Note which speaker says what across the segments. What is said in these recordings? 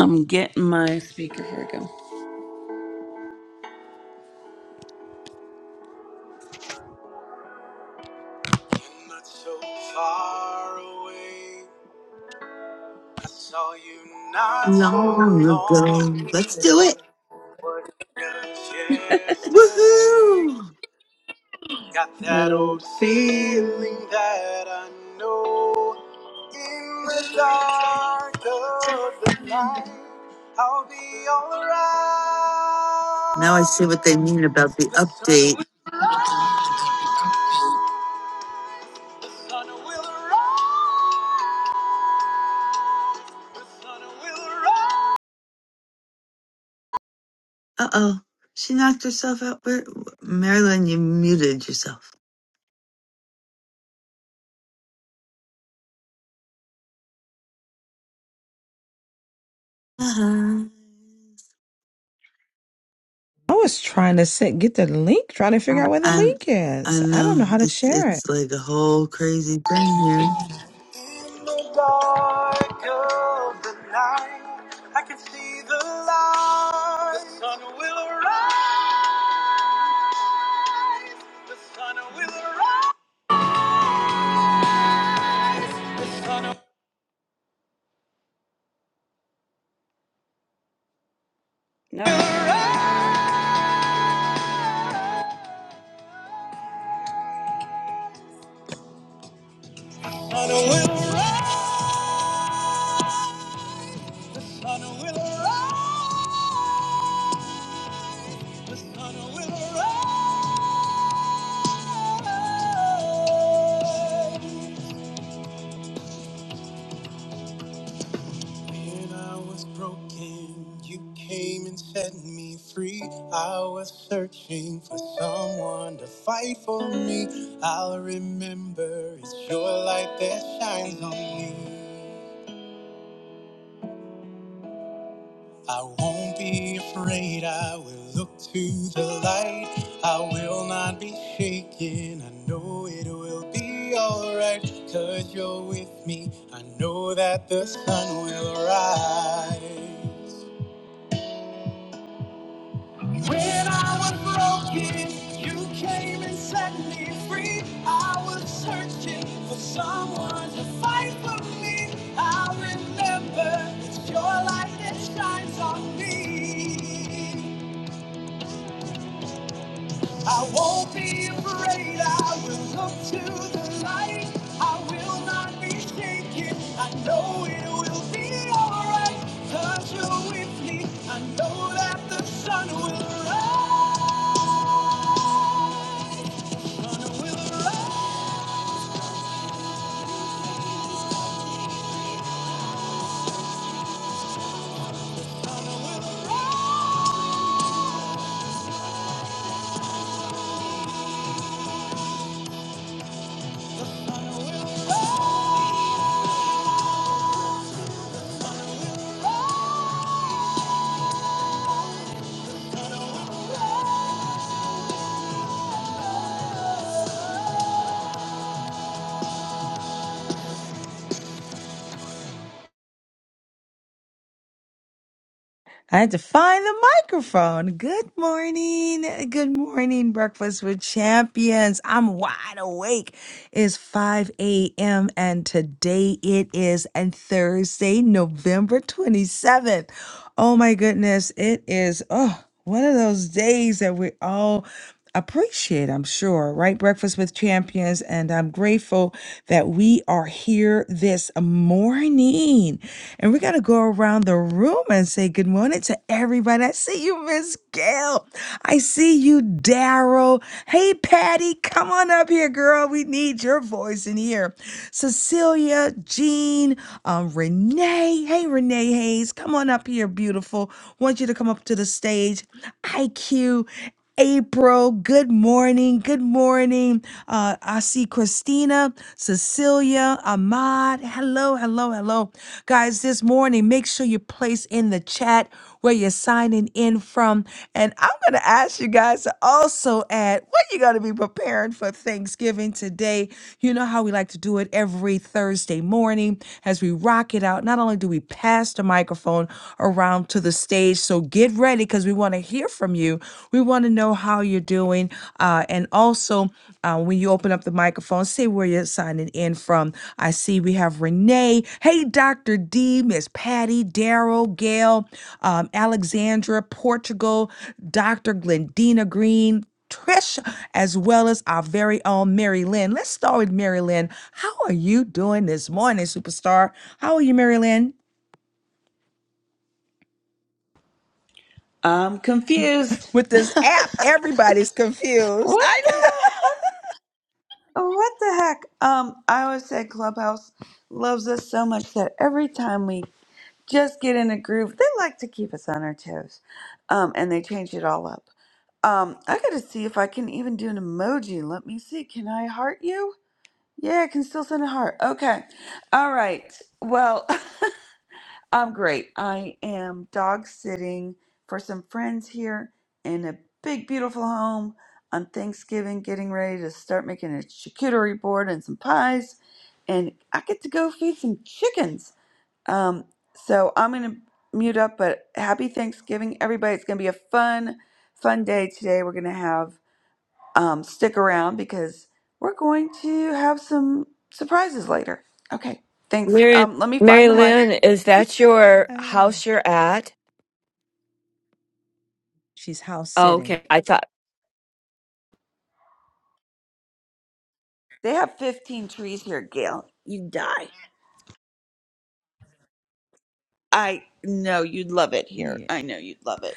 Speaker 1: I'm getting my speaker. Here we go. You're not so far away. I saw you not
Speaker 2: long
Speaker 1: so
Speaker 2: ago.
Speaker 1: long. ago.
Speaker 2: Let's do it.
Speaker 1: What just yesterday?
Speaker 2: Woohoo!
Speaker 1: Got that old feeling that I know. In the dark of the night, I'll be alright.
Speaker 2: Now I see what they mean about the
Speaker 1: The sun
Speaker 2: update.
Speaker 1: will, the sun will rise. sun will rise.
Speaker 2: Uh oh. She knocked herself out. Where, Marilyn, you muted yourself. Uh-huh.
Speaker 3: I was trying to sit, get the link, trying to
Speaker 2: I,
Speaker 3: figure out where the
Speaker 2: I,
Speaker 3: link
Speaker 2: I
Speaker 3: is. I don't
Speaker 2: know.
Speaker 3: know how to
Speaker 2: It's,
Speaker 3: share it.
Speaker 2: it's like a whole crazy thing here.
Speaker 1: In the dark of the night, I can see the light. The sun will rise. The sun will rise. The sun will no. rise. The sun will rise. The sun will rise. The sun will rise. When I was broken, you came and set me free. I was searching for someone to fight for me. I'll remember it's your light that shines on me. I won't be afraid, I will look to the light. I will not be shaken, I know it will be alright. Cause you're with me, I know that the sun will rise. When I was broken, you came and set me free. I was searching for someone to fight for me. I remember it's your light that shines on me. I won't be afraid. I will look to the light. I will not be shaken. I know it will be alright. Cause you're with me. I know that the sun will rise. Sun will rise.
Speaker 3: I had to find the microphone. Good morning. Good morning, Breakfast with Champions. I'm wide awake. It's 5 a.m. and today it is and Thursday, November 27th. Oh my goodness. It is. Oh. one of those days that we all appreciate, I'm sure, right? Breakfast with Champions. And I'm grateful that we are here this morning. And we're going to go around the room and say good morning to everybody. I see you, Miss Gail. I see you, Daryl. Hey, Patty, come on up here, girl. We need your voice in here. Cecilia, Jean, um, Renee. Hey, Renee Hayes, come on up here, beautiful want you to come up to the stage. IQ, April, good morning. Good morning. Uh, I see Christina, Cecilia, Ahmad. Hello, hello, hello. Guys, this morning, make sure you place in the chat where you're signing in from. And I'm going to ask you guys to also add what you're going to be preparing for Thanksgiving today. You know how we like to do it every Thursday morning as we rock it out. Not only do we pass the microphone, on around to the stage. So get ready because we want to hear from you. We want to know how you're doing. Uh, and also, uh, when you open up the microphone, say where you're signing in from. I see we have Renee. Hey, Dr. D, Miss Patty, Daryl, Gail, um, Alexandra, Portugal, Dr. Glendina Green. Trish, as well as our very own Mary Lynn. Let's start with Mary Lynn. How are you doing this morning, superstar? How are you, Mary Lynn?
Speaker 1: I'm confused.
Speaker 3: with this app. Everybody's confused.
Speaker 1: What
Speaker 3: I
Speaker 1: the heck? What the heck? Um, I always said Clubhouse loves us so much that every time we just get in a groove, they like to keep us on our toes. Um, and they change it all up. Um, I gotta see if I can even do an emoji. Let me see. Can I heart you? Yeah, I can still send a heart. Okay. All right. Well, I'm great. I am dog sitting for some friends here in a big, beautiful home on Thanksgiving, getting ready to start making a charcuterie board and some pies. And I get to go feed some chickens. Um, so I'm going to mute up, but happy Thanksgiving, everybody. It's going to be a fun, fun day today. We're going to have, um, stick around because we're going to have some surprises later. Okay. Thanks.
Speaker 4: Mary,
Speaker 1: Um, let me
Speaker 4: Mary
Speaker 1: find the mic.
Speaker 4: Lynn, is that your
Speaker 3: know.
Speaker 4: house you're at?
Speaker 3: She's house
Speaker 4: Oh,
Speaker 3: sitting.
Speaker 4: okay. I thought,
Speaker 1: They have 15 trees here, Gail. You'd die. I know you'd love it here. I know you'd love it.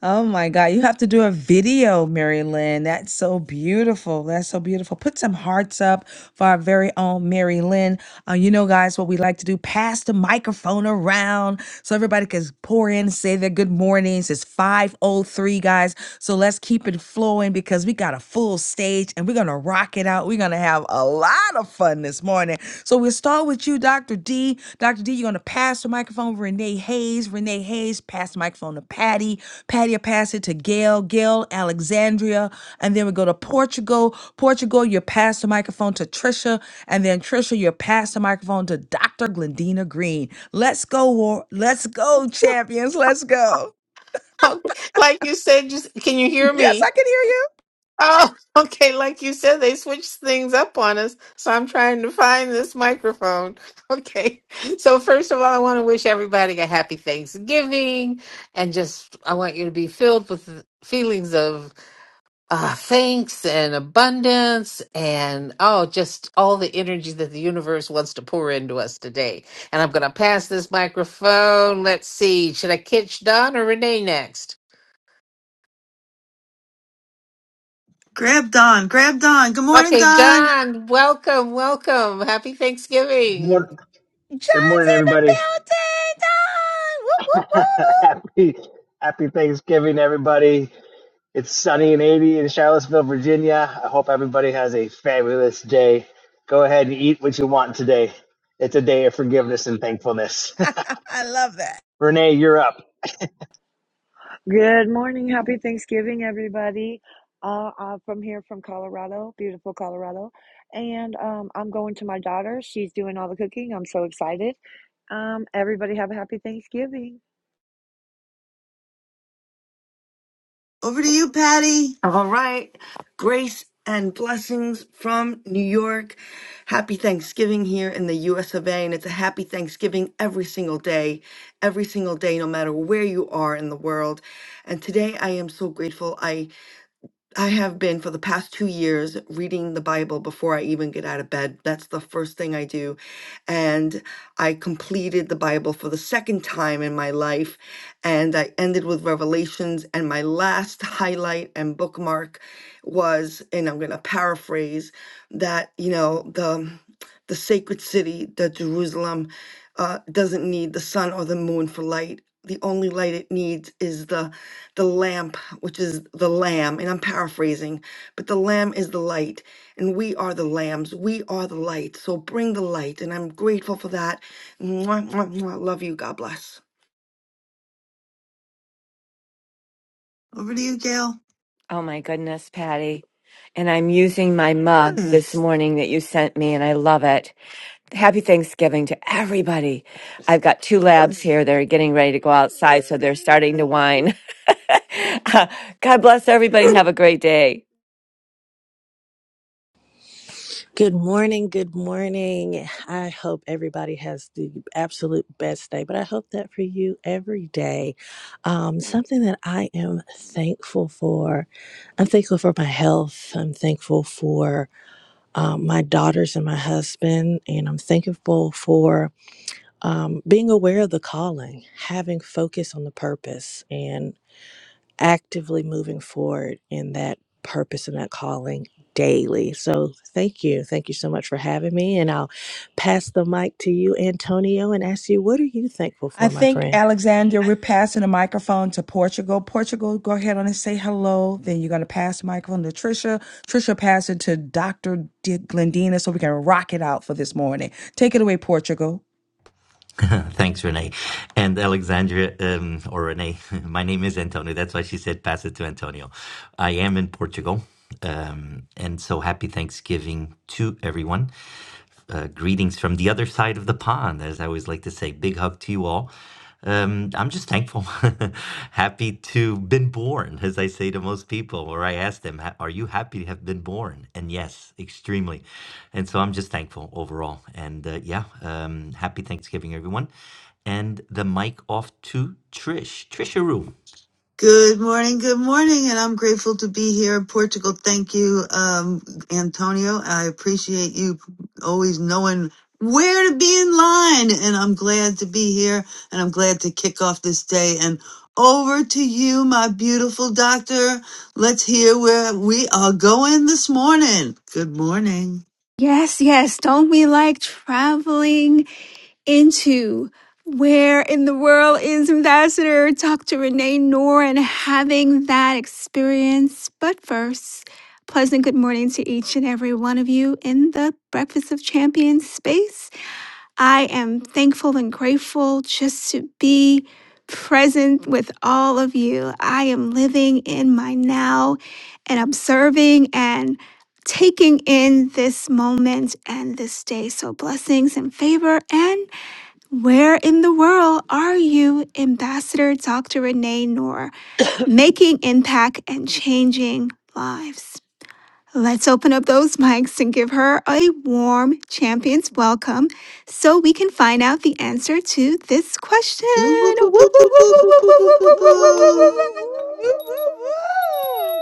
Speaker 3: Oh my God, you have to do a video, Mary Lynn. That's so beautiful. That's so beautiful. Put some hearts up for our very own Mary Lynn. Uh, you know, guys, what we like to do, pass the microphone around so everybody can pour in, say their good mornings. It's 5.03, guys. So let's keep it flowing because we got a full stage and we're going to rock it out. We're going to have a lot of fun this morning. So we'll start with you, Dr. D. Dr. D, you're going to pass the microphone to Renee Hayes. Renee Hayes, pass the microphone to Patty. Patty pass it to Gail, Gail, Alexandria, and then we go to Portugal. Portugal, you pass the microphone to Trisha, and then Trisha, you pass the microphone to Dr. Glendina Green. Let's go, war. Let's go, champions. Let's go.
Speaker 5: Oh, like you said, just can you hear
Speaker 3: Yes, I
Speaker 5: me?
Speaker 3: can hear you.
Speaker 5: Oh, okay. Like you said, they switched things up on us. So I'm trying to find this microphone. Okay. So, first of all, I want to wish everybody a happy Thanksgiving. And just, I want you to be filled with feelings of uh, thanks and abundance and, oh, just all the energy that the universe wants to pour into us today. And I'm going to pass this microphone. Let's see. Should I catch Don or Renee next?
Speaker 2: Grab Don. Grab Don. Good morning,
Speaker 5: Okay,
Speaker 2: Don.
Speaker 5: Don. welcome, welcome. Happy Thanksgiving.
Speaker 6: Mor- Good
Speaker 3: John's
Speaker 6: morning,
Speaker 3: in the
Speaker 6: everybody.
Speaker 3: building. John! Woo, woo, woo,
Speaker 6: happy, happy Thanksgiving, everybody. It's sunny and 80 in Charlottesville, Virginia. I hope everybody has a fabulous day. Go ahead and eat what you want today. It's a day of forgiveness and thankfulness.
Speaker 3: woo. I love that.
Speaker 6: Renee, you're up.
Speaker 7: Good morning. Happy Thanksgiving, everybody. Uh, uh, from here, from Colorado, beautiful Colorado. And um, I'm going to my daughter. She's doing all the cooking. I'm so excited. Um, everybody have a happy Thanksgiving.
Speaker 2: Over to you, Patty.
Speaker 8: All right. Grace and blessings from New York. Happy Thanksgiving here in the US of A. And it's a happy Thanksgiving every single day, every single day, no matter where you are in the world. And today I am so grateful. I have been for the past two years reading the Bible before I even get out of bed. That's the first thing I do. And I completed the Bible for the second time in my life. And I ended with Revelations. And my last highlight and bookmark was, and I'm going to paraphrase that, you know, the, the sacred city, the Jerusalem, uh, doesn't need the sun or the moon for light. The only light it needs is the the lamp, which is the lamb, and I'm paraphrasing, but the lamb is the light, and we are the lambs. We are the light. So bring the light, and I'm grateful for that. Mwah, mwah, mwah. Love you. God bless.
Speaker 2: Over to you, Gail.
Speaker 4: oh my goodness, Patty. And I'm using my mug Hmm. this morning that you sent me, and I love it. Happy Thanksgiving to everybody. I've got two labs here. They're getting ready to go outside, so they're starting to whine. God bless everybody. and Have a great day.
Speaker 9: Good morning. Good morning. I hope everybody has the absolute best day, but I hope that for you every day. Um, something that I am thankful for I'm thankful for my health. I'm thankful for um, my daughters and my husband. And I'm thankful for um, being aware of the calling, having focus on the purpose actively moving forward in that purpose and that calling daily. So thank you. Thank you so much for having me. And I'll pass the mic to you, Antonio, and ask you, what are you thankful
Speaker 3: I
Speaker 9: for, my
Speaker 3: think,
Speaker 9: friend?
Speaker 3: Alexander, we're passing the microphone to Portugal. Portugal, go ahead on and say hello. Then you're going to pass the microphone to Trisha. Trisha, pass it to Dr. Dick Glendina so we can rock it out for this morning. Take it away, Portugal.
Speaker 10: Thanks, Renee. And Alexandria, um, or Renee, my name is Antonio. That's why she said pass it to Antonio. I am in Portugal. Um, and so happy Thanksgiving to everyone. Uh, greetings from the other side of the pond, as I always like to say. Big hug to you all. Um, I'm just thankful, happy to been born, as I say to most people, or I ask them, "Ha- "Are you happy to have been born?" And yes, extremely. And so I'm just thankful overall. And uh, yeah, um, happy Thanksgiving, everyone. And the mic off to Trish, Trisha
Speaker 2: Good morning. Good morning. And I'm grateful to be here in Portugal. Thank you, um, Antonio. I appreciate you always knowing where to be in line. And I'm glad to be here and I'm glad to kick off this day. And over to you, my beautiful doctor. Let's hear where we are going this morning. Good morning.
Speaker 11: Yes, yes. Don't we like traveling into where in the world is Ambassador Dr. Renee Noor and having that experience? But first, pleasant good morning to each and every one of you in the Breakfast of Champions space. I am thankful and grateful just to be present with all of you. I am living in my now and observing and taking in this moment and this day. So, blessings and favor. And where in the world are you, Ambassador Dr. Renee Noor, making impact and changing lives? Let's open up those mics and give her a warm champion's welcome so we can find out the answer to this question.
Speaker 2: Boo, boo,
Speaker 11: Woo, woo,
Speaker 2: boo, boo, boo,
Speaker 11: woo,
Speaker 2: boo,
Speaker 11: woo, woo, woo,
Speaker 2: boo,
Speaker 11: woo,
Speaker 2: boo, boo,
Speaker 11: woo,
Speaker 2: boo,
Speaker 11: woo,
Speaker 7: Woo,
Speaker 11: woo,
Speaker 7: woo, woo,
Speaker 11: woo,
Speaker 7: woo,
Speaker 11: woo,
Speaker 2: boo.
Speaker 7: woo,
Speaker 3: Woo,
Speaker 7: woo.
Speaker 3: woo,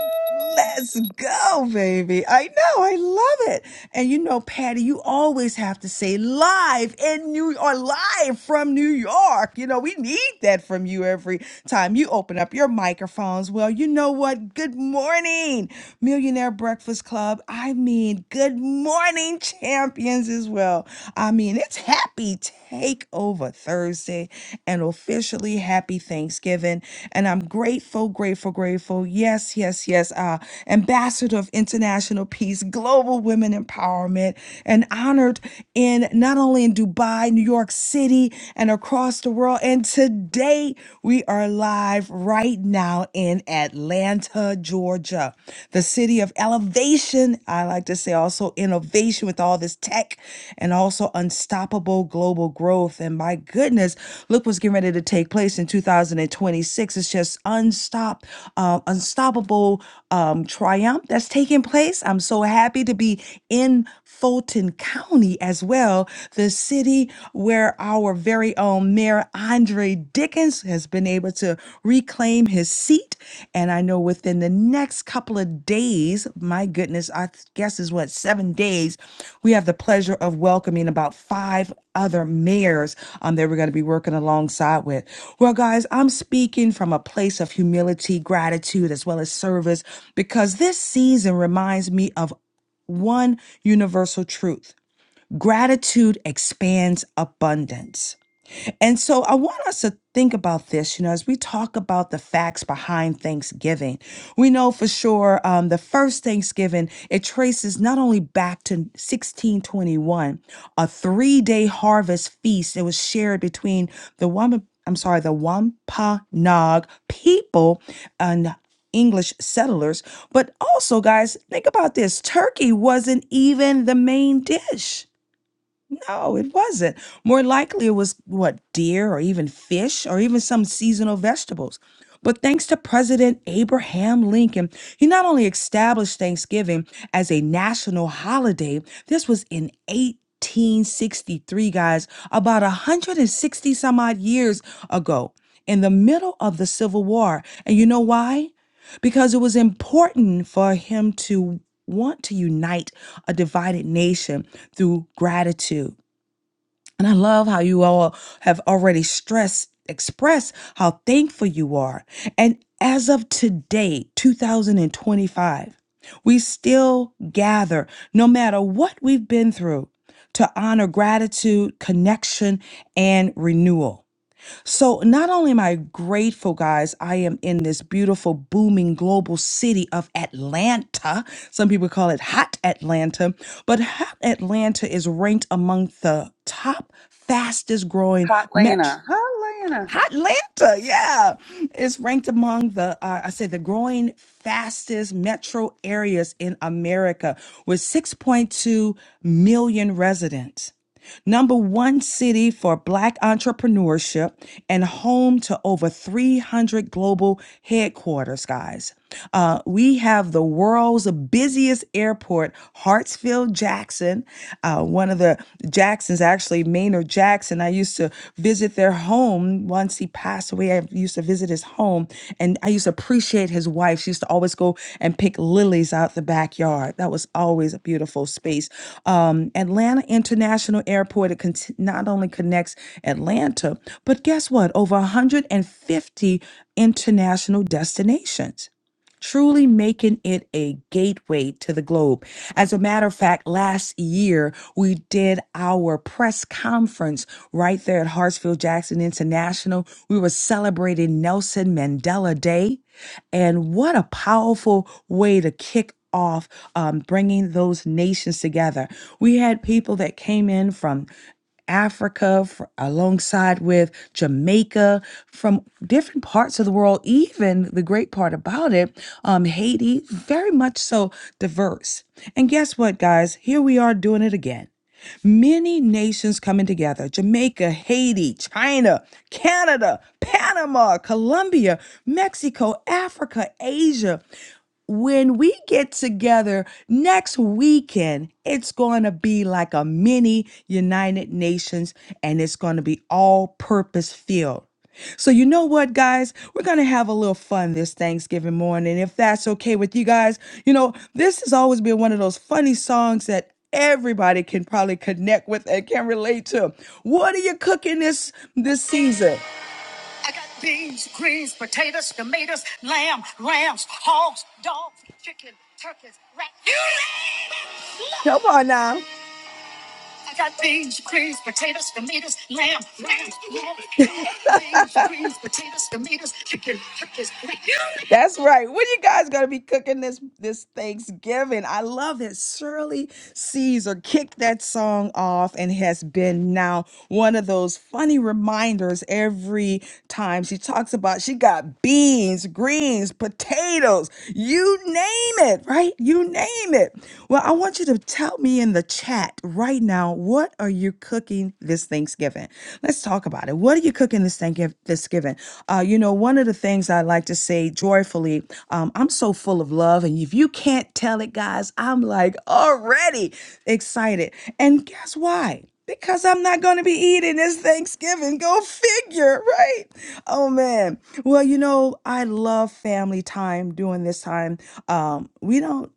Speaker 3: woo. Let's go, baby. I know. I love it. And you know, Patty, you always have to say live in New or live from New York. You know, we need that from you every time you open up your microphones. Well, you know what? Good morning, Millionaire Breakfast Club. I mean, good morning, champions as well. I mean, it's Happy Takeover Thursday and officially happy Thanksgiving. And I'm grateful, grateful, grateful. Yes, yes, yes. Uh, Ambassador of International Peace, Global Women Empowerment, and honored in not only in Dubai, New York City, and across the world. And today we are live right now in Atlanta, Georgia. Atlanta, the city of elevation. I like to say also innovation with all this tech and also unstoppable global growth. And my goodness, look what's getting ready to take place in 2026. It's just unstopped, uh, unstoppable um, triumph that's taking place. I'm so happy to be in. Fulton County as well, the city where our very own Mayor Andre Dickens has been able to reclaim his seat. And I know within the next couple of days, my goodness, I th- guess is what, seven days, we have the pleasure of welcoming about five other mayors um, that we're going to be working alongside with. Well, guys, I'm speaking from a place of humility, gratitude, as well as service, because this season reminds me of one universal truth gratitude expands abundance. And so I want us to think about this, you know, as we talk about the facts behind Thanksgiving. We know for sure um, the first Thanksgiving, it traces not only back to 1621, a three day harvest feast that was shared between the Wampa, I'm sorry, the Wampanoag people and English settlers. But also, guys, think about this turkey wasn't even the main dish. No, it wasn't. More likely, it was what deer or even fish or even some seasonal vegetables. But thanks to President Abraham Lincoln, he not only established Thanksgiving as a national holiday, this was in 1863, guys, about 160 some odd years ago, in the middle of the Civil War. And you know why? Because it was important for him to want to unite a divided nation through gratitude. And I love how you all have already stressed, expressed how thankful you are. And as of today, 2025, we still gather, no matter what we've been through, to honor gratitude, connection, and renewal. So, not only am I grateful, guys, I am in this beautiful, booming global city of Atlanta. Some people call it Hot Atlanta, but Hot Atlanta is ranked among the top fastest growing
Speaker 1: Hot
Speaker 3: metro.
Speaker 1: Lana. Hot Lana.
Speaker 3: Hot Atlanta, yeah, it's ranked among the uh, I say the growing fastest metro areas in America with 6.2 million residents number one city for Black entrepreneurship, and home to over 300 global headquarters, guys. Uh, we have the world's busiest airport, Hartsfield Jackson. Uh, one of the Jacksons, actually, Maynard Jackson, I used to visit their home once once he passed away, I used to visit his home and I used to appreciate his wife. She used to always go and pick lilies out the backyard. That was always a beautiful space. Um, Atlanta International Airport, it cont- not only connects Atlanta, but guess what? Over 150 international destinations truly making it a gateway to the globe. As a matter of fact, last year we did our press conference right there at Hartsfield Jackson International. We were celebrating Nelson Mandela Day. And what a powerful way to kick off um, bringing those nations together. We had people that came in from Africa, fr alongside with Jamaica, from different parts of the world. Even the great part about it, um, Haiti, very much so diverse. And guess what, guys? Here we are doing it again. Many nations coming together Jamaica, Haiti, China, Canada, Panama, Colombia, Mexico, Africa, Asia when we get together next weekend, it's going to be like a mini United Nations and it's going to be all purpose filled. So, you know what, guys? We're going to have a little fun this Thanksgiving morning. If that's okay with you guys, you know, this has always been one of those funny songs that everybody can probably connect with and can relate to. What are you cooking this this season? I got beans, greens, potatoes, tomatoes, lamb, rams, hogs, dogs, chicken, turkeys, rat. You name it. Come on now. I got beans, greens, potatoes, tomatoes, lamb, lamb, lamb. Beans, greens, potatoes, tomatoes, chicken, chicken. That's right. What are you guys gonna be cooking this this Thanksgiving? I love it. Shirley Caesar kicked that song off and has been now one of those funny reminders every time she talks about she got beans, greens, potatoes, you name it, right? You name it. Well, well, I want you to tell me in the chat right now what are you cooking this Thanksgiving? Let's talk about it. What are you cooking this Thanksgiv- Thanksgiving? Uh, you know, one of the things I like to say joyfully, um, I'm so full of love, and if you can't tell it, guys, I'm like already excited. And guess why? Because I'm not going to be eating this Thanksgiving. Go figure, right? Oh man. Well, you know, I love family time during this time. Um, we don't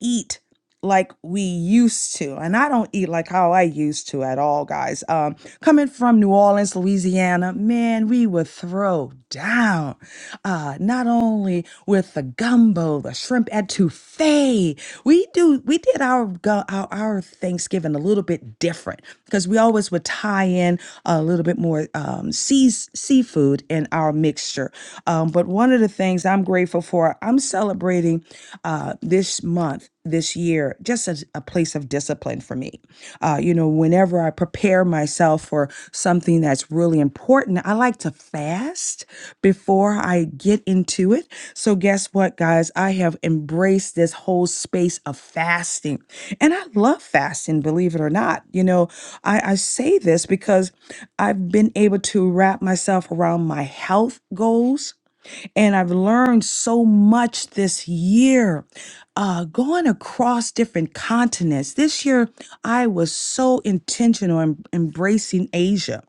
Speaker 3: eat like we used to. And I don't eat like how I used to at all, guys. Um, coming from New Orleans, Louisiana, man, we would throw down uh, not only with the gumbo, the shrimp etouffee. We do we did our gu- our, our Thanksgiving a little bit different because we always would tie in a little bit more um, seas, seafood in our mixture. Um, but one of the things I'm grateful for, I'm celebrating uh, this month this year just as a place of discipline for me. Uh, you know, whenever I prepare myself for something that's really important, I like to fast before I get into it. So, guess what, guys? I have embraced this whole space of fasting. And I love fasting, believe it or not. You know, I, I say this because I've been able to wrap myself around my health goals and I've learned so much this year, uh, going across different continents. This year, I was so intentional in embracing Asia.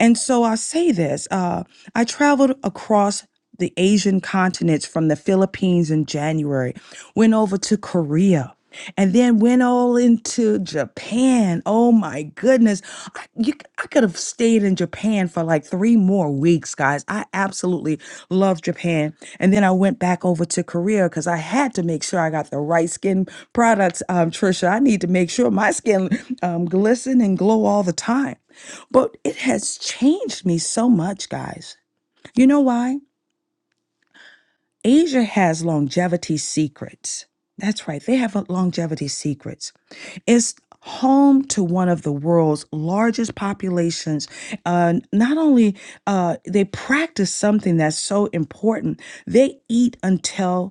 Speaker 3: And so I say this uh, I traveled across the Asian continents from the Philippines in January, went over to Korea. And then went all into Japan. Oh my goodness. I, you, I could have stayed in Japan for like three three more weeks, guys. I absolutely love Japan. And then I went back over to Korea because I had to make sure I got the right skin products, um, Trisha. I need to make sure my skin um, glisten and glow all the time. But it has changed me so much, guys. You know why? Asia has longevity secrets. That's right, they have longevity secrets. It's home to one of the world's largest populations. Uh, not only uh, they practice something that's so important, they eat until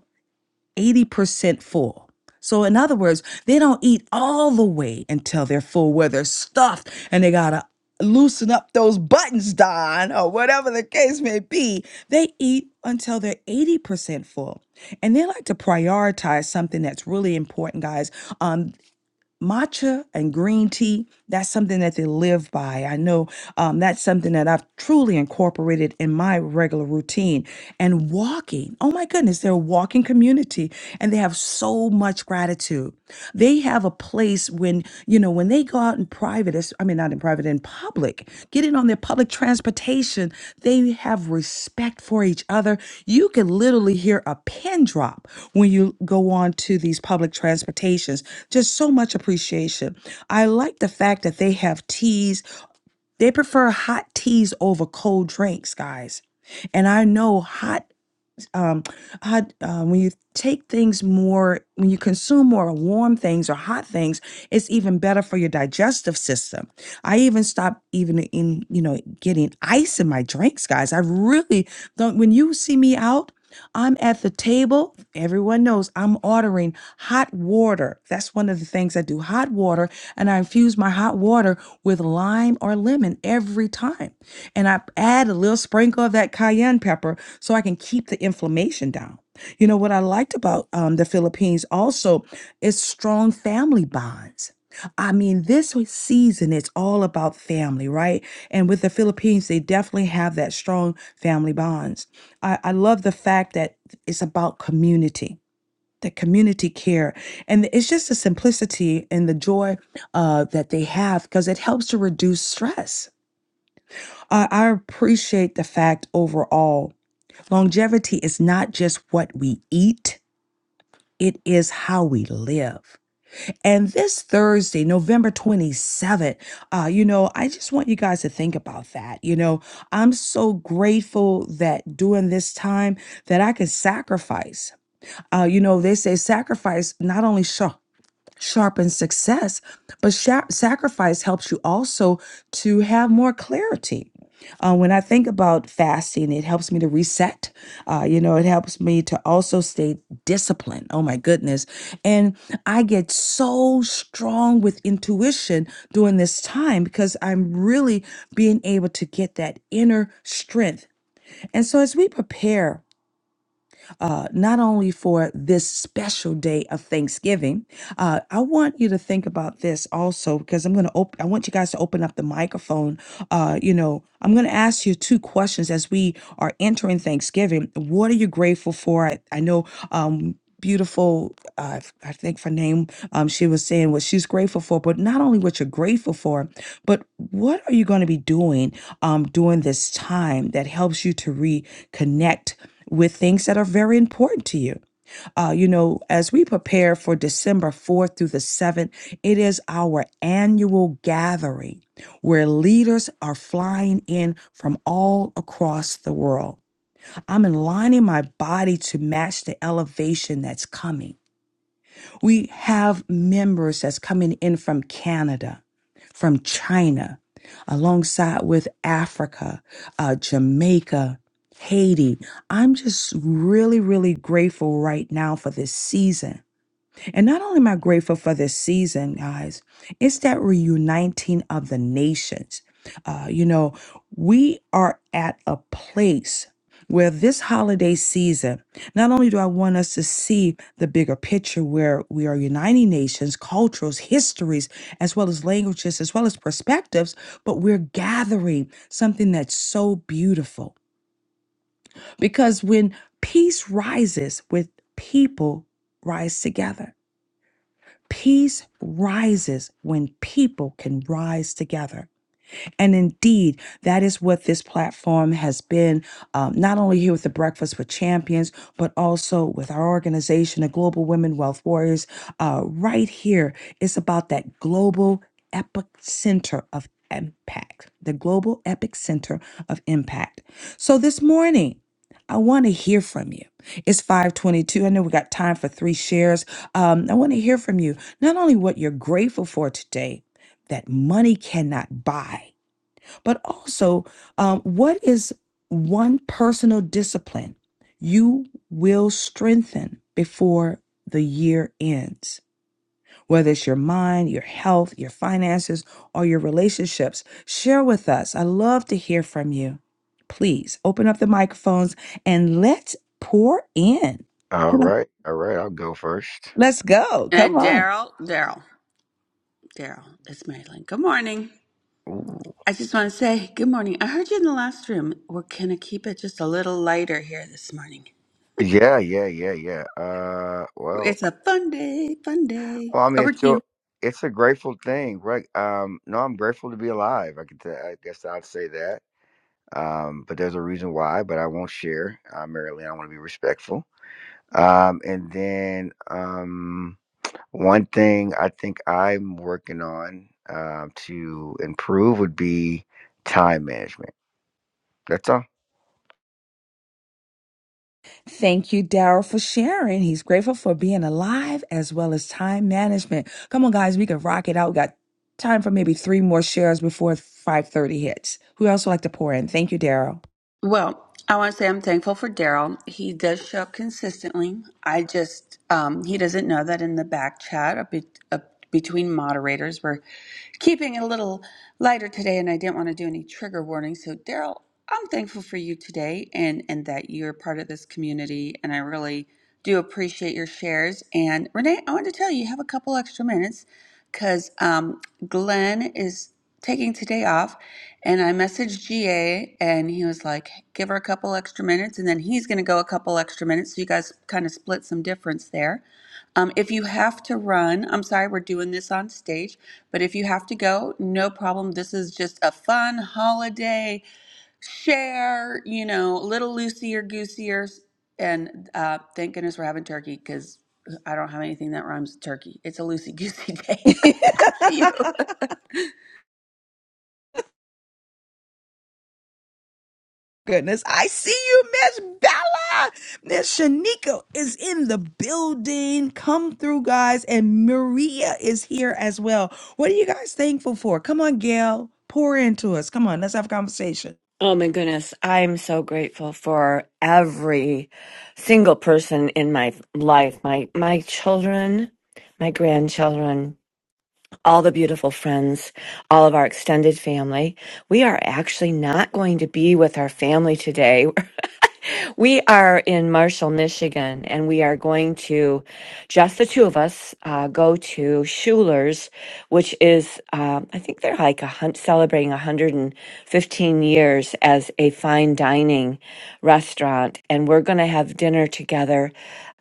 Speaker 3: 80% full. So, in other words, they don't eat all the way until they're full, where they're stuffed and they gotta loosen up those buttons, Don, or whatever the case may be. They eat until they're 80% full. And they like to prioritize something that's really important, guys. Um matcha and green tea that's something that they live by i know um, that's something that i've truly incorporated in my regular routine and walking oh my goodness they're a walking community and they have so much gratitude they have a place when you know when they go out in private, as- I mean, not in private, in public, getting on their public transportation, they have respect for each other. You can literally hear a pin drop when you go on to these public transportations. Just so much appreciation. I like the fact that they have teas. They prefer hot teas over cold drinks, guys. And I know hot um, hot, uh, when you take things more, when you consume more warm things or hot things, it's even better for your digestive system. I even stopped even in, you know, getting ice in my drinks, guys. I really don't, when you see me out, I'm at the table. Everyone knows I'm ordering hot water. That's one of the things I do hot water. And I infuse my hot water with lime or lemon every time. And I add a little sprinkle of that cayenne pepper so I can keep the inflammation down. You know, what I liked about um, the Philippines also is strong family bonds I mean, this season it's all about family, right? And with the Philippines, they definitely have that strong family bonds. I, I love the fact that it's about community, the community care, and it's just the simplicity and the joy uh, that they have because it helps to reduce stress. I I appreciate the fact overall, longevity is not just what we eat; it is how we live. And this Thursday, November 27th, uh, you know, I just want you guys to think about that. You know, I'm so grateful that during this time that I could sacrifice. Uh, you know, they say sacrifice not only show sharpens success, but sha- sacrifice helps you also to have more clarity. Uh, when I think about fasting, it helps me to reset. Uh, you know, it helps me to also stay disciplined. Oh my goodness. And I get so strong with intuition during this time because I'm really being able to get that inner strength. And so as we prepare, uh, not only for this special day of Thanksgiving, uh, I want you to think about this also because I'm going to open, I want you guys to open up the microphone. Uh, you know, I'm going to ask you two questions as we are entering Thanksgiving. What are you grateful for? I, I know, um, beautiful uh, f- i think her name um, she was saying what she's grateful for but not only what you're grateful for but what are you going to be doing um, during this time that helps you to reconnect with things that are very important to you. Uh, you know, as we prepare for December 4th through the 7th, it is our annual gathering where leaders are flying in from all across the world. I'm aligning my body to match the elevation that's coming. We have members that's coming in from Canada, from China, alongside with Africa, uh, Jamaica, Haiti. I'm just really, really grateful right now for this season and not only am I grateful for this season, guys, it's that reuniting of the nations. Uh, you know, we are at a place where this holiday season, not only do I want us to see the bigger picture where we are uniting nations, cultures, histories, as well as languages, as well as perspectives, but we're gathering something that's so beautiful. Because when peace rises with people, rise together. Peace rises when people can rise together. And indeed, that is what this platform has been, um, not only here with the Breakfast with Champions, but also with our organization, the Global Women Wealth Warriors. Uh, right here, it's about that global epic center of impact, the global epic center of impact. So this morning, I want to hear from you. It's 522. I know we got time for three shares. Um, I want to hear from you, not only what you're grateful for today that money cannot buy but also, um, what is one personal discipline you will strengthen before the year ends? Whether it's your mind, your health, your finances, or your relationships, share with us. I love to hear from you. Please open up the microphones and let's pour in.
Speaker 12: All right, all right. I'll go first.
Speaker 3: Let's go. Come
Speaker 1: And
Speaker 3: on.
Speaker 1: Daryl, Daryl, Daryl, it's Marilyn. Good morning.
Speaker 12: Ooh.
Speaker 1: I just want to say good morning. I heard you in the last room. We're going to keep it just a little lighter here this morning.
Speaker 12: Yeah, yeah, yeah, yeah. Uh, well,
Speaker 1: It's a fun day, fun day.
Speaker 12: well, I mean,
Speaker 1: Over
Speaker 12: it's
Speaker 1: to you.
Speaker 12: still, it's a grateful thing, right? Um, no, I'm grateful to be alive. I could, t- I guess I'd say that. Um, but there's a reason why, but I won't share. Uh, Marilyn, I want to be respectful. Um, and then, um, one thing I think I'm working on, um, to improve would be time management. That's all.
Speaker 3: Thank you, Daryl, for sharing. He's grateful for being alive as well as time management. Come on, guys, we can rock it out. We got time for maybe three more shares before 5:30 hits. Who else would like to pour in? Thank you, Daryl.
Speaker 1: Well, I want to say I'm thankful for Daryl. He does show up consistently. I just, um, he doesn't know that in the back chat a bit, a, between moderators, we're keeping it a little lighter today, and I didn't want to do any trigger warnings. So, Daryl, I'm thankful for you today and, and that you're part of this community, and I really do appreciate your shares. And Renee, I want to tell you, you have a couple extra minutes because um, Glenn is taking today off and I messaged GA, and he was like, give her a couple extra minutes, and then he's going to go a couple extra minutes. So you guys kind of split some difference there. Um, if you have to run, I'm sorry, we're doing this on stage, but if you have to go, no problem. This is just a fun holiday share, you know, a little loosier goosier. And uh, thank goodness we're having turkey because I don't have anything that rhymes with turkey. It's a loosey goosey day.
Speaker 3: Goodness, I see you, Miss Bella. Miss Shanika is in the building. Come through, guys. And Maria is here as well. What are you guys thankful for? Come on, Gail. Pour into us. Come on, let's have a conversation.
Speaker 4: Oh my goodness. I'm so grateful for every single person in my life, my, my children, my grandchildren. all the beautiful friends, all of our extended family. We are actually not going to be with our family today. We are in Marshall, Michigan, and we are going to, just the two of us, uh, go to Schuler's, which is, um, I think they're like a hun- celebrating 115 years as a fine dining restaurant. And we're going to have dinner together.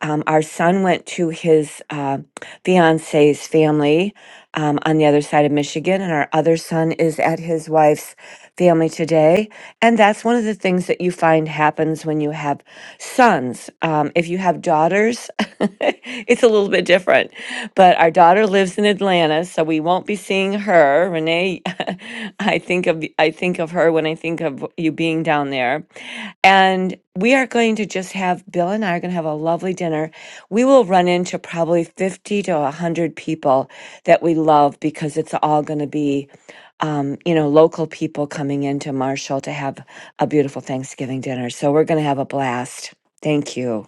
Speaker 4: Um, our son went to his uh, fiance's family um, on the other side of Michigan, and our other son is at his wife's family today. And that's one of the things that you find happens when you have sons. Um, if you have daughters, it's a little bit different. But our daughter lives in Atlanta, so we won't be seeing her. Renee, I think of I think of her when I think of you being down there. And we are going to just have Bill and I are going to have a lovely dinner. We will run into probably 50 to 100 people that we love because it's all going to be um, you know, local people coming into Marshall to have a beautiful Thanksgiving dinner. So we're going to have a blast. Thank you.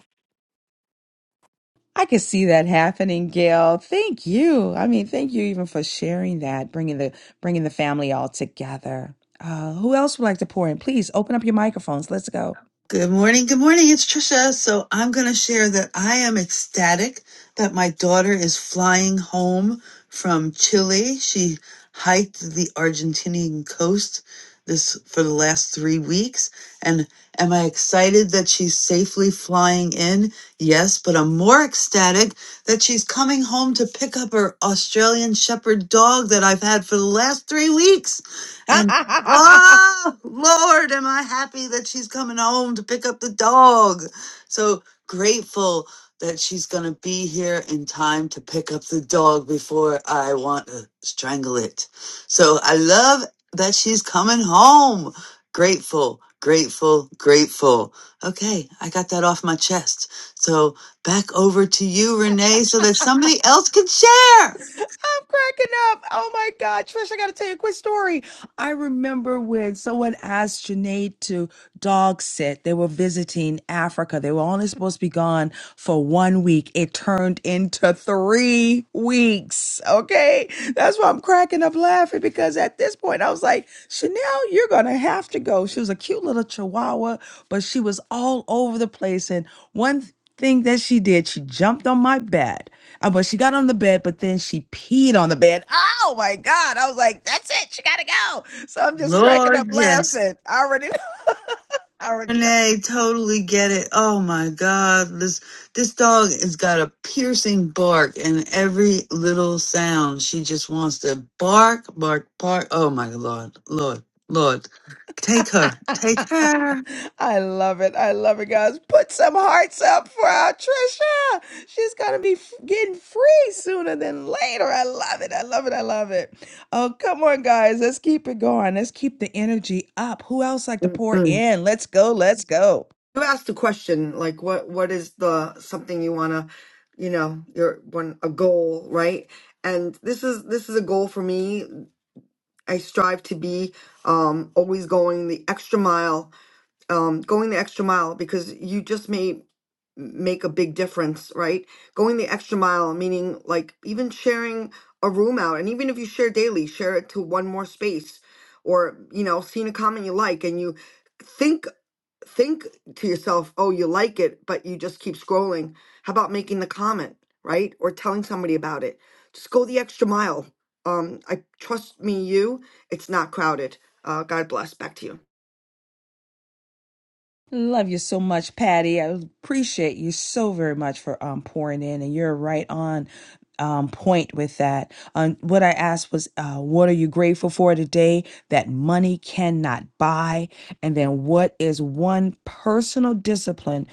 Speaker 3: I can see that happening, Gail. Thank you. I mean, thank you even for sharing that, bringing the bringing the family all together. Uh, who else would like to pour in? Please open up your microphones. Let's go.
Speaker 2: Good morning. Good morning. It's Trisha. So I'm going to share that I am ecstatic that my daughter is flying home from Chile. She hiked the Argentinian coast this for the last 3 weeks and am I excited that she's safely flying in? Yes, but I'm more ecstatic that she's coming home to pick up her Australian shepherd dog that I've had for the last 3 weeks. Oh, Lord, am I happy that she's coming home to pick up the dog. So grateful that she's going to be here in time to pick up the dog before I want to strangle it. So I love that she's coming home. Grateful, grateful, grateful. Okay, I got that off my chest. So back over to you, Renee, so that somebody else can share.
Speaker 3: I'm cracking up. Oh my God, Trish, I got to tell you a quick story. I remember when someone asked Janae to dog sit. They were visiting Africa. They were only supposed to be gone for one week. It turned into three weeks. Okay. That's why I'm cracking up laughing because at this point I was like, Chanel, you're going to have to go. She was a cute little chihuahua, but she was all over the place. And one thing that she did, she jumped on my bed. Uh, but she got on the bed, but then she peed on the bed. Oh my God. I was like, that's it. She got to go. So I'm just cracking up
Speaker 2: Lord, yes.
Speaker 3: laughing. I already know. I already know.
Speaker 2: Renee, totally get it. Oh my God, this this dog has got a piercing bark, and every little sound she just wants to bark, bark, bark. Oh my Lord, Lord, Lord, take her, take her.
Speaker 3: I love it. I love it, guys. Put some hearts up for our Trisha. She's going to be f- getting free sooner than later. I love it. I love it. I love it. Oh, come on, guys. Let's keep it going. Let's keep the energy up. Who else like to pour
Speaker 8: Mm-mm.
Speaker 3: in? Let's go. Let's go.
Speaker 8: You asked a question like, what what is the something you wanna, you know, your one a goal, right? And this is this is a goal for me. I strive to be um, always going the extra mile um, going the extra mile because you just may make a big difference, right? Going the extra mile, meaning like even sharing a room out, and even if you share daily, share it to one more space, or you know, seeing a comment you like, and you think think to yourself, oh, you like it, but you just keep scrolling. How about making the comment, right? Or telling somebody about it. Just go the extra mile. Um, I trust me, you. It's not crowded. Uh, God bless. Back to you.
Speaker 3: Love you so much, Patty. I appreciate you so very much for um, pouring in, and you're right on um, point with that. Um, what I asked was, uh, what are you grateful for today that money cannot buy? And then, what is one personal discipline?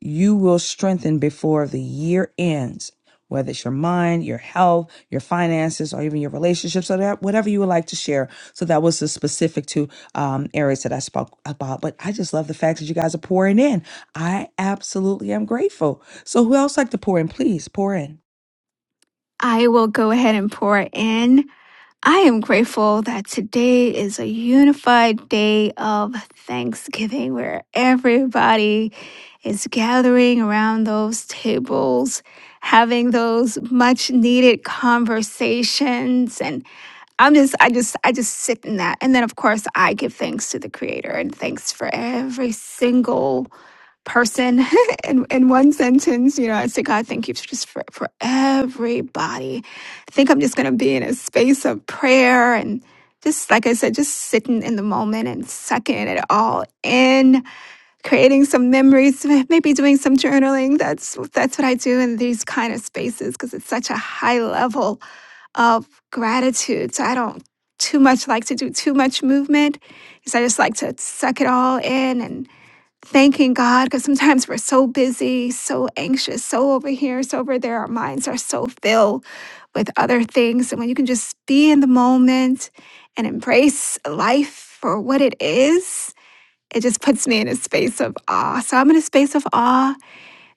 Speaker 3: you will strengthen before the year ends, whether it's your mind, your health, your finances, or even your relationships, or that whatever you would like to share. So that was the specific two um, areas that I spoke about. But I just love the fact that you guys are pouring in. I absolutely am grateful. So who else like to pour in? Please pour in.
Speaker 11: I will go ahead and pour in. I am grateful that today is a unified day of Thanksgiving where everybody is gathering around those tables, having those much needed conversations. And I'm just, I just, I just sit in that. And then, of course, I give thanks to the Creator and thanks for every single person in, in one sentence. You know, I say, God, thank you for just for, for everybody. I think I'm just going to be in a space of prayer and just like I said, just sitting in the moment and sucking it all in, creating some memories, maybe doing some journaling. That's that's what I do in these kind of spaces because it's such a high level of gratitude. So I don't too much like to do too much movement because I just like to suck it all in and thanking God because sometimes we're so busy, so anxious, so over here, so over there. Our minds are so filled with other things. And when you can just be in the moment and embrace life for what it is, it just puts me in a space of awe. So I'm in a space of awe.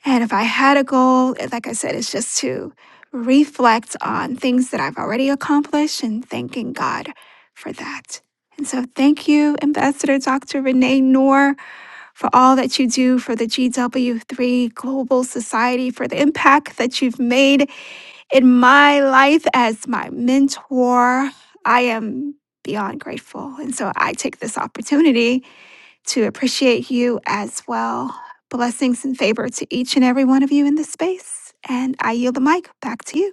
Speaker 11: And if I had a goal, and like I said, it's just to reflect on things that I've already accomplished and thanking God for that. And so thank you, Ambassador Dr. Renee Noor for all that you do for the GW3 Global Society, for the impact that you've made in my life as my mentor. I am beyond grateful. And so I take this opportunity to appreciate you as well. Blessings and favor to each and every one of you in this space. And I yield the mic back to you.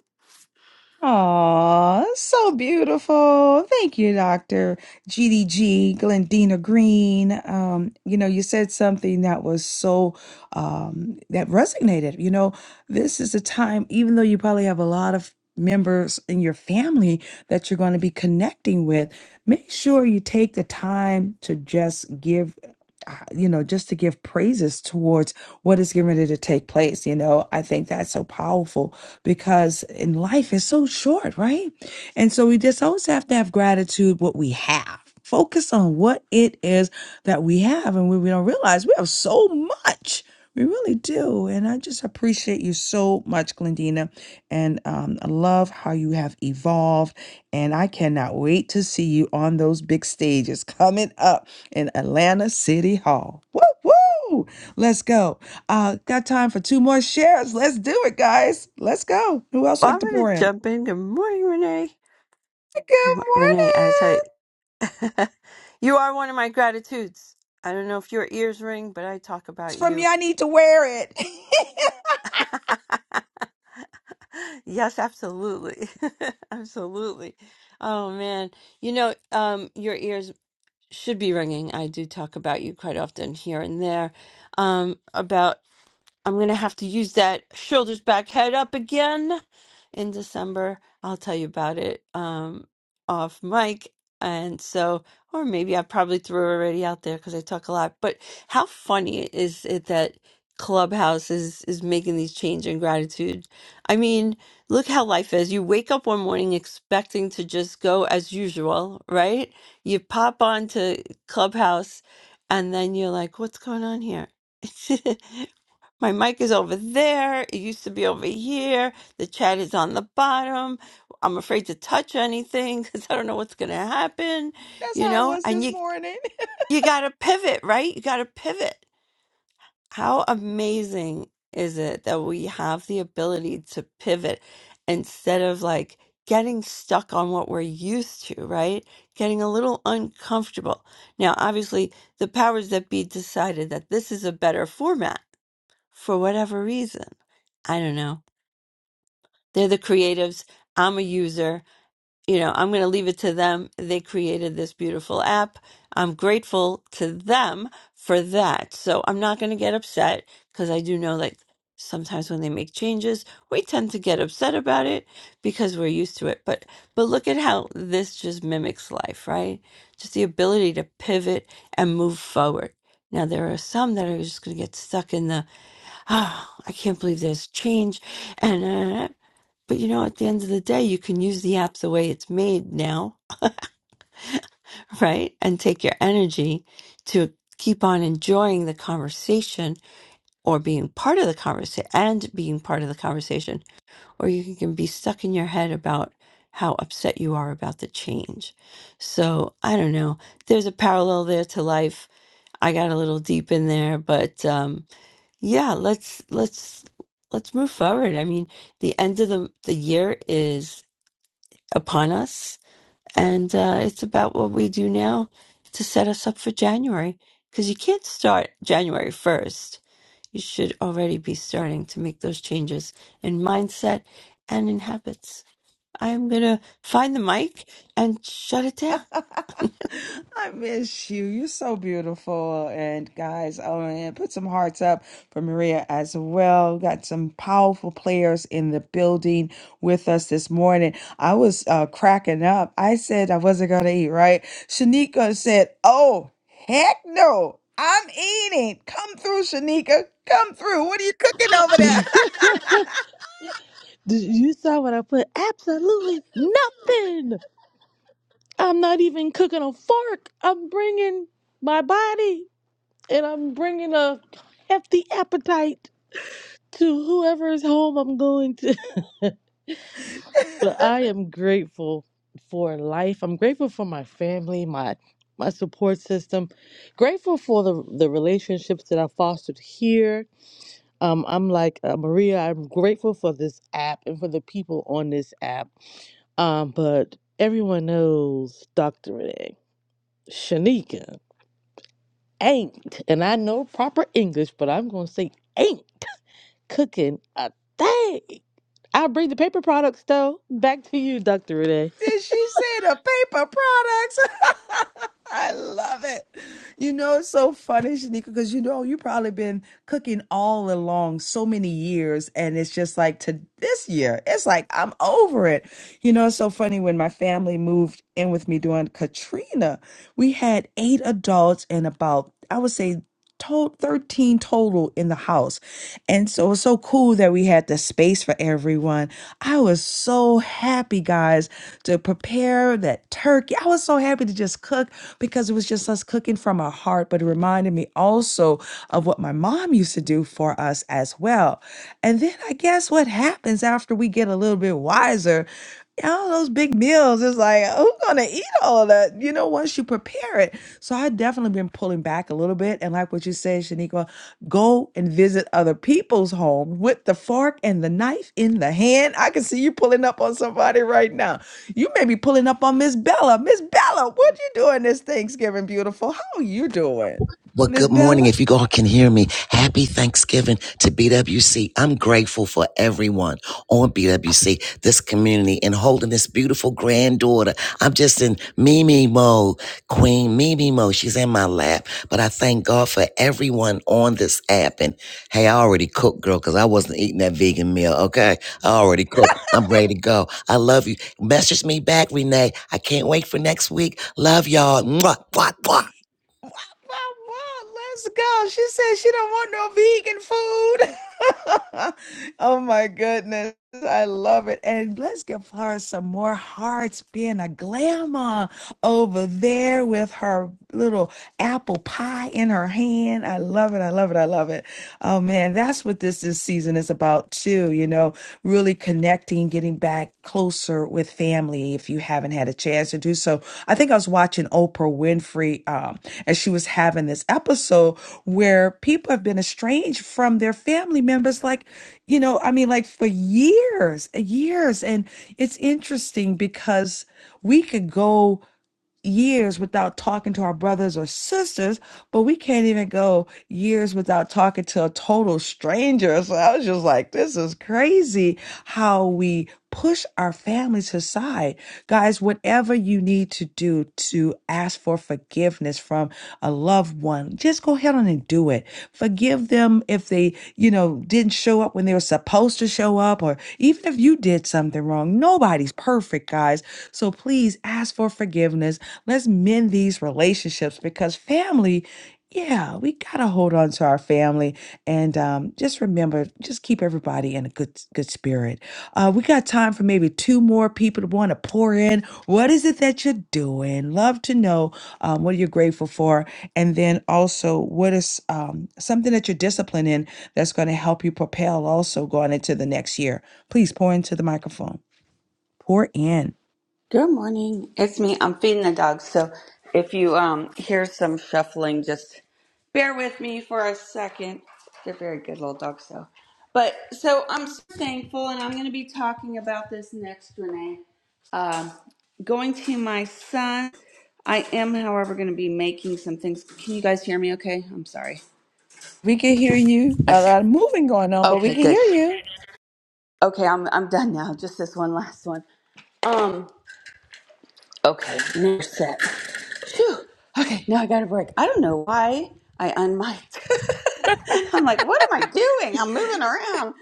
Speaker 3: Aw, so beautiful. Thank you, Dr. GDG, Glendina Green. Um, you know, you said something that was so, um, that resonated. You know, this is a time, even though you probably have a lot of members in your family that you're going to be connecting with, make sure you take the time to just give uh, you know, just to give praises towards what is getting ready to take place. You know, I think that's so powerful because in life it's so short, right? And so we just always have to have gratitude what we have. Focus on what it is that we have, and we, we don't realize we have so much. We really do. And I just appreciate you so much, Glendina. And um, I love how you have evolved. And I cannot wait to see you on those big stages coming up in Atlanta City Hall. Woo woo! Let's go. Uh, got time for two more shares. Let's do it, guys. Let's go. Who else
Speaker 13: Well,
Speaker 3: like
Speaker 13: I'm
Speaker 3: to
Speaker 13: going
Speaker 3: pour
Speaker 13: to
Speaker 3: in?
Speaker 13: jump in. Good morning, Renee.
Speaker 3: Hey, Good
Speaker 13: Mo- Renee, I tell you,
Speaker 3: morning.
Speaker 13: you are one of my gratitudes. I don't know if your ears ring, but I talk
Speaker 3: It's
Speaker 13: about
Speaker 3: from you.
Speaker 13: you.
Speaker 3: I need to wear it.
Speaker 13: yes, absolutely. absolutely. Oh, man. You know, um, your ears should be ringing. I do talk about you quite often here and there um, about I'm gonna have to use that shoulders back, head up again in December. I'll tell you about it um off mic. And so, or maybe I probably threw it already out there because I talk a lot. But how funny is it that Clubhouse is is making these change in gratitude? I mean, look how life is. You wake up one morning expecting to just go as usual, right? You pop on to Clubhouse, and then you're like, "What's going on here?" My mic is over there. It used to be over here. The chat is on the bottom. I'm afraid to touch anything because I don't know what's going to happen,
Speaker 3: That's
Speaker 13: you
Speaker 3: how it
Speaker 13: know?
Speaker 3: was
Speaker 13: And
Speaker 3: this
Speaker 13: you,
Speaker 3: morning.
Speaker 13: you got to pivot, right? You got to pivot. How amazing is it that we have the ability to pivot instead of like getting stuck on what we're used to, right? Getting a little uncomfortable. Now, obviously, the powers that be decided that this is a better format for whatever reason. I don't know. They're the creatives. I'm a user. You know, I'm going to leave it to them. They created this beautiful app. I'm grateful to them for that. So I'm not going to get upset because I do know like sometimes when they make changes, we tend to get upset about it because we're used to it. But but look at how this just mimics life, right? Just the ability to pivot and move forward. Now there are some that are just going to get stuck in the oh, I can't believe there's change. And, uh, but you know, at the end of the day, you can use the app the way it's made now, right? And take your energy to keep on enjoying the conversation or being part of the conversation and being part of the conversation, or you can be stuck in your head about how upset you are about the change. So I don't know. There's a parallel there to life. I got a little deep in there, but, um, Yeah, let's let's let's move forward. I mean, the end of the the year is upon us, and uh, it's about what we do now to set us up for January. Because you can't start January first. You should already be starting to make those changes in mindset and in habits. I am gonna find the mic and shut it down.
Speaker 3: I miss you. You're so beautiful. And guys, oh man, put some hearts up for Maria as well. We Got some powerful players in the building with us this morning. I was uh, cracking up. I said I wasn't going to eat, right? Shanika said, Oh, heck no. I'm eating. Come through, Shanika. Come through. What are you cooking over there?
Speaker 14: Did you saw what I put? Absolutely nothing. I'm not even cooking a fork. I'm bringing my body and I'm bringing a hefty appetite to whoever's home I'm going to. but I am grateful for life. I'm grateful for my family, my my support system. Grateful for the the relationships that I fostered here. Um, I'm like uh, Maria. I'm grateful for this app and for the people on this app Um, but everyone knows Dr. Renee. Shanika ain't, and I know proper English, but I'm going to say ain't cooking a thing. I'll bring the paper products, though. Back to you, Dr. Renee.
Speaker 3: Did she say the paper products? I love it. You know, it's so funny, Shanika, because you know you probably been cooking all along so many years, and it's just like to this year, it's like I'm over it. You know, it's so funny when my family moved in with me during Katrina, we had eight adults and about I would say total 13 total in the house and so it was so cool that we had the space for everyone i was so happy guys to prepare that turkey i was so happy to just cook because it was just us cooking from our heart but it reminded me also of what my mom used to do for us as well and then i guess what happens after we get a little bit wiser all those big meals it's like who's gonna eat all of that you know once you prepare it so i definitely been pulling back a little bit and like what you said shaniqua go and visit other people's home with the fork and the knife in the hand i can see you pulling up on somebody right now you may be pulling up on miss bella miss bella what you doing this thanksgiving beautiful how you doing
Speaker 15: Well,
Speaker 3: miss
Speaker 15: good morning.
Speaker 3: bella
Speaker 15: If you all can hear me, happy Thanksgiving to BWC. I'm grateful for everyone on BWC, this community, and holding this beautiful granddaughter. I'm just in Mimi mode, Queen Mimi mode. She's in my lap, but I thank God for everyone on this app. And hey, I already cooked, girl, because I wasn't eating that vegan meal. Okay, I already cooked. I'm ready to go. I love you. Message me back, Renee. I can't wait for next week. Love y'all. Mwah, mwah, mwah.
Speaker 3: Wah, wah, wah, Let's go. She said she don't want no vegan food. oh my goodness. I love it. And let's give her some more hearts being a glamour over there with her little apple pie in her hand. I love it. I love it. I love it. Oh man, that's what this this season is about too, you know, really connecting, getting back closer with family if you haven't had a chance to do so. I think I was watching Oprah Winfrey um and she was having this episode where people have been estranged from their family members like, you know, I mean like for years, years and it's interesting because we could go years without talking to our brothers or sisters, but we can't even go years without talking to a total stranger. So I was just like, this is crazy how we push our families aside. Guys, whatever you need to do to ask for forgiveness from a loved one, just go ahead on and do it. Forgive them if they, you know, didn't show up when they were supposed to show up, or even if you did something wrong. Nobody's perfect, guys. So please ask for forgiveness. Let's mend these relationships because family, yeah, we gotta hold on to our family and um, just remember, just keep everybody in a good good spirit. Uh, we got time for maybe two more people to want to pour in. What is it that you're doing? Love to know um, what you're grateful for, and then also what is um, something that you're disciplined in that's going to help you propel also going into the next year. Please pour into the microphone. Pour in.
Speaker 1: Good morning. It's me. I'm feeding the dog. So if you um hear some shuffling, just bear with me for a second. They're very good little dogs, so. But so I'm so thankful, and I'm going to be talking about this next, Renee. Um, going to my son. I am, however, going to be making some things. Can you guys hear me? Okay. I'm sorry.
Speaker 3: We can hear you.
Speaker 1: I,
Speaker 3: A lot of moving going on, but we
Speaker 1: okay.
Speaker 3: can hear
Speaker 1: Good.
Speaker 3: you.
Speaker 1: Okay. I'm I'm done now. Just this one last one. Um. Okay, now we're set. Phew. Okay, now I got a break. I don't know why I unmiked. I'm like, what am I doing? I'm moving around.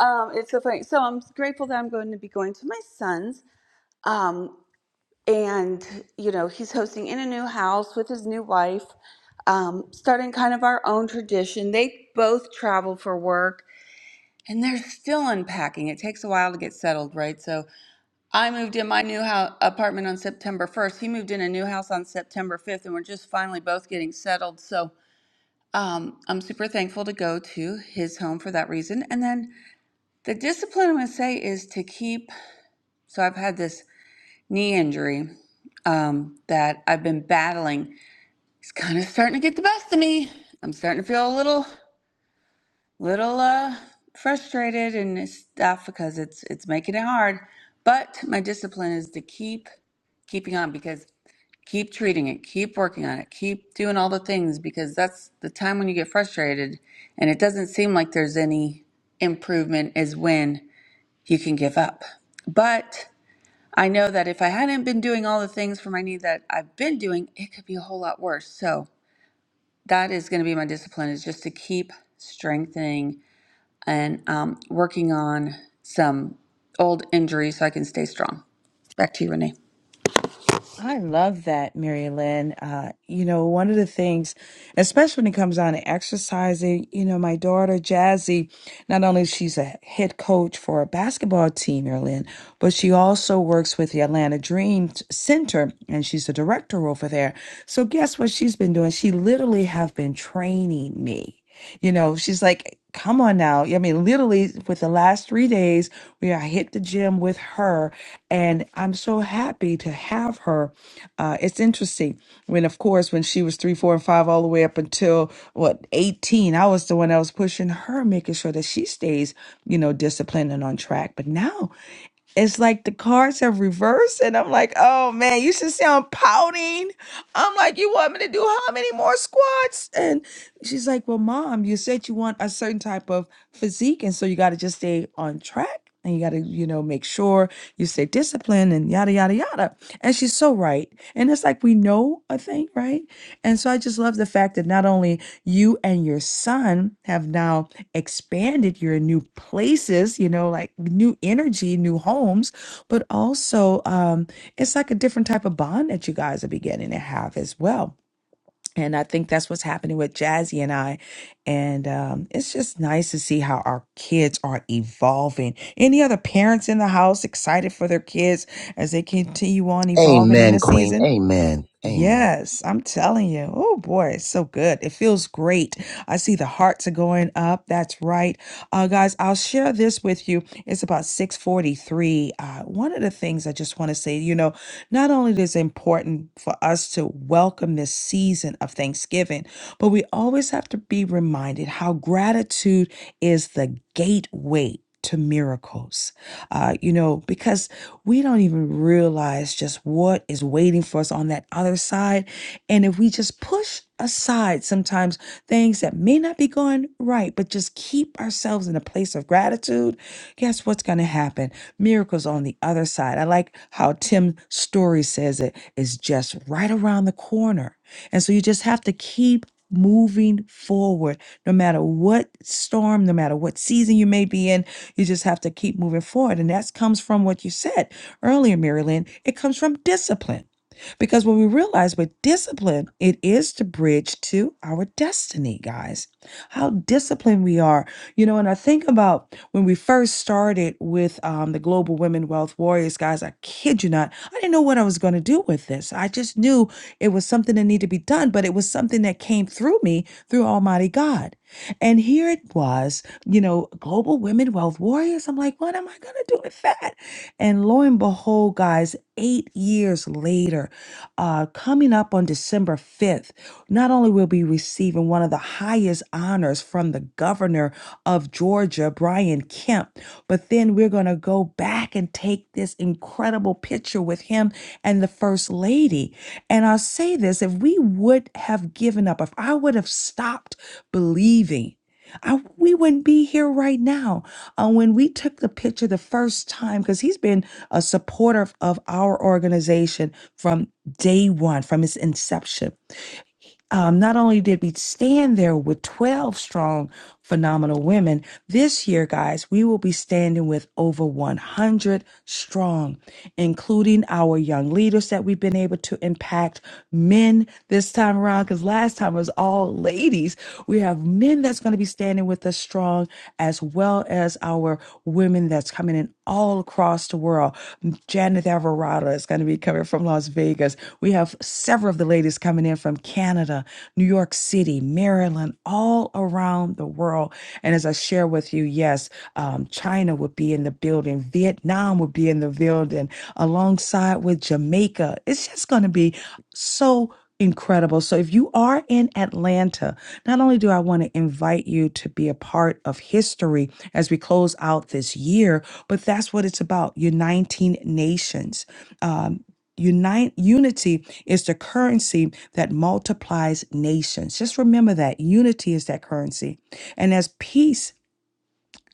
Speaker 1: Um, it's so funny. So I'm grateful that I'm going to be going to my son's. Um, and, you know, he's hosting in a new house with his new wife, um, starting kind of our own tradition. They both travel for work and they're still unpacking. It takes a while to get settled, right? So I moved in my new house apartment on September 1st. He moved in a new house on September 5th, and we're just finally both getting settled. So um, I'm super thankful to go to his home for that reason. And then the discipline I'm going to say is to keep. So I've had this knee injury um, that I've been battling. It's kind of starting to get the best of me. I'm starting to feel a little, little uh, frustrated and stuff because it's it's making it hard. But my discipline is to keep keeping on because keep treating it, keep working on it, keep doing all the things because that's the time when you get frustrated and it doesn't seem like there's any improvement is when you can give up. But I know that if I hadn't been doing all the things for my knee that I've been doing, it could be a whole lot worse. So that is going to be my discipline is just to keep strengthening and um, working on some old injuries so I can stay strong. Back to you, Renee.
Speaker 3: I love that, Mary Lynn. Uh, you know, one of the things, especially when it comes down to exercising, you know, my daughter Jazzy, not only is she's a head coach for a basketball team, Mary Lynn, but she also works with the Atlanta Dream Center and she's the director over there. So guess what she's been doing? She literally have been training me. You know, she's like, come on now. Yeah, I mean, literally, with the last three days, we I hit the gym with her, and I'm so happy to have her. Uh, it's interesting when, of course, when she was three, four, and five, all the way up until what 18, I was the one that was pushing her, making sure that she stays, you know, disciplined and on track. But now. It's like the cards have reversed, and I'm like, oh man, you should see I'm pouting. I'm like, you want me to do how many more squats? And she's like, well, mom, you said you want a certain type of physique, and so you got to just stay on track, and you got to, you know, make sure you stay disciplined, and yada yada yada. And she's so right, and it's like we know a thing, right? And so I just love the fact that not only you and your son have now expanded your new places, you know, like new energy, new homes, but also um, it's like a different type of bond that you guys are beginning to have as well. And I think that's what's happening with Jazzy and I. And um, it's just nice to see how our kids are evolving. Any other parents in the house excited for their kids as they continue on evolving in
Speaker 15: Amen,
Speaker 3: the
Speaker 15: Queen.
Speaker 3: season?
Speaker 15: Amen. Amen.
Speaker 3: Yes, I'm telling you. Oh boy, it's so good. It feels great. I see the hearts are going up. That's right. Uh guys, I'll share this with you. It's about 6:43. Uh one of the things I just want to say, you know, not only is it important for us to welcome this season of Thanksgiving, but we always have to be reminded how gratitude is the gateway to miracles. Uh, you know, because we don't even realize just what is waiting for us on that other side. And if we just push aside sometimes things that may not be going right, but just just keep ourselves in a place of gratitude, guess what's going to happen? Miracles on the other side. I like how Tim Story says it is just right around the corner. And so you just have to keep moving forward no matter what storm, no matter what season you may be in, you just have to keep moving forward. And that comes from what you said earlier, Marilyn. It comes from discipline because when we realize with discipline, it is the bridge to our destiny, guys. How disciplined we are. You know, and I think about when we first started with um, the Global Women Wealth Warriors, guys, I kid you not, I didn't know what I was going to do with this. I just knew it was something that needed to be done, but it was something that came through me through Almighty God. And here it was, you know, Global Women Wealth Warriors. I'm like, what am I going to do? doing fat. And lo and behold, guys, eight years later, uh, coming up on December 5th, not only will we be receiving one of the highest honors from the governor of Georgia, Brian Kemp, but then we're going to go back and take this incredible picture with him and the first lady. And I'll say this if we would have given up, if I would have stopped believing, I, we wouldn't be here right now. Uh, when we took the picture the first time, because he's been a supporter of our organization from day one, from its inception um, not only did we stand there with 12 strong, phenomenal women, this year, guys, we will be standing with over 100 strong, including our young leaders that we've been able to impact, men this time around, because last time it was all ladies. We have men that's going to be standing with us strong, as well as our women that's coming in all across the world. Janet Alvarado is going to be coming from Las Vegas. We have several of the ladies coming in from Canada, New York City, Maryland, all around the world. And as I share with you, yes, um, China would be in the building, Vietnam would be in the building, alongside with Jamaica. It's just going to be so incredible. So if you are in Atlanta, not only do I want to invite you to be a part of history as we close out this year, but that's what it's about, uniting nations. Um, Unite, unity is the currency that multiplies nations. Just remember that unity is that currency. And as peace,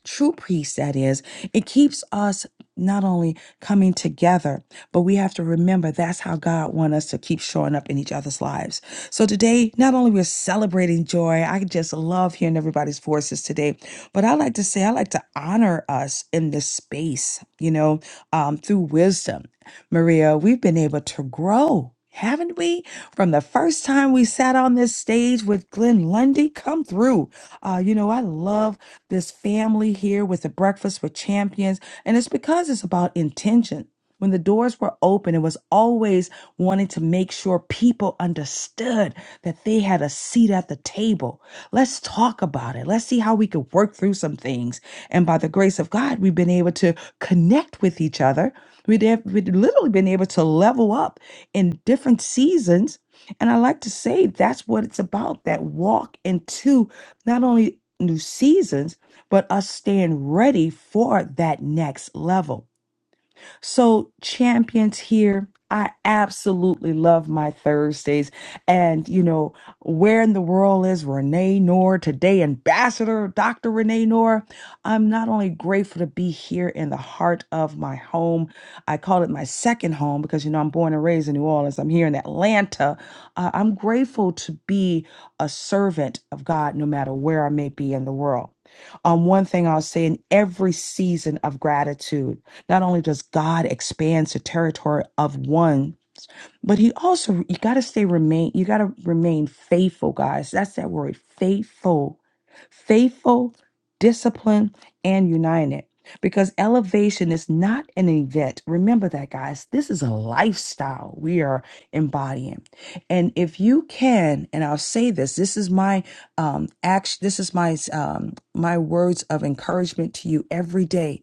Speaker 3: true peace, that is, it keeps us not only coming together, but we have to remember that's how God wants us to keep showing up in each other's lives. So today, not only we're celebrating joy, I just love hearing everybody's voices today, but I like to say, I like to honor us in this space, you know, um, through wisdom. Maria, we've been able to grow, haven't we? From the first time we sat on this stage with Glenn Lundy, come through. Uh, you know, I love this family here with the Breakfast with Champions, and it's because it's about intention. When the doors were open, it was always wanting to make sure people understood that they had a seat at the table. Let's talk about it. Let's see how we could work through some things. And by the grace of God, we've been able to connect with each other we have, literally been able to level up in different seasons. And I like to say that's what it's about that walk into not only new seasons, but us staying ready for that next level. So, champions here, I absolutely love my Thursdays. And, you know, where in the world is Renee Noor today, Ambassador Dr. Renee Noor? I'm not only grateful to be here in the heart of my home, I call it my second home because, you know, I'm born and raised in New Orleans, I'm here in Atlanta. Uh, I'm grateful to be a servant of God no matter where I may be in the world. Um, one thing I'll say in every season of gratitude, not only does God expand the territory of one, but he also you gotta stay remain, you gotta remain faithful, guys. That's that word, faithful. Faithful, disciplined, and united. Because elevation is not an event. Remember that, guys. This is a lifestyle we are embodying. And if you can, and I'll say this, this is my um action, this is my um my words of encouragement to you every day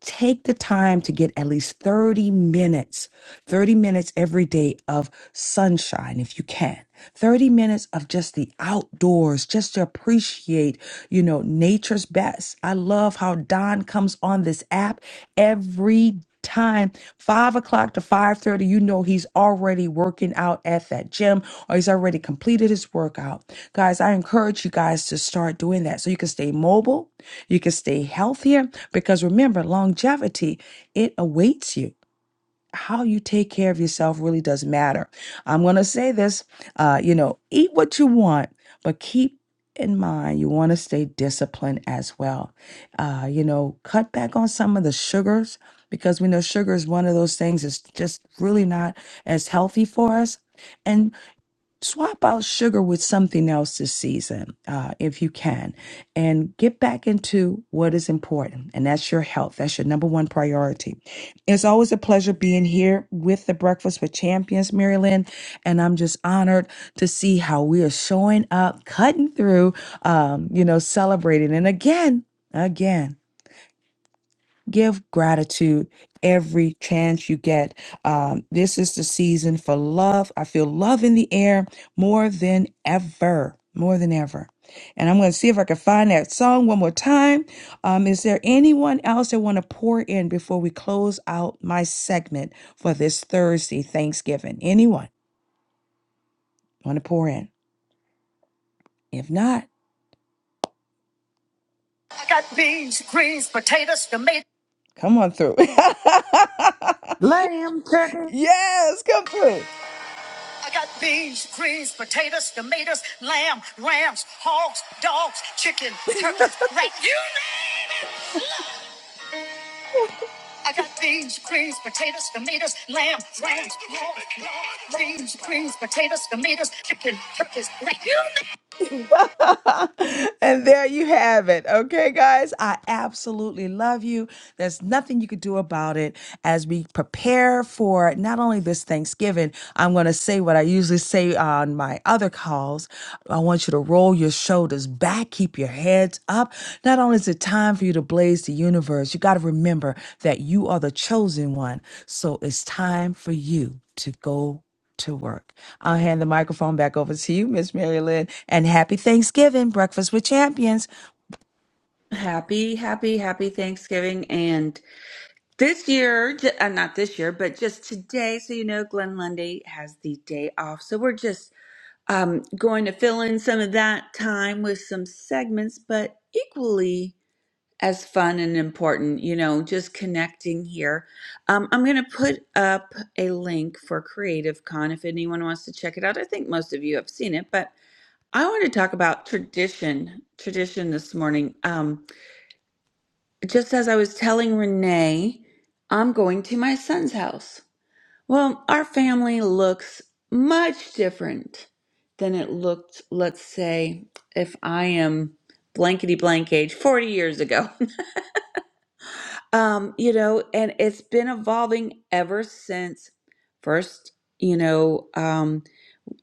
Speaker 3: take the time to get at least 30 minutes, 30 minutes every day of sunshine if you can. 30 minutes of just the outdoors, just to appreciate, you know, nature's best. I love how Don comes on this app every time, five o'clock to five thirty, you know he's already working out at that gym or he's already completed his workout. Guys, I encourage you guys to start doing that so you can stay mobile, you can stay healthier. Because remember, longevity it awaits you how you take care of yourself really does matter. I'm going to say this, uh, you know, eat what you want, but keep in mind you want to stay disciplined as well. Uh, you know, cut back on some of the sugars because we know sugar is one of those things that's just really not as healthy for us. And swap out sugar with something else this season uh, if you can and get back into what is important and that's your health that's your number one priority it's always a pleasure being here with the breakfast with champions marilyn and i'm just honored to see how we are showing up cutting through um, you know celebrating and again again Give gratitude every chance you get. Um, this is the season for love. I feel love in the air more than ever, more than ever. And I'm going to see if I can find that song one more time. Um, is there anyone else that want to pour in before we close out my segment for this Thursday Thanksgiving? Anyone want to pour in? If not, I got beans, greens, potatoes, tomatoes. Come on through.
Speaker 1: Lamb turkey.
Speaker 3: yes, come through. I got beans, greens, potatoes, tomatoes, lamb, rams, hogs, dogs, chicken, turkeys, Right, You name I got beans, greens, potatoes, tomatoes, lamb, rams, hogs, dogs, beans, greens, potatoes, tomatoes, chicken, turkeys, Right, You name and there you have it. Okay, guys, I absolutely love you. There's nothing you could do about it. As we prepare for not only this Thanksgiving, I'm going to say what I usually say on my other calls. I want you to roll your shoulders back, keep your heads up. Not only is it time for you to blaze the universe, you got to remember that you are the chosen one. So it's time for you to go to work. I'll hand the microphone back over to you, Miss Mary Lynn, and happy Thanksgiving, Breakfast with Champions.
Speaker 1: Happy, happy, happy Thanksgiving. And this year, j- uh, not this year, but just today, so you know, Glenn Lundy has the day off. So we're just um, going to fill in some of that time with some segments, but equally as fun and important, you know, just connecting here. Um, I'm going to put up a link for Creative Con if anyone wants to check it out. I think most of you have seen it, but I want to talk about tradition, tradition this morning. Um, just as I was telling Renee, I'm going to my son's house. Well, our family looks much different than it looked, let's say, if I am blankety blank age 40 years ago. um, you know, and it's been evolving ever since first, you know, um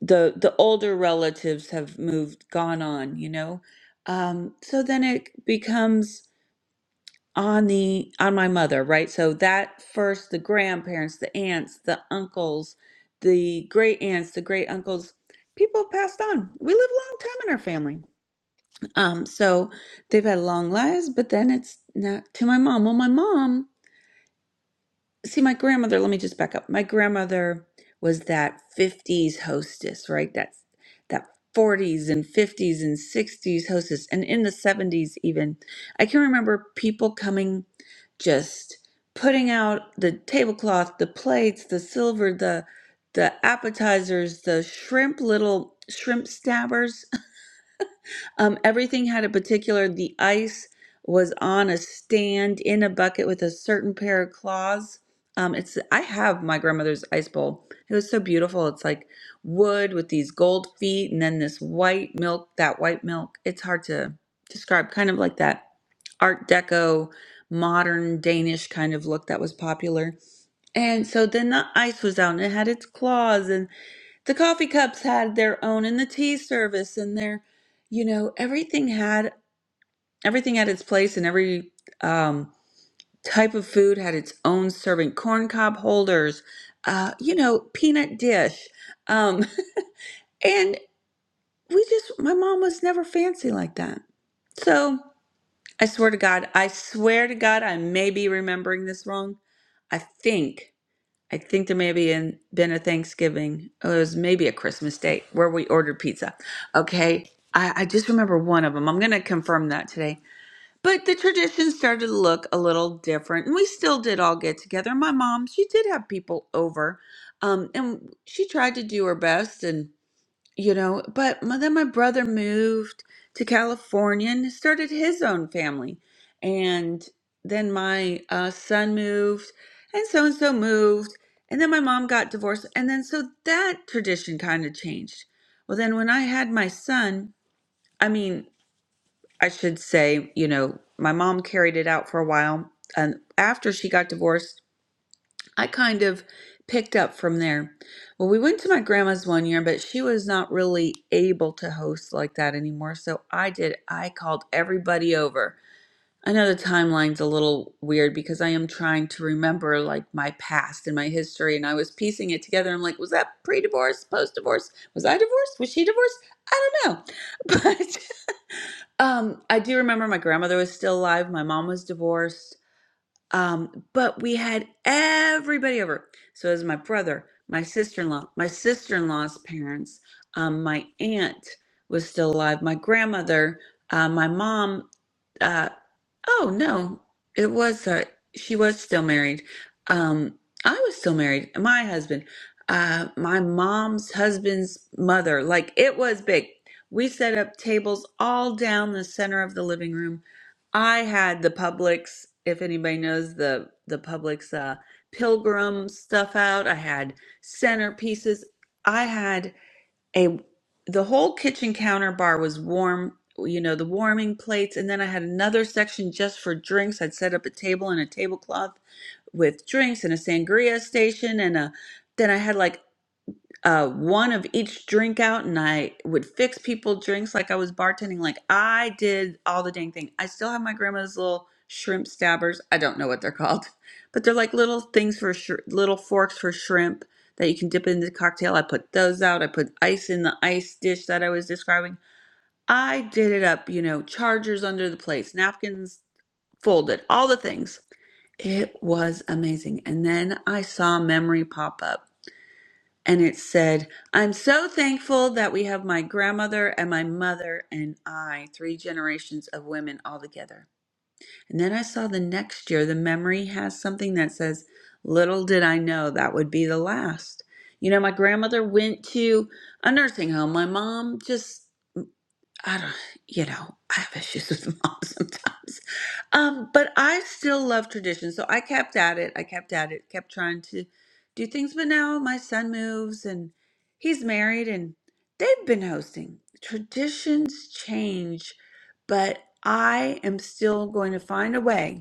Speaker 1: the the older relatives have moved gone on, you know. Um so then it becomes on the on my mother right so that first the grandparents the aunts the uncles the great aunts the great uncles people have passed on we live a long time in our family um so they've had long lives but then it's not to my mom well my mom see my grandmother let me just back up my grandmother was that 50s hostess right that's that 40s and 50s and 60s hostess and in the 70s even i can remember people coming just putting out the tablecloth the plates the silver the the appetizers the shrimp little shrimp stabbers um, everything had a particular, the ice was on a stand in a bucket with a certain pair of claws. Um, it's I have my grandmother's ice bowl. It was so beautiful. It's like wood with these gold feet and then this white milk, that white milk. It's hard to describe, kind of like that Art Deco modern Danish kind of look that was popular. And so then the ice was out and it had its claws and the coffee cups had their own and the tea service and their you know everything had everything had its place and every um, type of food had its own serving corn cob holders uh, you know peanut dish um, and we just my mom was never fancy like that so i swear to god i swear to god i may be remembering this wrong i think I think there may be an, been a Thanksgiving. Oh, it was maybe a Christmas date where we ordered pizza. Okay. I, I just remember one of them. I'm going to confirm that today. But the tradition started to look a little different. And we still did all get together. My mom, she did have people over. Um, and she tried to do her best. And you know but my, then my brother moved to california and started his own family and then my uh, son moved and so and so moved and then my mom got divorced and then so that tradition kind of changed well then when i had my son i mean i should say you know my mom carried it out for a while and after she got divorced I kind of picked up from there. Well, we went to my grandma's one year, but she was not really able to host like that anymore. So I did, I called everybody over. I know the timeline's a little weird because I am trying to remember like my past and my history, and I was piecing it together. I'm like, was that pre divorce, post divorce? Was I divorced? Was she divorced? I don't know. But um, I do remember my grandmother was still alive. My mom was divorced um, but we had everybody over. So it was my brother, my sister-in-law, my sister-in-law's parents, um, my aunt was still alive, my grandmother, uh, my mom, uh, Oh no, it was uh, she was still married. Um, I was still married. My husband, uh, my mom's husband's mother, like it was big. We set up tables all down the center of the living room. I had the Publix, if anybody knows the the Publix uh, Pilgrim stuff out. I had centerpieces. I had a the whole kitchen counter bar was warm you know the warming plates and then i had another section just for drinks i'd set up a table and a tablecloth with drinks and a sangria station and a then i had like uh, one of each drink out and I would fix people drinks like I was bartending. Like I did all the dang thing. I still have my grandma's little shrimp stabbers. I don't know what they're called, but they're like little things for sh- little forks for shrimp that you can dip in the cocktail. I put those out. I put ice in the ice dish that I was describing. I did it up, you know, chargers under the plates, napkins folded, all the things. It was amazing. And then I saw memory pop up and it said, I'm so thankful that we have my grandmother and my mother and I, three generations of women all together. And then I saw the next year, the memory has something that says, Little did I know that would be the last. You know, my grandmother went to a nursing home. My mom just I don't, you know, I have issues with mom sometimes. Um, but I still love tradition. So I kept at it. I kept at it, kept trying to do things. But now my son moves and he's married and they've been hosting. Traditions change, but I am still going to find a way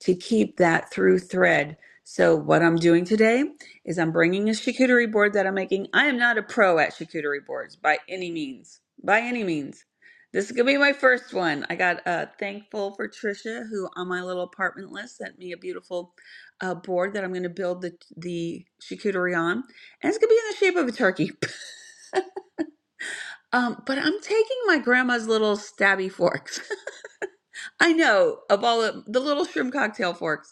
Speaker 1: to keep that through thread. So what I'm doing today is I'm bringing a charcuterie board that I'm making. I am not a pro at charcuterie boards by any means. By any means. This is gonna be my first one. I got uh, thankful for Trisha, who on my little apartment list sent me a beautiful uh, board that I'm gonna build the the charcuterie on, and it's gonna be in the shape of a turkey. um, but I'm taking my grandma's little stabby forks. I know of all the, the little shrimp cocktail forks.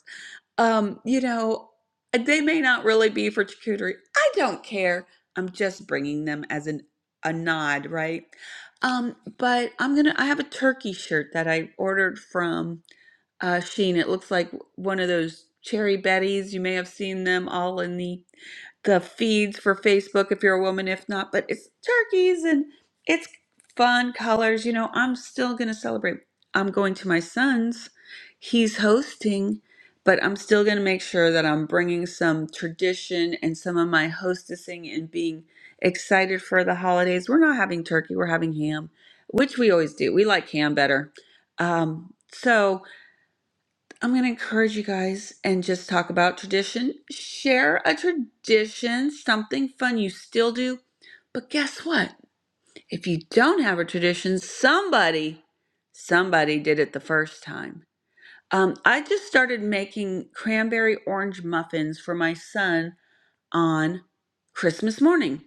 Speaker 1: Um, you know, uh, they may not really be for charcuterie. I don't care. I'm just bringing them as an a nod, right? Um, but I'm gonna. I have a turkey shirt that I ordered from uh, Sheen. It looks like one of those cherry Bettys. You may have seen them all in the the feeds for Facebook if you're a woman, if not, but it's turkeys and it's fun colors. You know, I'm still going to celebrate. I'm going to my son's, he's hosting, but I'm still going to make sure that I'm bringing some tradition and some of my hostessing and being excited for the holidays. We're not having turkey, we're having ham, which we always do. We like ham better. Um, so, I'm going to encourage you guys and just talk about tradition. Share a tradition, something fun you still do. But guess what? If you don't have a tradition, somebody, somebody did it the first time. Um, I just started making cranberry orange muffins for my son on Christmas morning.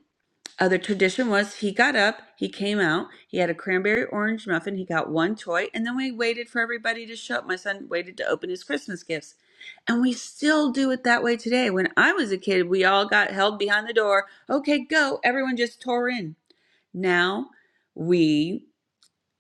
Speaker 1: Uh, the tradition was he got up, he came out, he had a cranberry orange muffin, he got one toy, and then we waited for everybody to show up. My son waited to open his Christmas gifts. And we still do it that way today. When I was a kid, we all got held behind the door. Okay, go. Everyone just tore in. Now we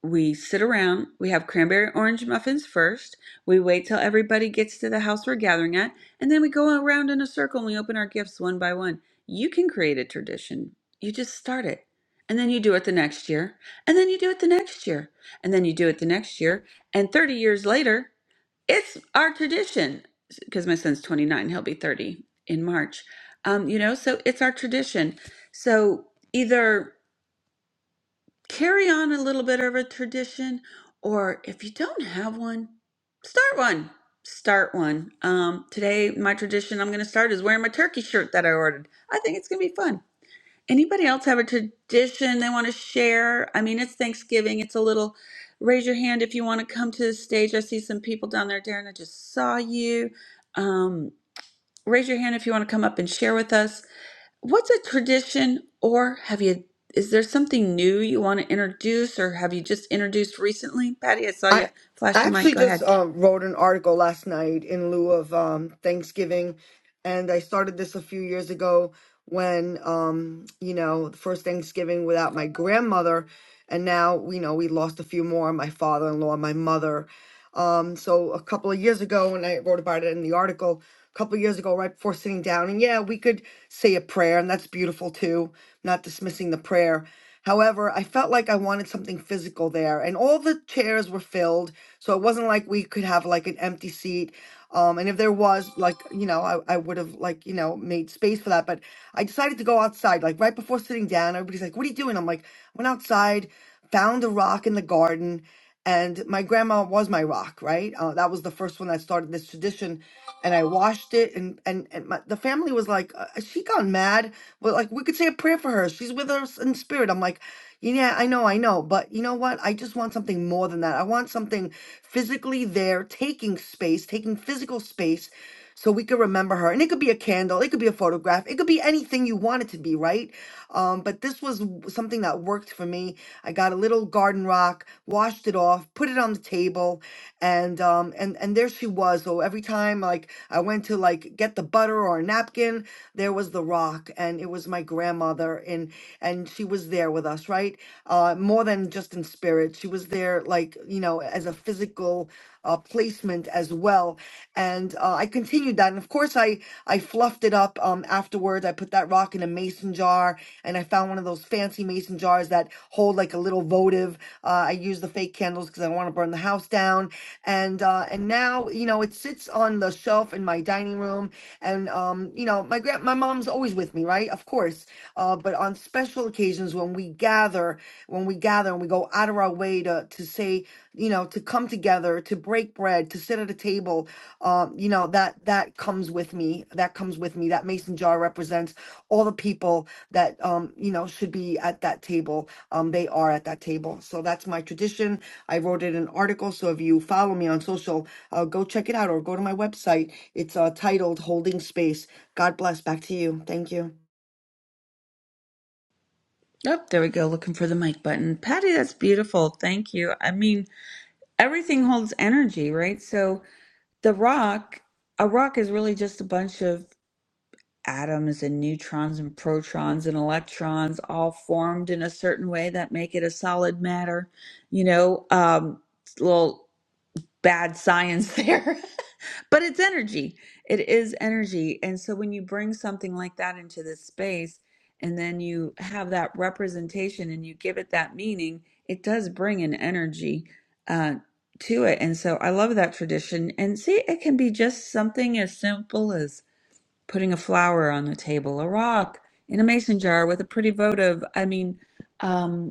Speaker 1: we sit around, we have cranberry orange muffins first, we wait till everybody gets to the house we're gathering at, and then we go around in a circle and we open our gifts one by one. You can create a tradition. You just start it. And then you do it the next year, and then you do it the next year, and then you do it the next year, and 30 years later, it's our tradition. Because my son's 29, he'll be 30 in March. Um, you know, so it's our tradition. So either carry on a little bit of a tradition or if you don't have one start one start one um, today my tradition i'm going to start is wearing my turkey shirt that i ordered i think it's going to be fun anybody else have a tradition they want to share i mean it's thanksgiving it's a little raise your hand if you want to come to the stage i see some people down there darren i just saw you um, raise your hand if you want to come up and share with us What's a tradition, or have you, is there something new you want to introduce, or have you just introduced recently? Patty, I saw you
Speaker 8: I
Speaker 1: flash
Speaker 8: I
Speaker 1: your mic.
Speaker 8: actually
Speaker 1: Go
Speaker 8: just
Speaker 1: ahead.
Speaker 8: um, wrote an article last night in lieu of um, Thanksgiving, and I started this a few years ago when um, you know the first Thanksgiving without my grandmother, and now you know we lost a few more, my father-in-law, my mother. Um, so a couple of years ago, and I wrote about it in the article. A couple of years ago, right before sitting down, and yeah, we could say a prayer, and that's beautiful too. Not dismissing the prayer, However, I felt like I wanted something physical there, and all the chairs were filled, so it wasn't like we could have like an empty seat. Um, and if there was, like, you know, I, I would have like, you know, made space for that. But I decided to go outside, like right before sitting down. Everybody's like, "What are you doing?" I'm like, "Went outside, found a rock in the garden." And my grandma was my rock, right? Uh, that was the first one that started this tradition and I washed it, and and and my, the family was like, uh, "Has "She gone mad." Well, like we could say a prayer for her. She's with us in spirit. I'm like, yeah, I know, I know, but you know what? I just want something more than that. I want something physically there, taking space, taking physical space, so we could remember her. And it could be a candle, it could be a photograph, it could be anything you want it to be, right? Um, but this was w- something that worked for me. I got a little garden rock, washed it off, put it on the table, and um and and there she was so every time like i went to like get the butter or a napkin there was the rock and it was my grandmother and and she was there with us right uh more than just in spirit she was there like you know as a physical uh, placement as well and uh, i continued that and of course i i fluffed it up um afterwards i put that rock in a mason jar and i found one of those fancy mason jars that hold like a little votive uh, i used the fake candles because i don't want to burn the house down and uh, and now you know it sits on the shelf in my dining room, and um, you know my grand my mom's always with me, right? Of course, uh, but on special occasions when we gather, when we gather and we go out of our way to to say, you know, to come together to break bread to sit at a table um you know that that comes with me that comes with me that mason jar represents all the people that um you know should be at that table um they are at that table so that's my tradition i wrote it in an article so if you follow me on social uh, go check it out or go to my website it's uh titled holding space god bless back to you thank you
Speaker 1: Oh, there we go, looking for the mic button. Patty, that's beautiful. Thank you. I mean, everything holds energy, right? So the rock, a rock is really just a bunch of atoms and neutrons and protons and electrons all formed in a certain way that make it a solid matter. You know, um, little bad science there, but it's energy. It is energy. And so when you bring something like that into this space and then you have that representation and you give it that meaning, it does bring an energy uh, to it. And so I love that tradition. And see, it can be just something as simple as putting a flower on the table, a rock in a mason jar with a pretty votive. I mean, um,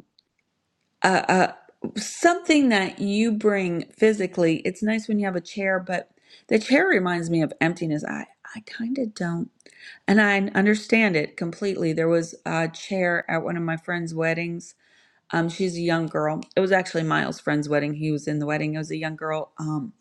Speaker 1: uh, uh, something that you bring physically. It's nice when you have a chair, but the chair reminds me of emptiness. I, I kind of don't, and I understand it completely. There was a chair at one of my friend's weddings. Um, she's a young girl. It was actually Miles' friend's wedding. He was in the wedding. It was a young girl. Um.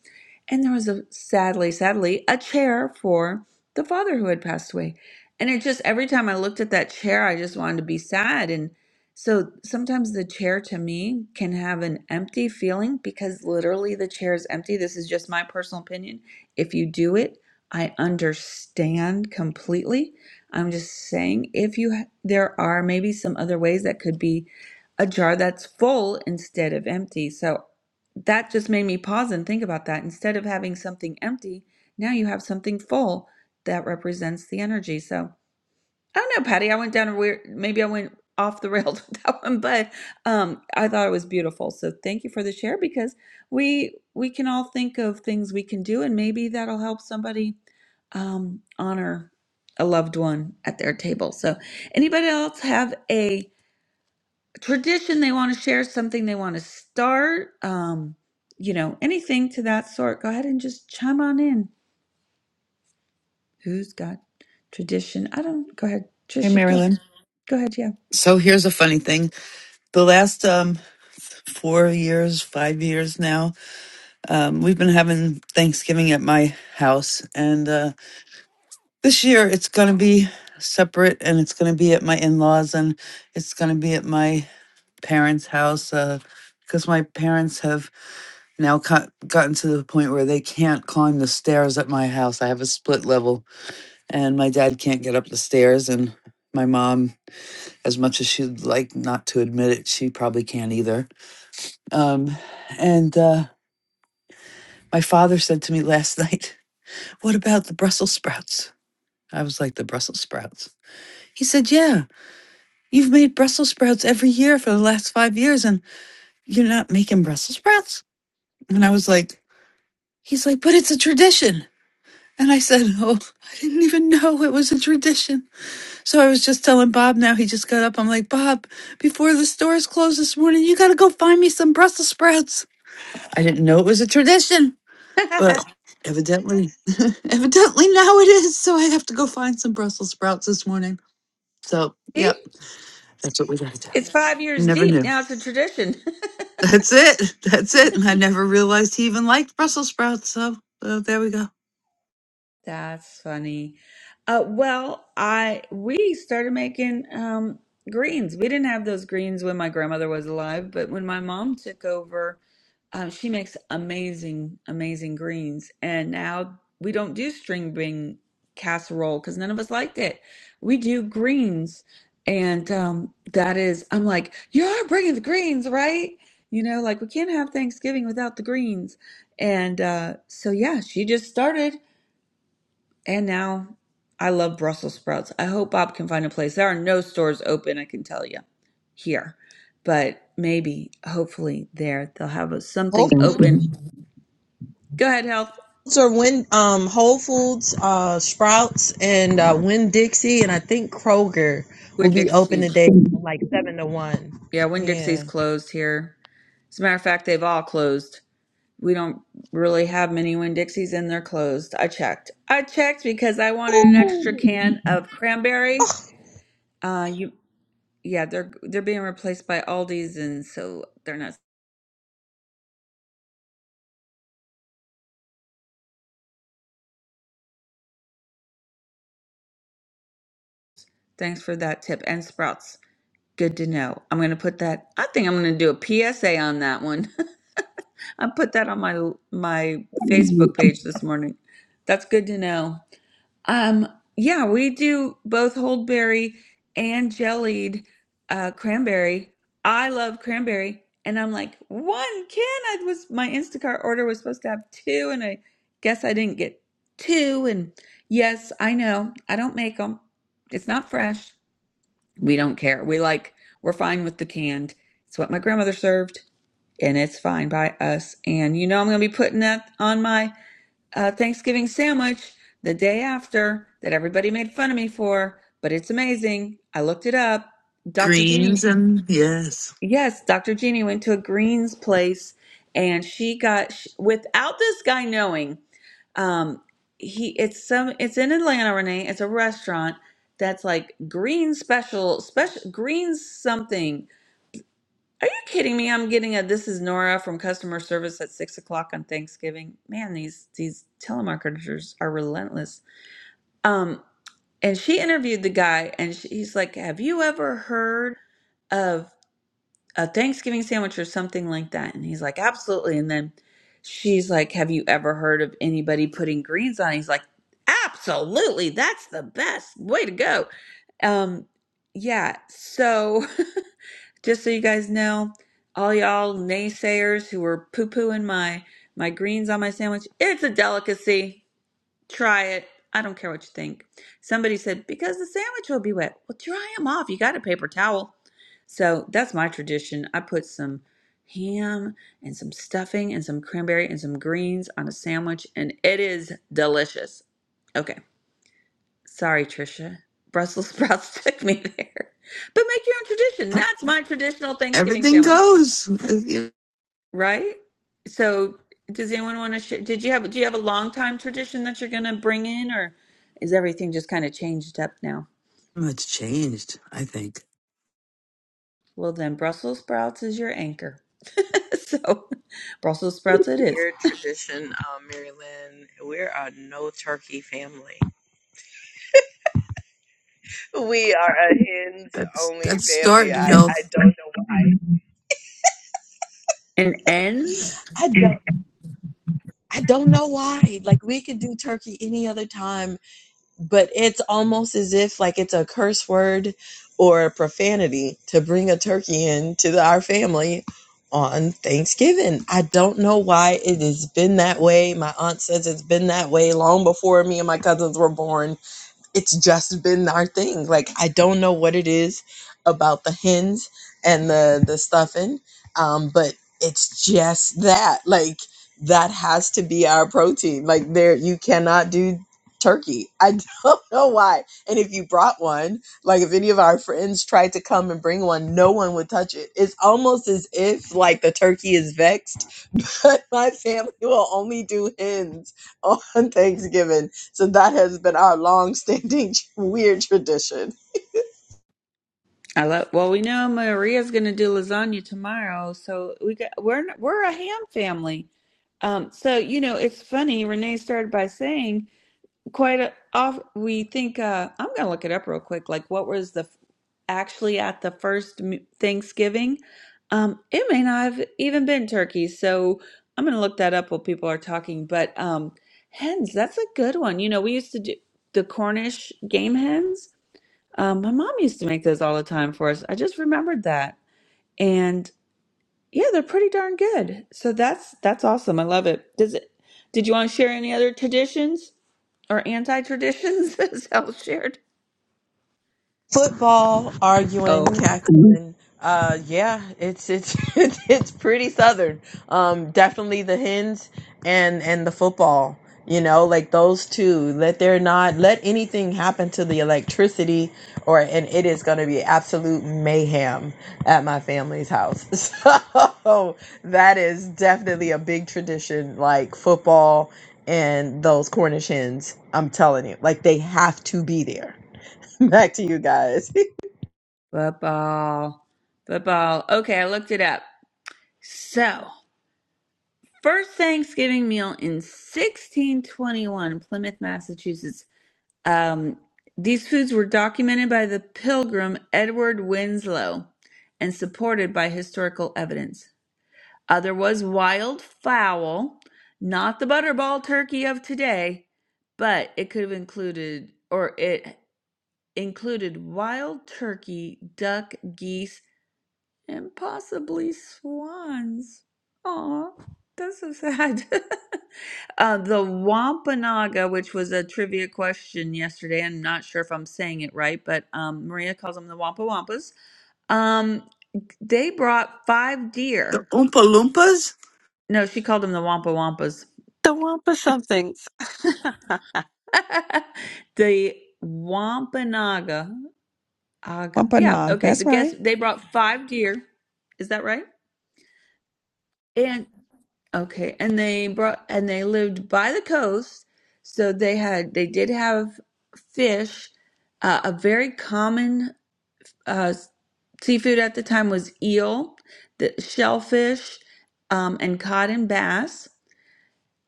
Speaker 1: And there was a sadly, sadly, a chair for the father who had passed away. And it just every time I looked at that chair, I just wanted to be sad. And so sometimes the chair to me can have an empty feeling because literally the chair is empty. This is just my personal opinion. If you do it, I understand completely. I'm just saying if you ha- there are maybe some other ways that could be a jar that's full instead of empty. So that just made me pause and think about that. Instead of having something empty, now you have something full that represents the energy. So I don't know, Patty. I went down a weird, maybe I went off the rails with that one, but um, I thought it was beautiful. So thank you for the share because we we can all think of things we can do, and maybe that'll help somebody um, honor a loved one at their table. So anybody else have a tradition they want to share something they want to start um you know anything to that sort go ahead and just chime on in who's got tradition i don't go ahead
Speaker 2: Hey
Speaker 1: trisha go
Speaker 2: Marilyn.
Speaker 1: go ahead yeah
Speaker 2: So here's a funny thing: the last um four years, five years now, um, we've been having Thanksgiving at my house, and uh, this year it's going to be separate and it's going to be at my in-laws and it's going to be at my parents house uh, because my parents have now got, gotten to the point where they can't climb the stairs at my house i have a split level and my dad can't get up the stairs and my mom as much as she'd like not to admit it she probably can't either um, and uh, my father said to me last night what about the brussels sprouts i was like the brussels sprouts he said yeah You've made Brussels sprouts every year for the last five years, and you're not making Brussels sprouts? And I was like, He's like, But it's a tradition. And I said, Oh, I didn't even know it was a tradition. So I was just telling Bob now, he just got up. I'm like, Bob, before the stores closed this morning, you got to go find me some Brussels sprouts. I didn't know it was a tradition, but evidently, evidently now it is. So I have to go find some Brussels sprouts this morning. So, yeah,
Speaker 1: See?
Speaker 2: that's what we got to do.
Speaker 1: it's five years
Speaker 2: Never
Speaker 1: deep
Speaker 2: knew.
Speaker 1: now it's a tradition
Speaker 2: That's it. That's it. And I never realized he even liked Brussels sprouts. So uh, there we go.
Speaker 1: that's funny uh well i we started making um greens we didn't have those greens when my grandmother was alive but when my mom took over Uh, she makes amazing, amazing greens. And now we don't do string bean casserole because none of us liked it. We do greens. And um, that is, I'm like, you're bringing the greens, right? You know, like we can't have Thanksgiving without the greens. And uh, so, yeah, she just started. And now I love Brussels sprouts. I hope Bob can find a place. There are no stores open, I can tell you, here. But maybe, hopefully, there they'll have a,
Speaker 16: Whole
Speaker 1: something
Speaker 16: Foods
Speaker 1: open Go ahead, health.
Speaker 16: or Win um Whole Foods, uh Sprouts and uh Win Dixie and I think Kroger will
Speaker 1: Winn
Speaker 16: be open
Speaker 1: Dixie's
Speaker 16: today from like seven to one.
Speaker 1: yeah, Winn Dixie's
Speaker 16: Yeah.
Speaker 1: closed here. As a matter of fact, they've all closed. We don't really have many Winn Dixies and they're closed. I checked. I checked because I wanted an extra can of cranberry. Uh you yeah, they're they're being replaced by Aldi's and so they're not thanks for that tip. And Sprouts. Good to know. I'm gonna put that I think I'm gonna do a PSA on that one. I put that on my my Facebook page this morning. That's good to know. Um, yeah, we do both holdberry and jellied uh, cranberry. I love cranberry, and I'm like one can. I was my Instacart order was supposed to have two, and I guess I didn't get two. And yes, I know I don't make them. It's not fresh. We don't care. We like we're fine with the canned. It's what my grandmother served, and it's fine by us. And you know I'm gonna be putting that on my uh, Thanksgiving sandwich the day after that everybody made fun of me for, but it's amazing. I looked it up. Dr. Jeannie,
Speaker 2: Greens
Speaker 1: Mhm.
Speaker 2: and yes,
Speaker 1: yes, Dr. Jeannie went to a Greens place and she got, sh without this guy knowing, um, he, it's some, it's in Atlanta, Renee. It's a restaurant that's like green special, special greens something. Are you kidding me? I'm getting a this is Nora from customer service at six o'clock on Thanksgiving. Man, these these telemarketers are relentless. Um, and she interviewed the guy, and she, he's like, "Have you ever heard of a Thanksgiving sandwich or something like that?" And he's like, "Absolutely." And then she's like, "Have you ever heard of anybody putting greens on?" it?" He's like, "Absolutely, that's the best way to go." Um, yeah. So just so you guys know, all y'all naysayers who were poo pooing my my greens on my sandwich, it's a delicacy. Try it. I don't care what you think. Somebody said, because the sandwich will be wet. Well, dry them off. You got a paper towel. So that's my tradition. I put some ham and some stuffing and some cranberry and some greens on a sandwich, and it is delicious. Okay. Sorry, Trisha. Brussels sprouts took me there. But make your own tradition. That's my traditional Thanksgiving
Speaker 2: everything
Speaker 1: sandwich.
Speaker 2: goes. Uh, yeah.
Speaker 1: Right? So, does anyone want to share? Did you have do you have a long time tradition that you're going to bring in, or is everything just kind of changed up now?
Speaker 2: Much changed, I think.
Speaker 1: Well, then Brussels sprouts is your anchor. so, Brussels sprouts it is.
Speaker 16: Weird tradition, um, Mary Lynn. We're a no turkey family. We are a hens
Speaker 2: That's
Speaker 16: only
Speaker 2: that's
Speaker 16: family.
Speaker 2: starting
Speaker 16: I, I
Speaker 2: health.
Speaker 16: don't know why.
Speaker 1: And ends.
Speaker 16: I don't I don't know why. Like we could do turkey any other time but it's almost as if like it's a curse word or a profanity to bring a turkey in to the, our family on Thanksgiving. I don't know why it has been that way. My aunt says it's been that way long before me and my cousins were born it's just been our thing. Like I don't know what it is about the hens and the the stuffing, um, but it's just that. Like that has to be our protein. Like there, you cannot do turkey. I don't know why. And if you brought one, like if any of our friends tried to come and bring one, no one would touch it. It's almost as if like the turkey is vexed, but my family will only do hens on Thanksgiving so that has been our long-standing weird tradition
Speaker 1: I love. Well, we know Maria's going to do lasagna tomorrow, so we got we're we're a ham family. Um, so you know, it's funny. Renee started by saying quite a, off we think uh i'm gonna look it up real quick like what was the f- actually at the first m- thanksgiving um it may not have even been turkey so i'm gonna look that up while people are talking but um hens that's a good one you know we used to do the cornish game hens um my mom used to make those all the time for us i just remembered that and yeah they're pretty darn good so that's that's awesome i love it does it did you want to share any other traditions or anti traditions, as Hal shared.
Speaker 16: football, arguing,
Speaker 1: Oh,
Speaker 16: cackling. Uh, yeah, it's it's it's pretty southern. Um, definitely the hens and and the football. You know, like those two. Let they're not let anything happen to the electricity, or and it is going to be absolute mayhem at my family's house. So that is definitely a big tradition, like football and those Cornish hens. I'm telling you, like they have to be there. Back to you guys.
Speaker 1: football. Football. Okay, I looked it up. So, first Thanksgiving meal in 1621, Plymouth, Massachusetts. Um, these foods were documented by the pilgrim Edward Winslow and supported by historical evidence. Other was wild fowl, not the butterball turkey of today, but it could have included, or it included wild turkey, duck, geese, and possibly swans. Aw, that's so sad. uh, the Wampanoag, which was a trivia question yesterday, I'm not sure if I'm saying it right, but um, Maria calls them the Wampa Wampas. Um, they brought five
Speaker 2: The
Speaker 1: deer.
Speaker 2: Oompa Loompas.
Speaker 1: No, she called them the Wampa Wampas.
Speaker 13: The Wampa somethings.
Speaker 1: the Wampanoag, aga, yeah,
Speaker 3: Wampanoag,
Speaker 1: okay. The
Speaker 3: that's right.
Speaker 1: guest they brought five deer. Is that right? And okay, and they brought and they lived by the coast, so they had they did have fish. Uh, a very common uh, seafood at the time was eel, the shellfish, um, and cod and bass.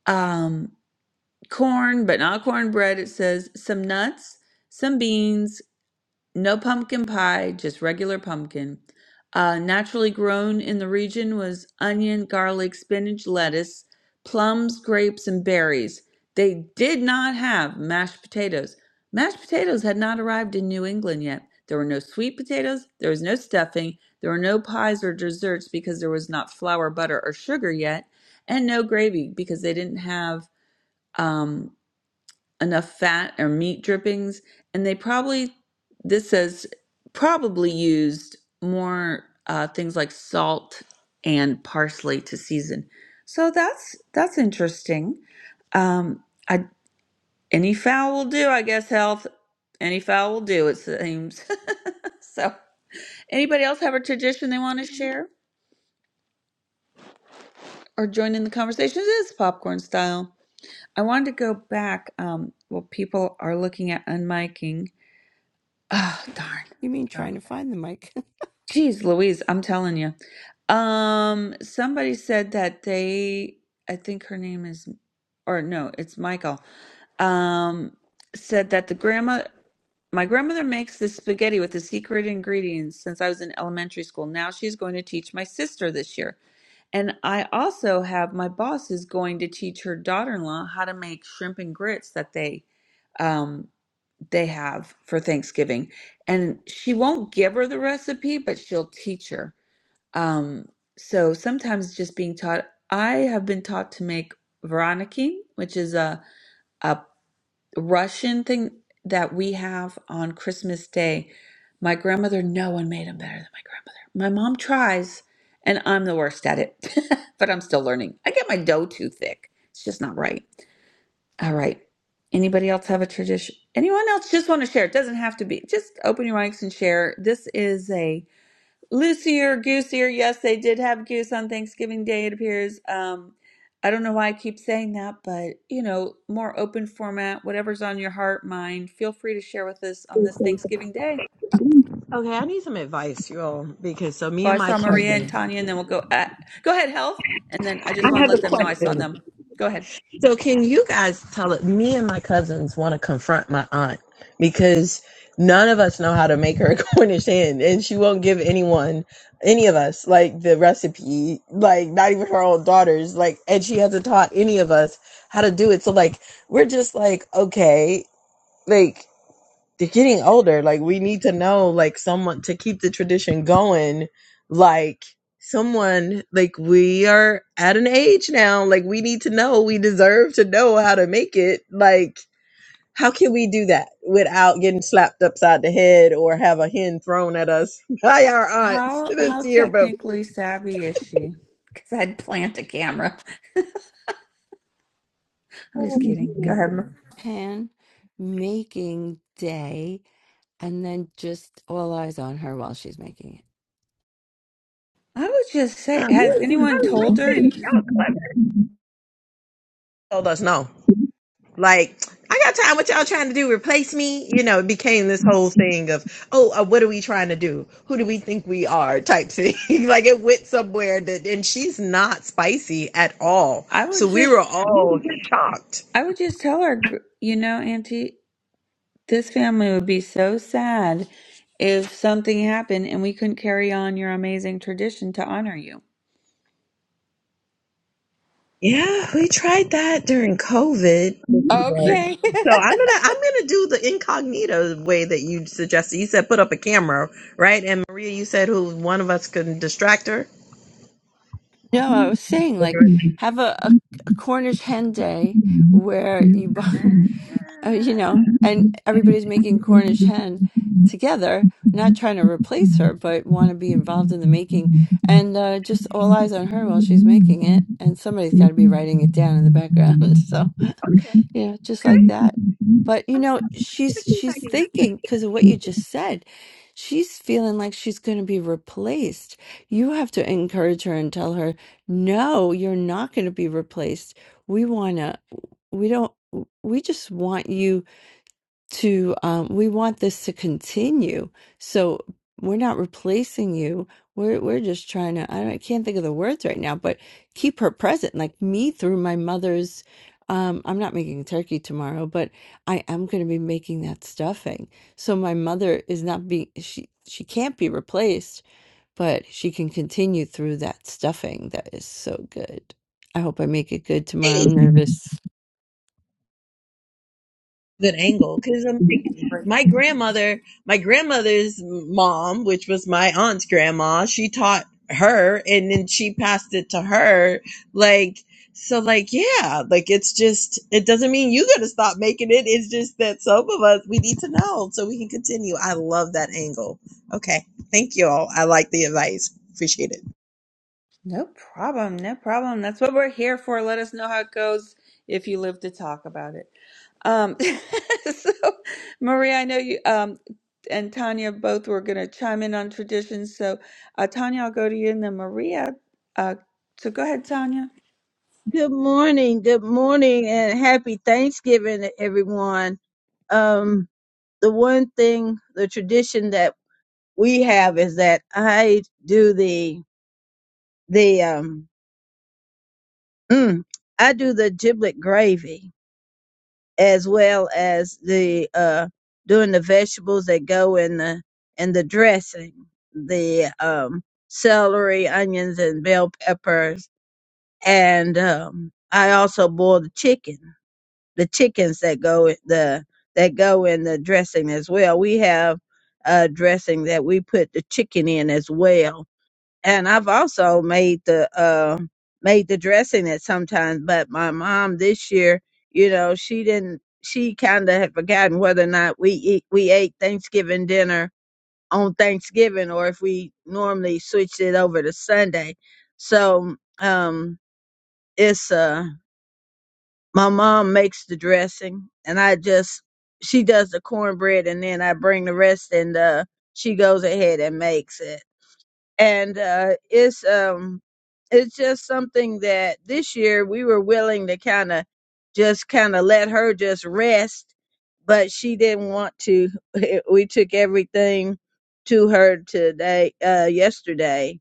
Speaker 1: Um, corn, but not cornbread. It says some nuts, some beans, no pumpkin pie, just regular pumpkin. Uh, naturally grown in the region was onion, garlic, spinach, lettuce, plums, grapes, and berries. They did not have mashed potatoes. Mashed potatoes had not arrived in New England yet. There were no sweet potatoes, there was no stuffing, there were no pies or desserts because there was not flour, butter, or sugar yet, and no gravy because they didn't have um enough fat or meat drippings and they probably this says probably used more uh, things like salt and parsley to season so that's that's interesting um i any fowl will do i guess health any fowl will do it seems so anybody else have a tradition they want to share or join in the conversation it is popcorn style i wanted to go back um well people are looking at unmiking oh darn
Speaker 13: You mean
Speaker 1: Uh,
Speaker 13: trying to find the mic?
Speaker 1: Jeez Louise, I'm telling you. Um, somebody said that they, I think her name is, or no, it's Michael, um, said that the grandma, my grandmother makes this spaghetti with the secret ingredients since I was in elementary school. Now she's going to teach my sister this year. And I also have my boss is going to teach her daughter in law how to make shrimp and grits that they um they have for Thanksgiving. And she won't give her the recipe, but she'll teach her. Um, so sometimes just being taught, I have been taught to make Veronikin, which is a, a Russian thing that we have on Christmas Day. My grandmother, no one made them better than my grandmother. My mom tries, and I'm the worst at it, but I'm still learning. I get my dough too thick. It's just not right. All right. Anybody else have a tradition? Anyone else just want to share? It doesn't have to be. Just open your mics and share. This is a loosier, goosier. Yes, they did have goose on Thanksgiving Day, it appears. Um, I don't know why I keep saying that, but you know, more open format, whatever's on your heart, mind. Feel free to share with us on this Thanksgiving Day.
Speaker 16: Okay, I need some advice, y'all, because so me
Speaker 1: Oh,
Speaker 16: and
Speaker 1: I
Speaker 16: my
Speaker 1: saw Maria and
Speaker 16: cousin.
Speaker 1: Tanya, and then we'll go. At, go ahead, health, and then I
Speaker 16: I
Speaker 1: just want to
Speaker 16: have a
Speaker 1: let them know I saw
Speaker 16: question.
Speaker 1: them. Go ahead.
Speaker 16: So can you guys tell it? Me and my cousins want to confront my aunt because none of us know how to make her a Cornish hen, and she won't give anyone, any of us, like the recipe, like not even her own daughters, like, and she hasn't taught any of us how to do it. So like, we're just like, okay, like they're getting older. Like we need to know like someone to keep the tradition going. Like someone like we are at an age now. Like we need to know. We deserve to know how to make it. Like how can we do that without getting slapped upside the head or have a hen thrown at us by our aunts
Speaker 1: How
Speaker 16: this
Speaker 1: how
Speaker 16: year? But
Speaker 1: technically savvy is she? Because I'd plant a camera. I'm just kidding. Go ahead. Mer-
Speaker 13: Pan making day. and then just all eyes on her while she's making it.
Speaker 1: I would just
Speaker 16: I
Speaker 1: say, has anyone
Speaker 16: like
Speaker 1: told her?
Speaker 16: this. Y'all told us no. Like, I got time. What y'all trying to do? Replace me? You know, it became this whole thing of, oh, uh, what are we trying to do? Who do we think we are? Type thing. like it went somewhere that, and she's not spicy at all.
Speaker 1: I
Speaker 16: So
Speaker 1: would
Speaker 16: we
Speaker 1: just
Speaker 16: were all shocked.
Speaker 1: I would just tell her, gr- you know, Auntie, this family would be so sad if something happened and we couldn't carry on your amazing tradition to honor you.
Speaker 16: Yeah, we tried that during COVID. Right.
Speaker 1: Okay.
Speaker 16: So I'm gonna I'm gonna do the incognito way that you suggested. You said put up a camera, right? And Maria, you said who one of us can distract her.
Speaker 13: No, I was saying like
Speaker 16: Okay.
Speaker 13: have a, a, a Cornish hen day where you buy, uh, you
Speaker 16: Okay.
Speaker 13: know, and everybody's making Cornish hen together, not trying to replace her, but want to be involved in the making, and uh, just all eyes on her while she's making it, and somebody's got to be writing it down in the background. So. Yeah, just like
Speaker 16: Okay.
Speaker 13: that. But you know, she's
Speaker 16: I
Speaker 13: she's thinking because of what you just said. She's feeling like she's going to be replaced. You have to encourage her and tell her, "No, you're not going to be replaced. We want to we don't we just want you to um, we want this to continue so we're not replacing you we're we're just trying to I, don't, I can't think of the words right now but keep her present like me through my mother's um, I'm not making turkey tomorrow but I am going to be making that stuffing so my mother is not being she she can't be replaced but she can continue through that stuffing that is so good I hope I make it good
Speaker 16: can
Speaker 13: tomorrow I'm nervous
Speaker 16: good angle because I'm like, my grandmother, my grandmother's mom, which was my aunt's grandma, she taught her and then she passed it to her. Like, so, like, yeah, like it's just, it doesn't mean you got to stop making it. It's just that some of us, we need to know so we can continue. I love that angle. Okay. Thank you all. I like the advice. Appreciate it.
Speaker 1: No problem. No problem. That's what we're here for. Let us know how it goes if you live to talk about it. Um, so, Maria, I know you um, and Tanya both were going to chime in on traditions. So, uh, Tanya, I'll go to you and then Maria. Uh, so, go ahead, Tanya.
Speaker 17: Good morning, good morning, and happy Thanksgiving to everyone. Um, the one thing, the tradition that we have is that I do the the um, mm, I do the giblet gravy as well as the uh, doing the vegetables that go in the in the dressing, the um, celery, onions, and bell peppers, and um, I also boil the chicken the chickens that go the that go in the dressing as well. We have a dressing that we put the chicken in as well. And I've also made the uh, made the dressing at sometimes, but my mom this year, you know, she didn't she kind of had forgotten whether or not we eat, we ate Thanksgiving dinner on Thanksgiving or if we normally switched it over to Sunday. So um it's uh my mom makes the dressing and I just she does the cornbread and then I bring the rest and uh she goes ahead and makes it. And uh it's um it's just something that this year we were willing to kind of just kind of let her just rest, but she didn't want to. We took everything to her today uh yesterday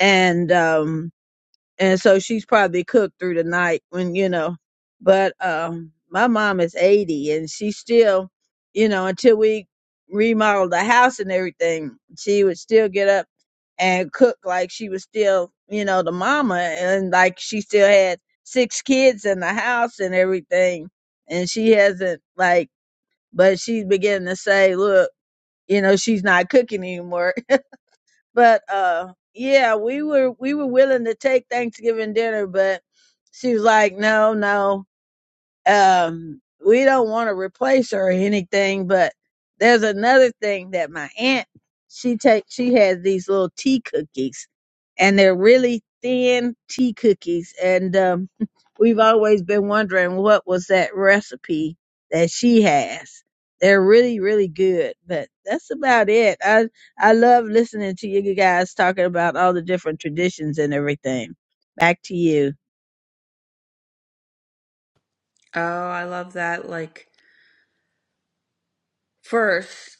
Speaker 17: and um and so she's probably cooked through the night when you know but um my mom is 80 and she still you know until we remodeled the house and everything she would still get up and cook like she was still you know the mama and like she still had six kids in the house and everything and she hasn't like but she's beginning to say look you know she's not cooking anymore but uh yeah we were we were willing to take thanksgiving dinner but she was like no no um we don't want to replace her or anything but there's another thing that my aunt she takes she has these little tea cookies and they're really thin tea cookies and um we've always been wondering what was that recipe that she has they're really really good but that's about it i i love listening to you guys talking about all the different traditions and everything back to you
Speaker 1: Oh, I love that. Like First,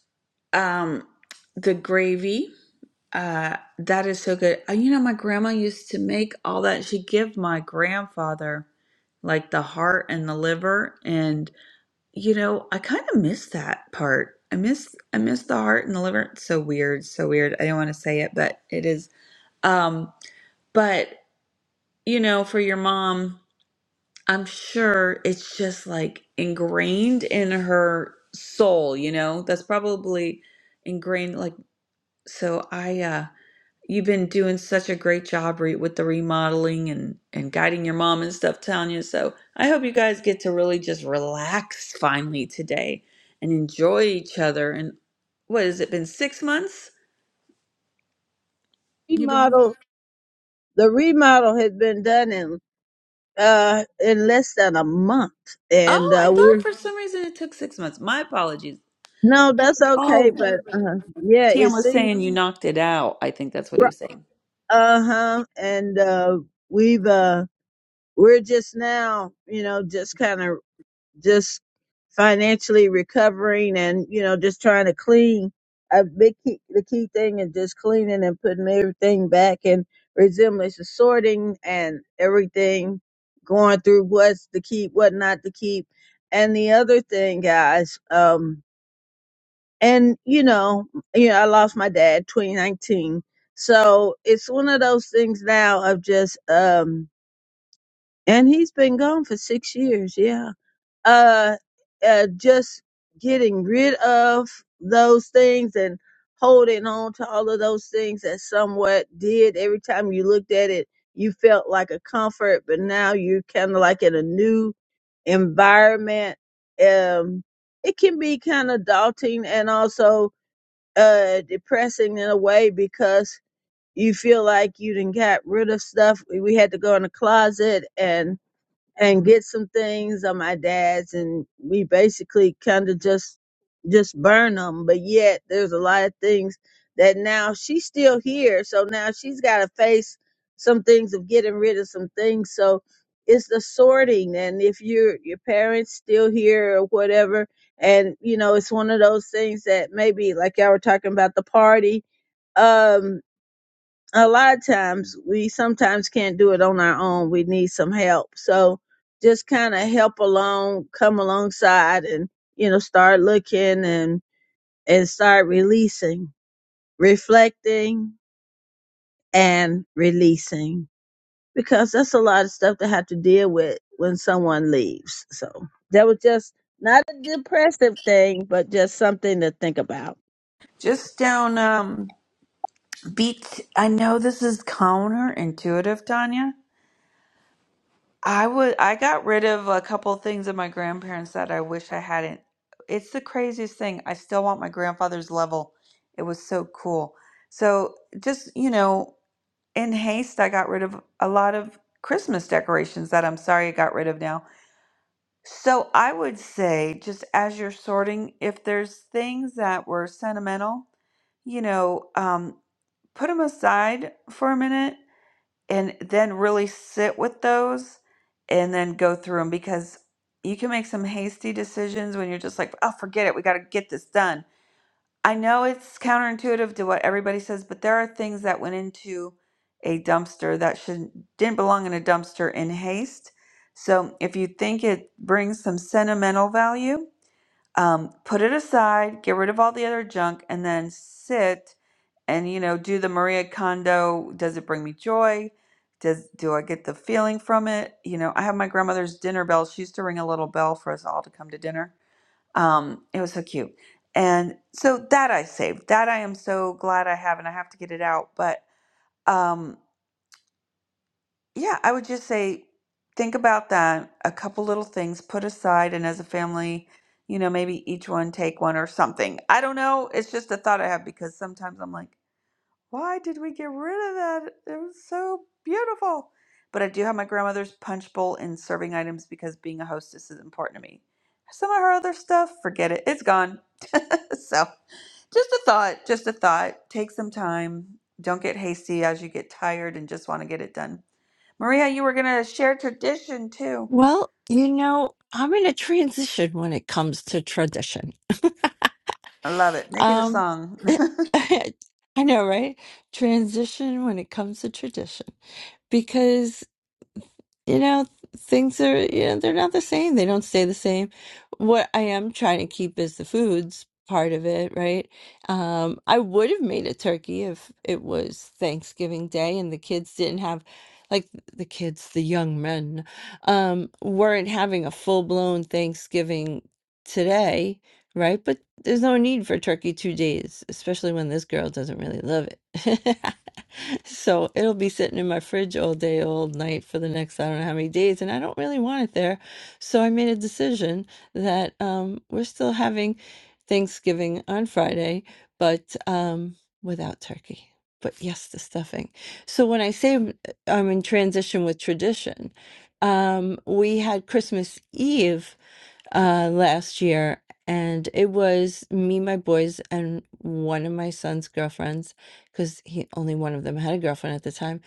Speaker 1: um, the gravy. Uh, that is so good. Uh, You know, my grandma used to make all that. She'd give my grandfather like the heart and the liver, and you know, I kind of miss that part. I miss I miss the heart and the liver. It's so weird, so weird. I don't want to say it, but it is. Um, but you know, for your mom. I'm sure it's just like ingrained in her soul, you know? That's probably ingrained like so I uh you've been doing such a great job re- with the remodeling and and guiding your mom and stuff, Tanya. So I hope you guys get to really just relax finally today and enjoy each other and what has it been 6 months? You've been wanting-
Speaker 17: remodel the remodel had been done in uh in less than a month and
Speaker 1: Oh, I
Speaker 17: uh
Speaker 1: thought
Speaker 17: we're
Speaker 1: for some reason it took 6 months. My apologies.
Speaker 17: no that's okay
Speaker 1: Oh,
Speaker 17: but uh yeah it
Speaker 1: Tam was
Speaker 17: seems
Speaker 1: saying you knocked it out. I think that's what he was saying.
Speaker 17: uh-huh and uh we've uh we're just now you know just kind of just financially recovering and you know just trying to clean a big key, the key thing is just cleaning and putting everything back in resemblance of sorting and everything going through what's to keep what not to keep and the other thing guys um and you know you know i lost my dad 2019 so it's one of those things now of just um and he's been gone for six years yeah uh, uh just getting rid of those things and holding on to all of those things that somewhat did every time you looked at it you felt like a comfort but now you're kind of like in a new environment um it can be kind of daunting and also uh depressing in a way because you feel like you didn't got rid of stuff we we had to go in the closet and and get some things on my dad's and we basically kind of just just burn them but yet there's a lot of things that now she's still here so now she's got to face some things of getting rid of some things so it's the sorting and if your your parents still here or whatever and you know it's one of those things that maybe like y'all were talking about the party Um, a lot of times we sometimes can't do it on our own. We need some help. So just kind of help along, come alongside and, you know, start looking and, and start releasing, reflecting and releasing because that's a lot of stuff to have to deal with when someone leaves. So that was just not a depressive thing, but just something to think about.
Speaker 1: Just down um beat I know this is counterintuitive, Tanya. I would I got rid of a couple things that my grandparents that I wish I hadn't. It's the craziest thing. I still want my grandfather's level. It was so cool. So just, you know, in haste I got rid of a lot of Christmas decorations that I'm sorry I got rid of now. So I would say, just as you're sorting, if there's things that were sentimental, you know, um, put them aside for a minute and then really sit with those and then go through them because you can make some hasty decisions when you're just like, oh, forget it. We got to get this done I know it's counterintuitive to what everybody says, but there are things that went into a dumpster that should didn't belong in a dumpster in haste. So if you think it brings some sentimental value, um, put it aside, get rid of all the other junk, and then sit and you know do the Maria Kondo. Does it bring me joy? Does do I get the feeling from it? You know, I have my grandmother's dinner bell. She used to ring a little bell for us all to come to dinner um, it was so cute. And so that I saved. That I am so glad I have, and I have to get it out. But um, yeah, I would just say think about that. A couple little things put aside, and as a family, you know, maybe each one take one or something. I don't know. It's just a thought I have because sometimes I'm like, why did we get rid of that? It was so beautiful. But I do have my grandmother's punch bowl and serving items because being a hostess is important to me. Some of her other stuff, forget it. It's gone So, just a thought, just a thought. Take some time. Don't get hasty as you get tired and just want to get it done. Maria, you were going to share tradition too.
Speaker 13: Well, you know, I'm in a transition when it comes to tradition.
Speaker 1: I love it. Make it a
Speaker 13: Um,
Speaker 1: song.
Speaker 13: I know, right? Transition when it comes to tradition. Because you know, things are, you know, they're not the same. They don't stay the same. What I am trying to keep is the foods part of it, right? Um, I would have made a turkey if it was Thanksgiving Day and the kids didn't have, like, the kids, the young men, um, weren't having a full-blown Thanksgiving today, right? But there's no need for turkey two days, especially when this girl doesn't really love it. So it'll be sitting in my fridge all day, all night for the next I don't know how many days, and I don't really want it there. So I made a decision that um, we're still having Thanksgiving on Friday, but um, without turkey. But yes, the stuffing. So when I say I'm I'm in transition with tradition, um, we had Christmas Eve uh last year and it was me my boys and one of my son's girlfriends because he only one of them had a girlfriend at the time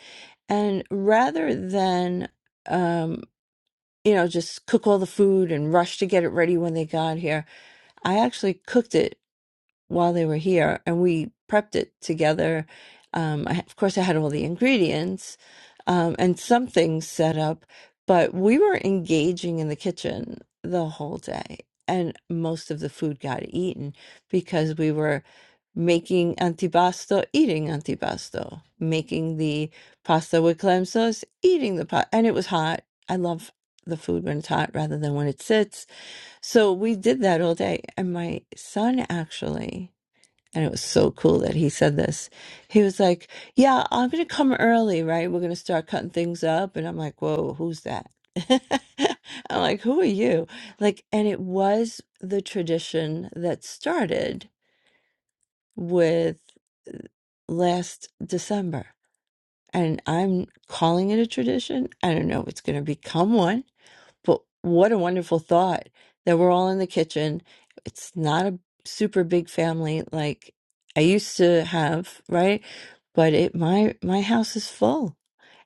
Speaker 13: and rather than um you know just cook all the food and rush to get it ready when they got here i actually cooked it while they were here and we prepped it together. Um, I, of course, I had all the ingredients um, and some things set up, but we were engaging in the kitchen the whole day. And most of the food got eaten because we were making antipasto, eating antipasto, making the pasta with clam sauce, eating the pot. And it was hot. I love the food when it's hot rather than when it sits. So we did that all day. And my son actually and it was so cool that he said this. He was like, Yeah, I'm going to come early, right? We're going to start cutting things up. And I'm like, Whoa, who's that? I'm like, Who are you? Like, and it was the tradition that started with uh, last December. And I'm calling it a tradition. I don't know if it's going to become one but what a wonderful thought that we're all in the kitchen. It's not a super big family like I used to have, right? But it my my house is full,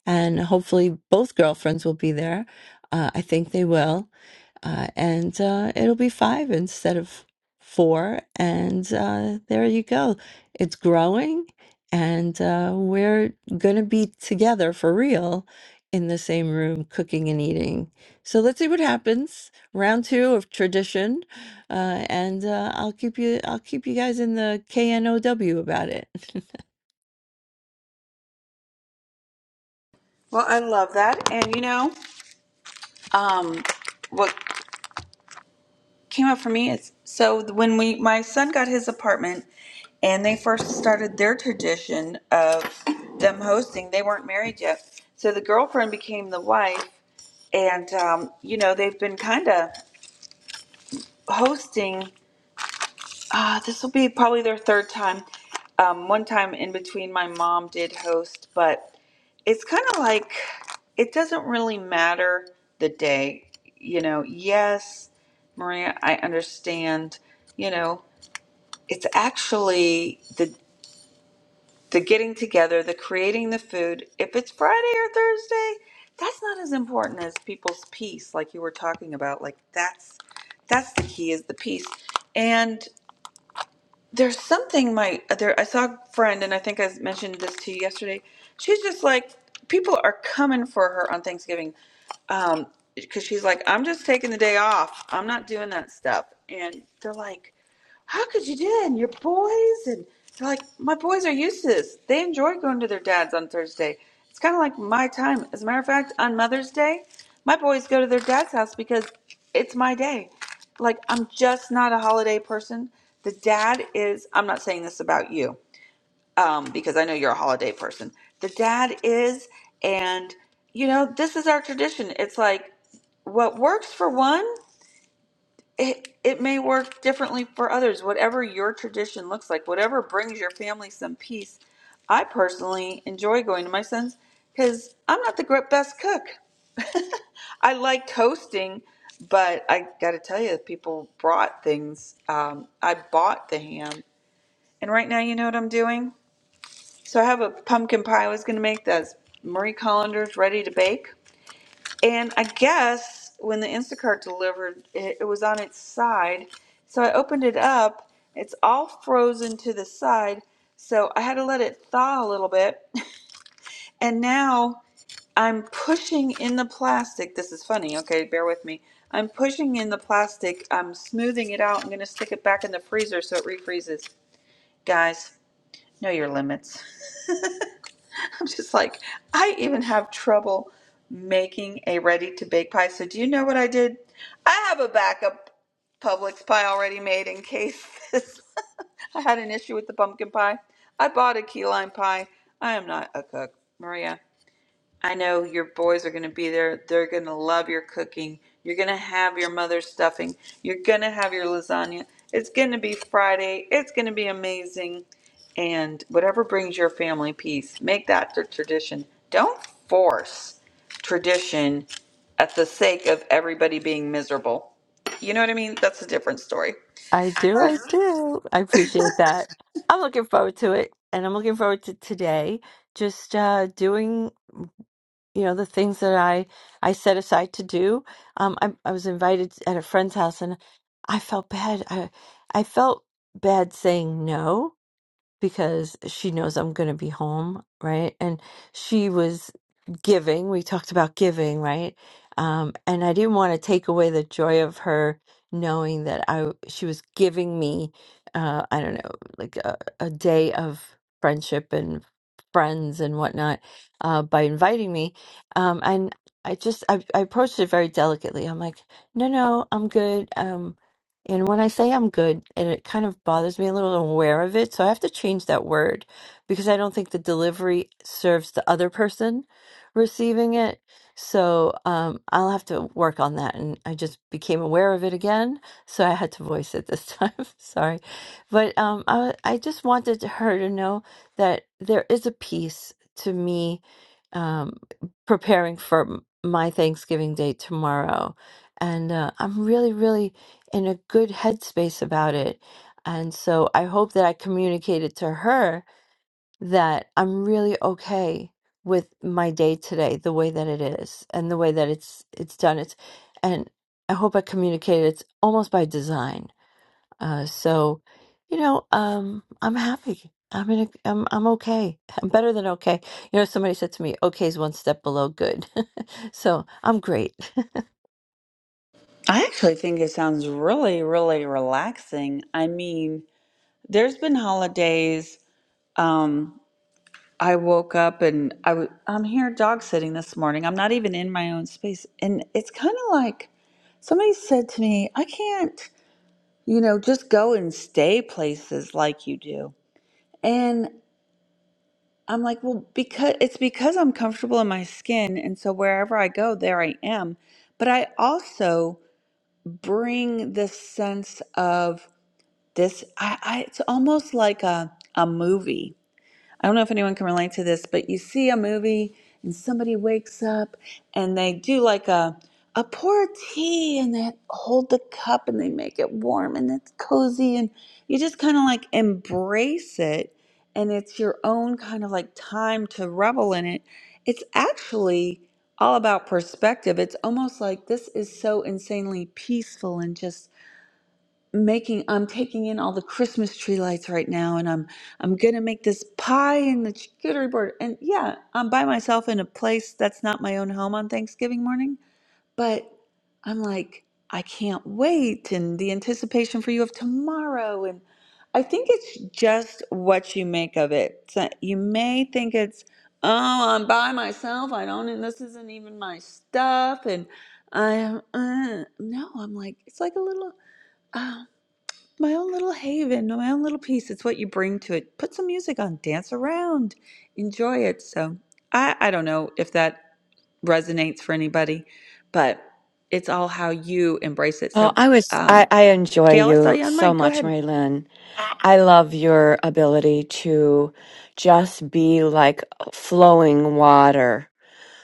Speaker 13: and hopefully both girlfriends will be there. Uh, I think they will uh, and uh, it'll be five instead of four. And uh, there you go. It's growing, and uh, we're going to be together for real in the same room, cooking and eating. So let's see what happens. Round two of tradition, uh, and uh, I'll keep you. I'll keep you guys in the KNOW about it.
Speaker 1: Well, I love that. And you know, um, what came up for me is so when we my son got his apartment and they first started their tradition of them hosting, they weren't married yet. So the girlfriend became the wife and um, you know, they've been kind of hosting. Uh, this will be probably their third time. Um, one time in between, my mom did host, but it's kind of like it doesn't really matter the day. You know, yes, Maria, I understand. You know, it's actually the the getting together, the creating the food. If it's Friday or Thursday, that's not as important as people's peace, like you were talking about. Like that's that's the key is the peace, and there's something my there I saw a friend and I think I mentioned this to you yesterday. She's just like people are coming for her on Thanksgiving um because she's like I'm just taking the day off. I'm not doing that stuff. And they're like how could you do that? And your boys and they're like, my boys are used to this. They enjoy going to their dads on Thursday. It's kind of like my time. As a matter of fact, on Mother's Day, my boys go to their dad's house because it's my day. Like I'm just not a holiday person. The dad is. I'm not saying this about you um, because I know you're a holiday person. The dad is, and you know this is our tradition. It's like what works for one it it may work differently for others whatever your tradition looks like whatever brings your family some peace i personally enjoy going to my son's because i'm not the gr- best cook i like hosting, but i gotta tell you people brought things um, i bought the ham and right now you know what i'm doing so i have a pumpkin pie i was gonna make that's marie collander's ready to bake and I guess when the Instacart delivered, it, it was on its side. So I opened it up. It's all frozen to the side. So I had to let it thaw a little bit. And now I'm pushing in the plastic. This is funny. Okay, bear with me. I'm pushing in the plastic. I'm smoothing it out. I'm going to stick it back in the freezer so it refreezes. Guys, know your limits. I'm just like, I even have trouble making a ready to bake pie. So, do you know what I did? I have a backup Publix pie already made in case this. I had an issue with the pumpkin pie. I bought a key lime pie. I am not a cook, Maria. I know your boys are going to be there. They're going to love your cooking. You're going to have your mother's stuffing. You're going to have your lasagna. It's going to be Friday. It's going to be amazing. And whatever brings your family peace, make that the tradition. Don't force tradition at the sake of everybody being miserable. You know what I mean? That's a different story.
Speaker 13: I do, I
Speaker 1: I
Speaker 13: do. I appreciate that. I'm looking forward to it, and I'm looking forward to today. Just uh, doing. you know the things that i i set aside to do um i, I was invited at a friend's house and i felt bad i i felt bad saying no because she knows I'm going to be home, right? And she was giving. We talked about giving, right? Um, and I didn't want to take away the joy of her knowing that I she was giving me, uh, I don't know, like a, a day of friendship and friends and whatnot uh, by inviting me. Um, and I just I, I approached it very delicately. I'm like, no, no, I'm good. Um, and when I say I'm good, and it kind of bothers me a little, I'm aware of it. So I have to change that word because I don't think the delivery serves the other person receiving it. So um, I'll have to work on that. And I just became aware of it again. So I had to voice it this time. Sorry. But um, I, I just wanted her to know that there is a piece to me um, preparing for m- my Thanksgiving Day tomorrow. And uh, I'm really, really in a good headspace about it. And so I hope that I communicated to her that I'm really okay with my day today, the way that it is and the way that it's it's done. It's and I hope I communicated it's almost by design. Uh, so, you know, um, I'm happy. I'm in a, I'm I'm okay. I'm better than okay. You know, somebody said to me, "Okay is one step below good." so I'm great.
Speaker 1: actually think it sounds really, really relaxing. I mean, there's been holidays. Um, I woke up and I am here dog sitting this morning. I'm not even in my own space. And it's kind of like somebody said to me, I can't, you know, just go and stay places like you do. And I'm like, well, because it's because I'm comfortable in my skin. And so wherever I go, there I am. But I also bring this sense of this, I, I it's almost like a, a movie I don't know if anyone can relate to this, but you see a movie and somebody wakes up and they do like a a pour of tea and they hold the cup and they make it warm and it's cozy and you just kind of like embrace it and it's your own kind of like time to revel in it. It's actually all about perspective. It's almost like this is so insanely peaceful and just making I'm taking in all the Christmas tree lights right now and I'm I'm going to make this pie and the charcuterie board and yeah, I'm by myself in a place that's not my own home on Thanksgiving morning, but I'm like I can't wait and the anticipation for you of tomorrow and I think it's just what you make of it. So you may think it's oh, I'm by myself. I don't and this isn't even my stuff and I am uh, no, I'm like it's like a little my own little haven, my own little piece. It's what you bring to it. Put some music on, dance around, enjoy it. So I, I don't know if that resonates for anybody, but it's all how you embrace it.
Speaker 4: Oh,
Speaker 1: So,
Speaker 4: I was, I,
Speaker 1: um,
Speaker 4: I enjoy
Speaker 1: Gail, I saw
Speaker 4: you
Speaker 1: you on
Speaker 4: so
Speaker 1: mic. Go
Speaker 4: much,
Speaker 1: ahead.
Speaker 4: Mary Lynn. I love your ability to just be like flowing water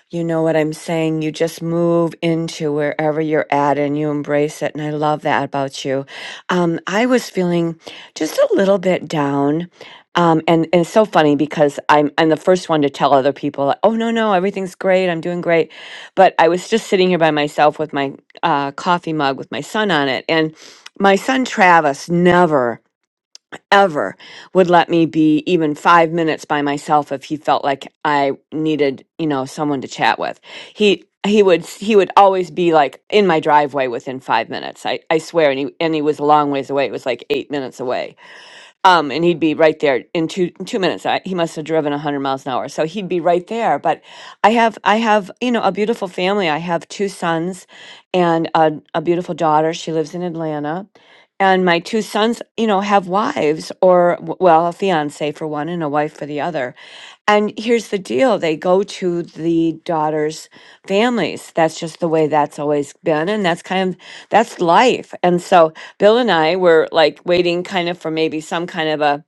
Speaker 4: You know what I'm saying? You just move into wherever you're at and you embrace it. And I love that about you. Um, I was feeling just a little bit down. Um, and, and it's so funny because I'm, I'm the first one to tell other people, like, oh, no, no, everything's great. I'm doing great. But I was just sitting here by myself with my uh, coffee mug with my son on it. And my son, Travis, never ever would let me be even five minutes by myself if he felt like I needed, you know, someone to chat with. He he would he would always be like in my driveway within five minutes. I, I swear, and he and he was a long ways away. It was like eight minutes away um, and he'd be right there in two two minutes. I, he must have driven a hundred miles an hour, so he'd be right there. But I have I have you know a beautiful family. I have two sons, and a, a beautiful daughter. She lives in Atlanta, and my two sons you know have wives or w- well a fiance for one and a wife for the other. And here's the deal: they go to the daughter's families. That's just the way that's always been, and that's kind of that's life. And so Bill and I were like waiting kind of for maybe some kind of a,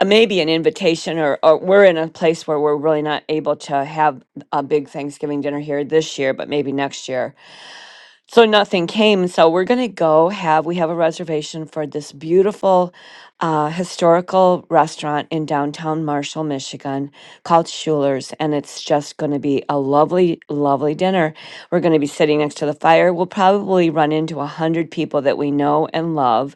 Speaker 4: a maybe an invitation or, or we're in a place where we're really not able to have a big Thanksgiving dinner here this year, but maybe next year so nothing came so we're going to go have we have a reservation for this beautiful uh, historical restaurant in downtown marshall michigan called schuler's and it's just going to be a lovely lovely dinner we're going to be sitting next to the fire we'll probably run into a hundred people that we know and love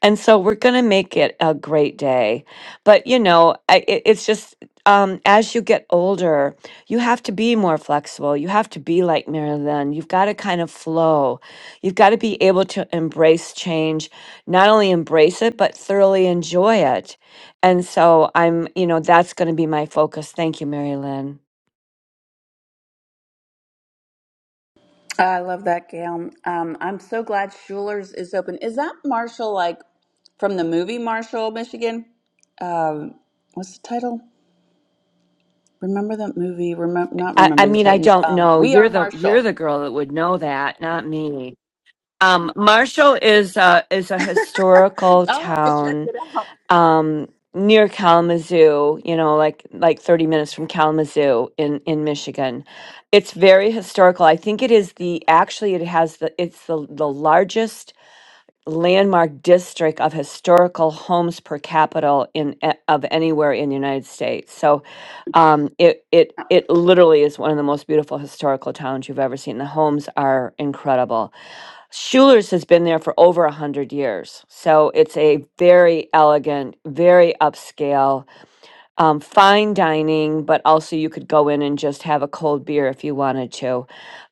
Speaker 4: and so we're going to make it a great day but you know I, it, it's just um, as you get older you have to be more flexible. You have to be like Marilyn. You've got to kind of flow. You've got to be able to embrace change, not only embrace it, but thoroughly enjoy it. And so I'm, you know, that's going to be my focus. Thank you, Mary Lynn.
Speaker 1: I love that, Gail. Um, I'm so glad Schuler's is open. Is that Marshall like from the movie Marshall, Michigan? Um, what's the title? Remember that movie? Remember not
Speaker 4: I, I
Speaker 1: remember the
Speaker 4: mean, I
Speaker 1: Titans.
Speaker 4: don't
Speaker 1: Um,
Speaker 4: know.
Speaker 1: we
Speaker 4: You're
Speaker 1: are
Speaker 4: the you're
Speaker 1: Marshall.
Speaker 4: the girl that would know that, not me. Um, Marshall is a is a historical town um, near Kalamazoo, you know, like like 30 minutes from Kalamazoo in in Michigan. It's very historical. I think it is the actually it has the it's the the largest landmark district of historical homes per capita in a- of anywhere in the United States. So um, it it it literally is one of the most beautiful historical towns you've ever seen. The homes are incredible. Schuler's has been there for over a hundred years, so it's a very elegant, very upscale, um, fine dining. But also, you could go in and just have a cold beer if you wanted to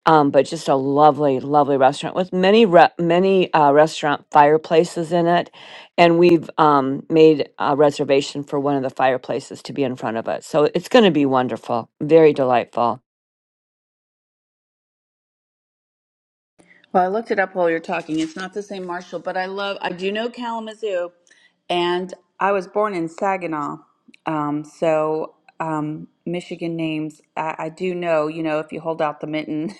Speaker 4: um, but just a lovely, lovely restaurant with many re- many uh, restaurant fireplaces in it, and we've um, made a reservation for one of the fireplaces to be in front of it. So it's going to be wonderful, very delightful.
Speaker 1: Well, I looked it up while you're talking. It's not the same Marshall, but I love, I do know Kalamazoo, and I was born in Saginaw. Um, so, um, Michigan names, I, I do know, you know, if you hold out the mitten,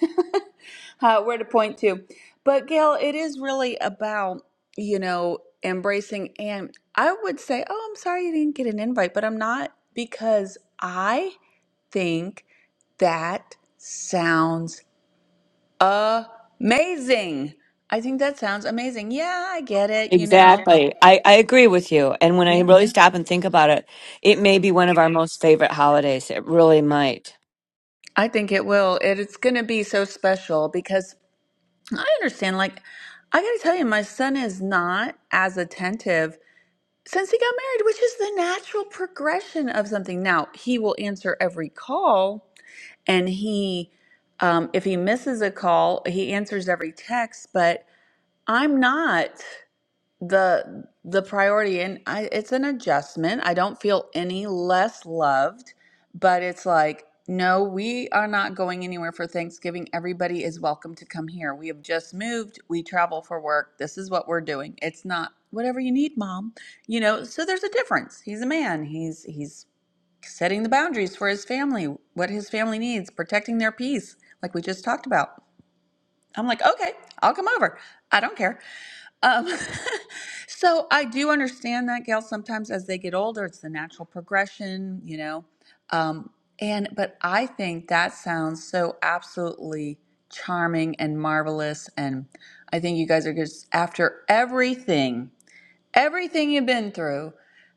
Speaker 1: uh, where to point to. But, Gail, it is really about, you know, embracing. And I would say, oh, I'm sorry you didn't get an invite, but I'm not because I think that sounds Amazing. I think that sounds amazing. Yeah, I get it, you know.
Speaker 4: Exactly, I, I agree with you. And when I
Speaker 1: Yeah.
Speaker 4: really Mhm. stop and think about it, it may be one of our most favorite holidays. It really might.
Speaker 1: I think it will. It, it's going to be so special because I understand like I got to tell you my son is not as attentive since he got married, which is the natural progression of something. Now, he will answer every call and he um if he misses a call, he answers every text, but I'm not. the the priority and I, it's an adjustment i don't feel any less loved but it's like no we are not going anywhere for thanksgiving everybody is welcome to come here we have just moved we travel for work this is what we're doing it's not whatever you need mom you know so there's a difference he's a man he's he's setting the boundaries for his family what his family needs protecting their peace like we just talked about i'm like okay i'll come over i don't care um, so I do understand that, Gail. Sometimes as they get older, it's the natural progression, you know. Um, and but I think that sounds so absolutely charming and marvelous. And I think you guys are just after everything everything you've been through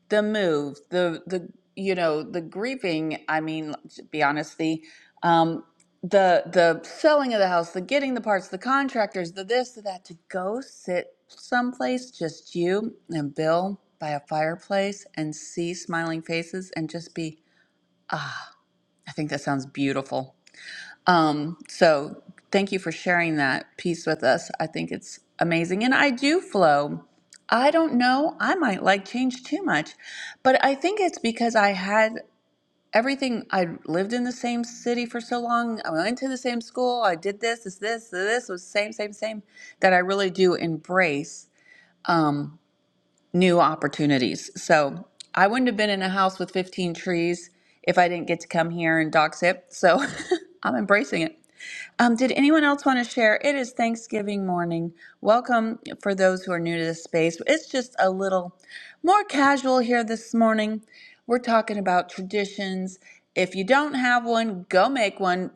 Speaker 1: the move the the you know the grieving i mean to be honest the um the the selling of the house the getting the parts the contractors the this the that to go sit someplace just you and bill by a fireplace and see smiling faces and just be ah i think that sounds beautiful um, so thank you for sharing that piece with us. I think it's amazing. And I do flow. I don't know. I might like change too much, but I think it's because I had everything. I lived in the same city for so long. I went to the same school. I did this, this, this, this was same, same, same that I really do embrace um, new opportunities. So I wouldn't have been in a house with 15 trees if I didn't get to come here and dox it. So I'm embracing it. Um, did anyone else want to share? It is Thanksgiving morning. Welcome for those who are new to this space. It's just a little more casual here this morning. We're talking about traditions. If you don't have one, go make one.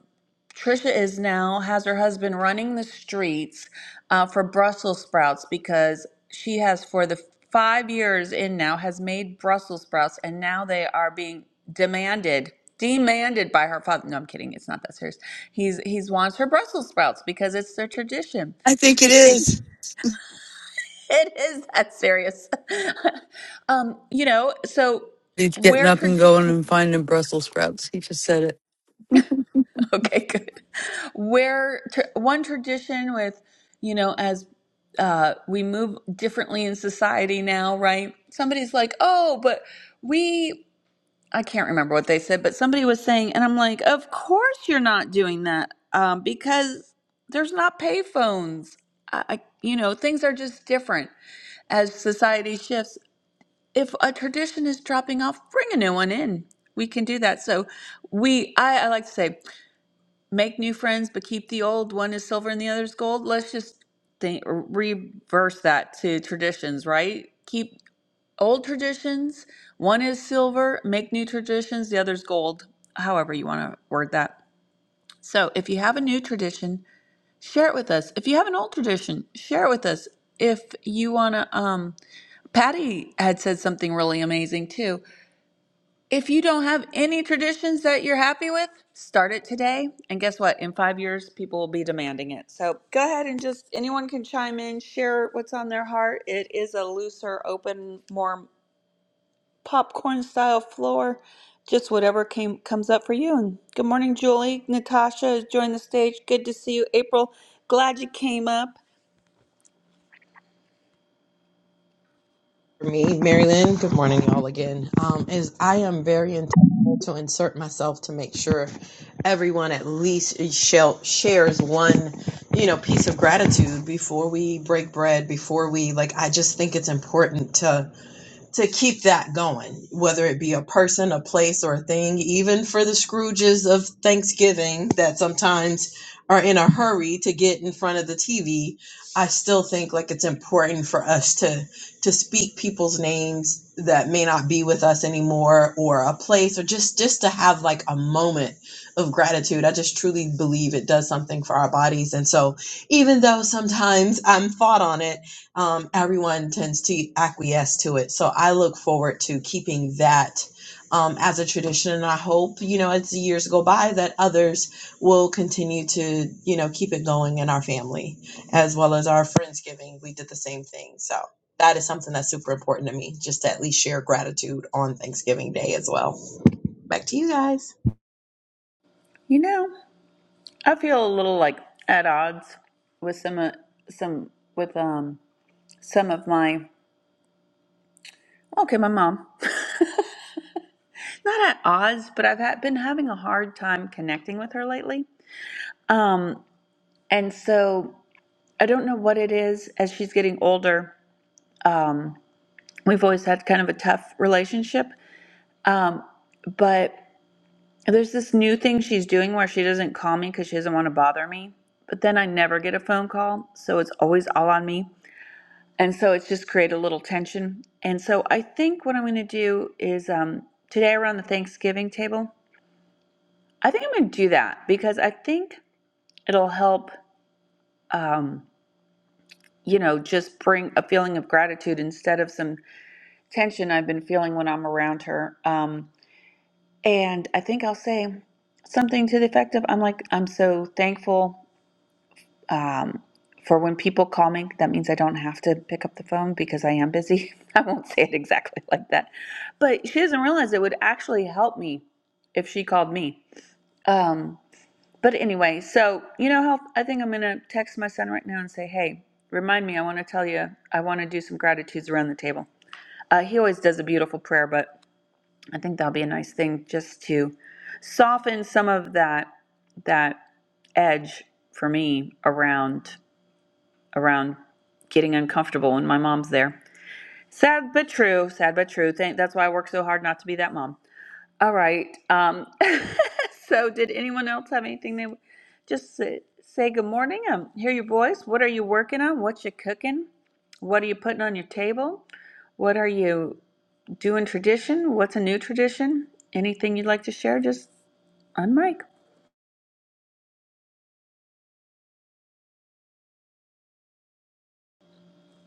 Speaker 1: Trisha is now has her husband running the streets uh, for Brussels sprouts because she has for the five years in now has made Brussels sprouts and now they are being demanded demanded by her father. No, I'm kidding. It's not that serious. He's he's wants her Brussels sprouts because it's their tradition.
Speaker 2: I think it is.
Speaker 1: It is that serious. um, you know, so
Speaker 2: He's getting
Speaker 1: where
Speaker 2: up and going
Speaker 1: tradition.
Speaker 2: and finding Brussels sprouts. He just said it.
Speaker 1: Okay, good. Where tr one tradition with, you know, as uh, we move differently in society now, right? Somebody's like, oh, but we, I can't remember what they said, but somebody was saying, and I'm like, of course you're not doing that um, because there's not payphones. I, I, you know, things are just different as society shifts. If a tradition is dropping off, bring a new one in. We can do that. So we, I, I like to say, make new friends but keep the old one is silver and the other is gold let's just think reverse that to traditions right keep old traditions one is silver make new traditions the other's gold however you want to word that so if you have a new tradition share it with us if you have an old tradition share it with us if you want to um patty had said something really amazing too if you don't have any traditions that you're happy with, start it today. And guess what? In five years, people will be demanding it. So go ahead and just anyone can chime in, share what's on their heart. It is a looser, open, more popcorn style floor. Just whatever came comes up for you. And good morning, Julie. Natasha has joined the stage. Good to see you, April. Glad you came up.
Speaker 16: For me, Marilyn, good morning, y'all again. Um, is I am very intentional to insert myself to make sure everyone at least shall, shares one, you know, piece of gratitude before we break bread. Before we like, I just think it's important to to keep that going, whether it be a person, a place, or a thing, even for the Scrooges of Thanksgiving that sometimes are in a hurry to get in front of the TV, I still think like it's important for us to to speak people's names that may not be with us anymore or a place or just just to have like a moment of gratitude. I just truly believe it does something for our bodies. And so even though sometimes I'm fought on it um, everyone tends to acquiesce to it. So I look forward to keeping that um, as a tradition. And I hope, you know, as the years go by, that others will continue to, you know, keep it going in our family as well as our Friendsgiving. We did the same thing. So that is something that's super important to me, just to at least share gratitude on Thanksgiving Day as well. Back to you guys.
Speaker 1: You know, I feel a little like at odds with some uh, some with um some of my Okay, my mom. Not at odds, but I've had, been having a hard time connecting with her lately. Um, and so I don't know what it is as she's getting older. Um, we've always had kind of a tough relationship. Um, but there's this new thing she's doing where she doesn't call me because she doesn't want to bother me. But then I never get a phone call, so it's always all on me. And so it's just created a little tension. And so I think what I'm going to do is um, today around the Thanksgiving table. I think I'm going to do that because I think it'll help, um, you know, just bring a feeling of gratitude instead of some tension I've been feeling when I'm around her. Um, and I think I'll say something to the effect of I'm like, I'm so thankful um, for when people call me. That means I don't have to pick up the phone because I am busy. I won't say it exactly like that. But she doesn't realize it would actually help me if she called me. Um, But anyway, so you know how I think I'm going to text my son right now and say, hey, remind me, I want to tell you, I want to do some gratitudes around the table. Uh, he always does a beautiful prayer, but I think that'll be a nice thing just to soften some of that that edge for me around around getting uncomfortable when my mom's there. Sad but true, sad but true. Thank, that's why I work so hard not to be that mom. All right. Um, so, did anyone else have anything they just say, say good morning? Um, hear your voice. What are you working on? What you cooking? What are you putting on your table? What are you doing tradition? What's a new tradition? Anything you'd like to share? Just on mic.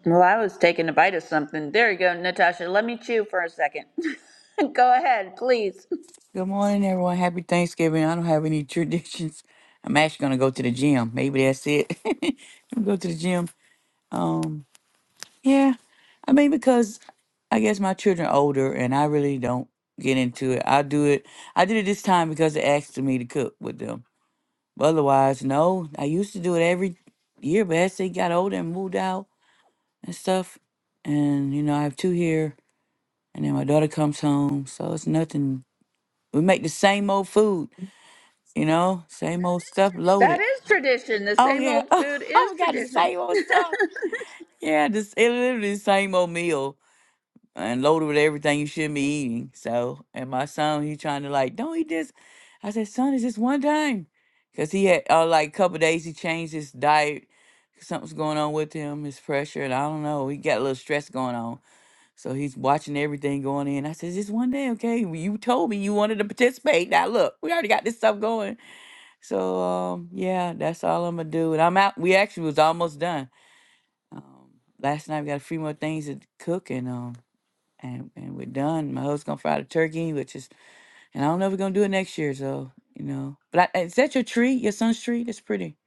Speaker 1: Well, I was taking a bite of something. There you go, Natasha. Let me chew for a second. go ahead, please.
Speaker 18: Good morning, everyone. Happy Thanksgiving. I don't have any traditions. I'm actually gonna go to the gym. Maybe that's it. I'm go to the gym. Um, yeah. I mean, because I guess my children are older, and I really don't get into it. I do it. I did it this time because they asked me to cook with them. But otherwise, no. I used to do it every year, but as they got older and moved out and stuff, and you know, I have two here, and then my daughter comes home, so it's nothing. We make the same old food You know, same old stuff
Speaker 1: That
Speaker 18: loaded.
Speaker 1: is tradition. The
Speaker 18: Oh
Speaker 1: same
Speaker 18: yeah,
Speaker 1: old
Speaker 18: oh
Speaker 1: food is
Speaker 18: we got the
Speaker 1: tradition.
Speaker 18: same old stuff. Yeah, this it literally the same old meal and loaded with everything you shouldn't be eating. So, and my son, he trying to like, don't eat this. I said, son, it's just one time, cause he had uh, like a couple days he changed his diet. Something's going on with him, his pressure, and I don't know. He got a little stress going on, so he's watching everything going in. I said, just one day, okay? Well, You told me you wanted to participate. Now look, we already got this stuff going. So um, yeah, that's all I'm gonna do. And I'm out. We actually was almost done. Um, last night we got a few more things to cook, and um, and and we're done. My husband's gonna fry the turkey, which is, and I don't know if we're gonna do it next year. So you know, but I, is that your tree? Your son's tree? That's pretty.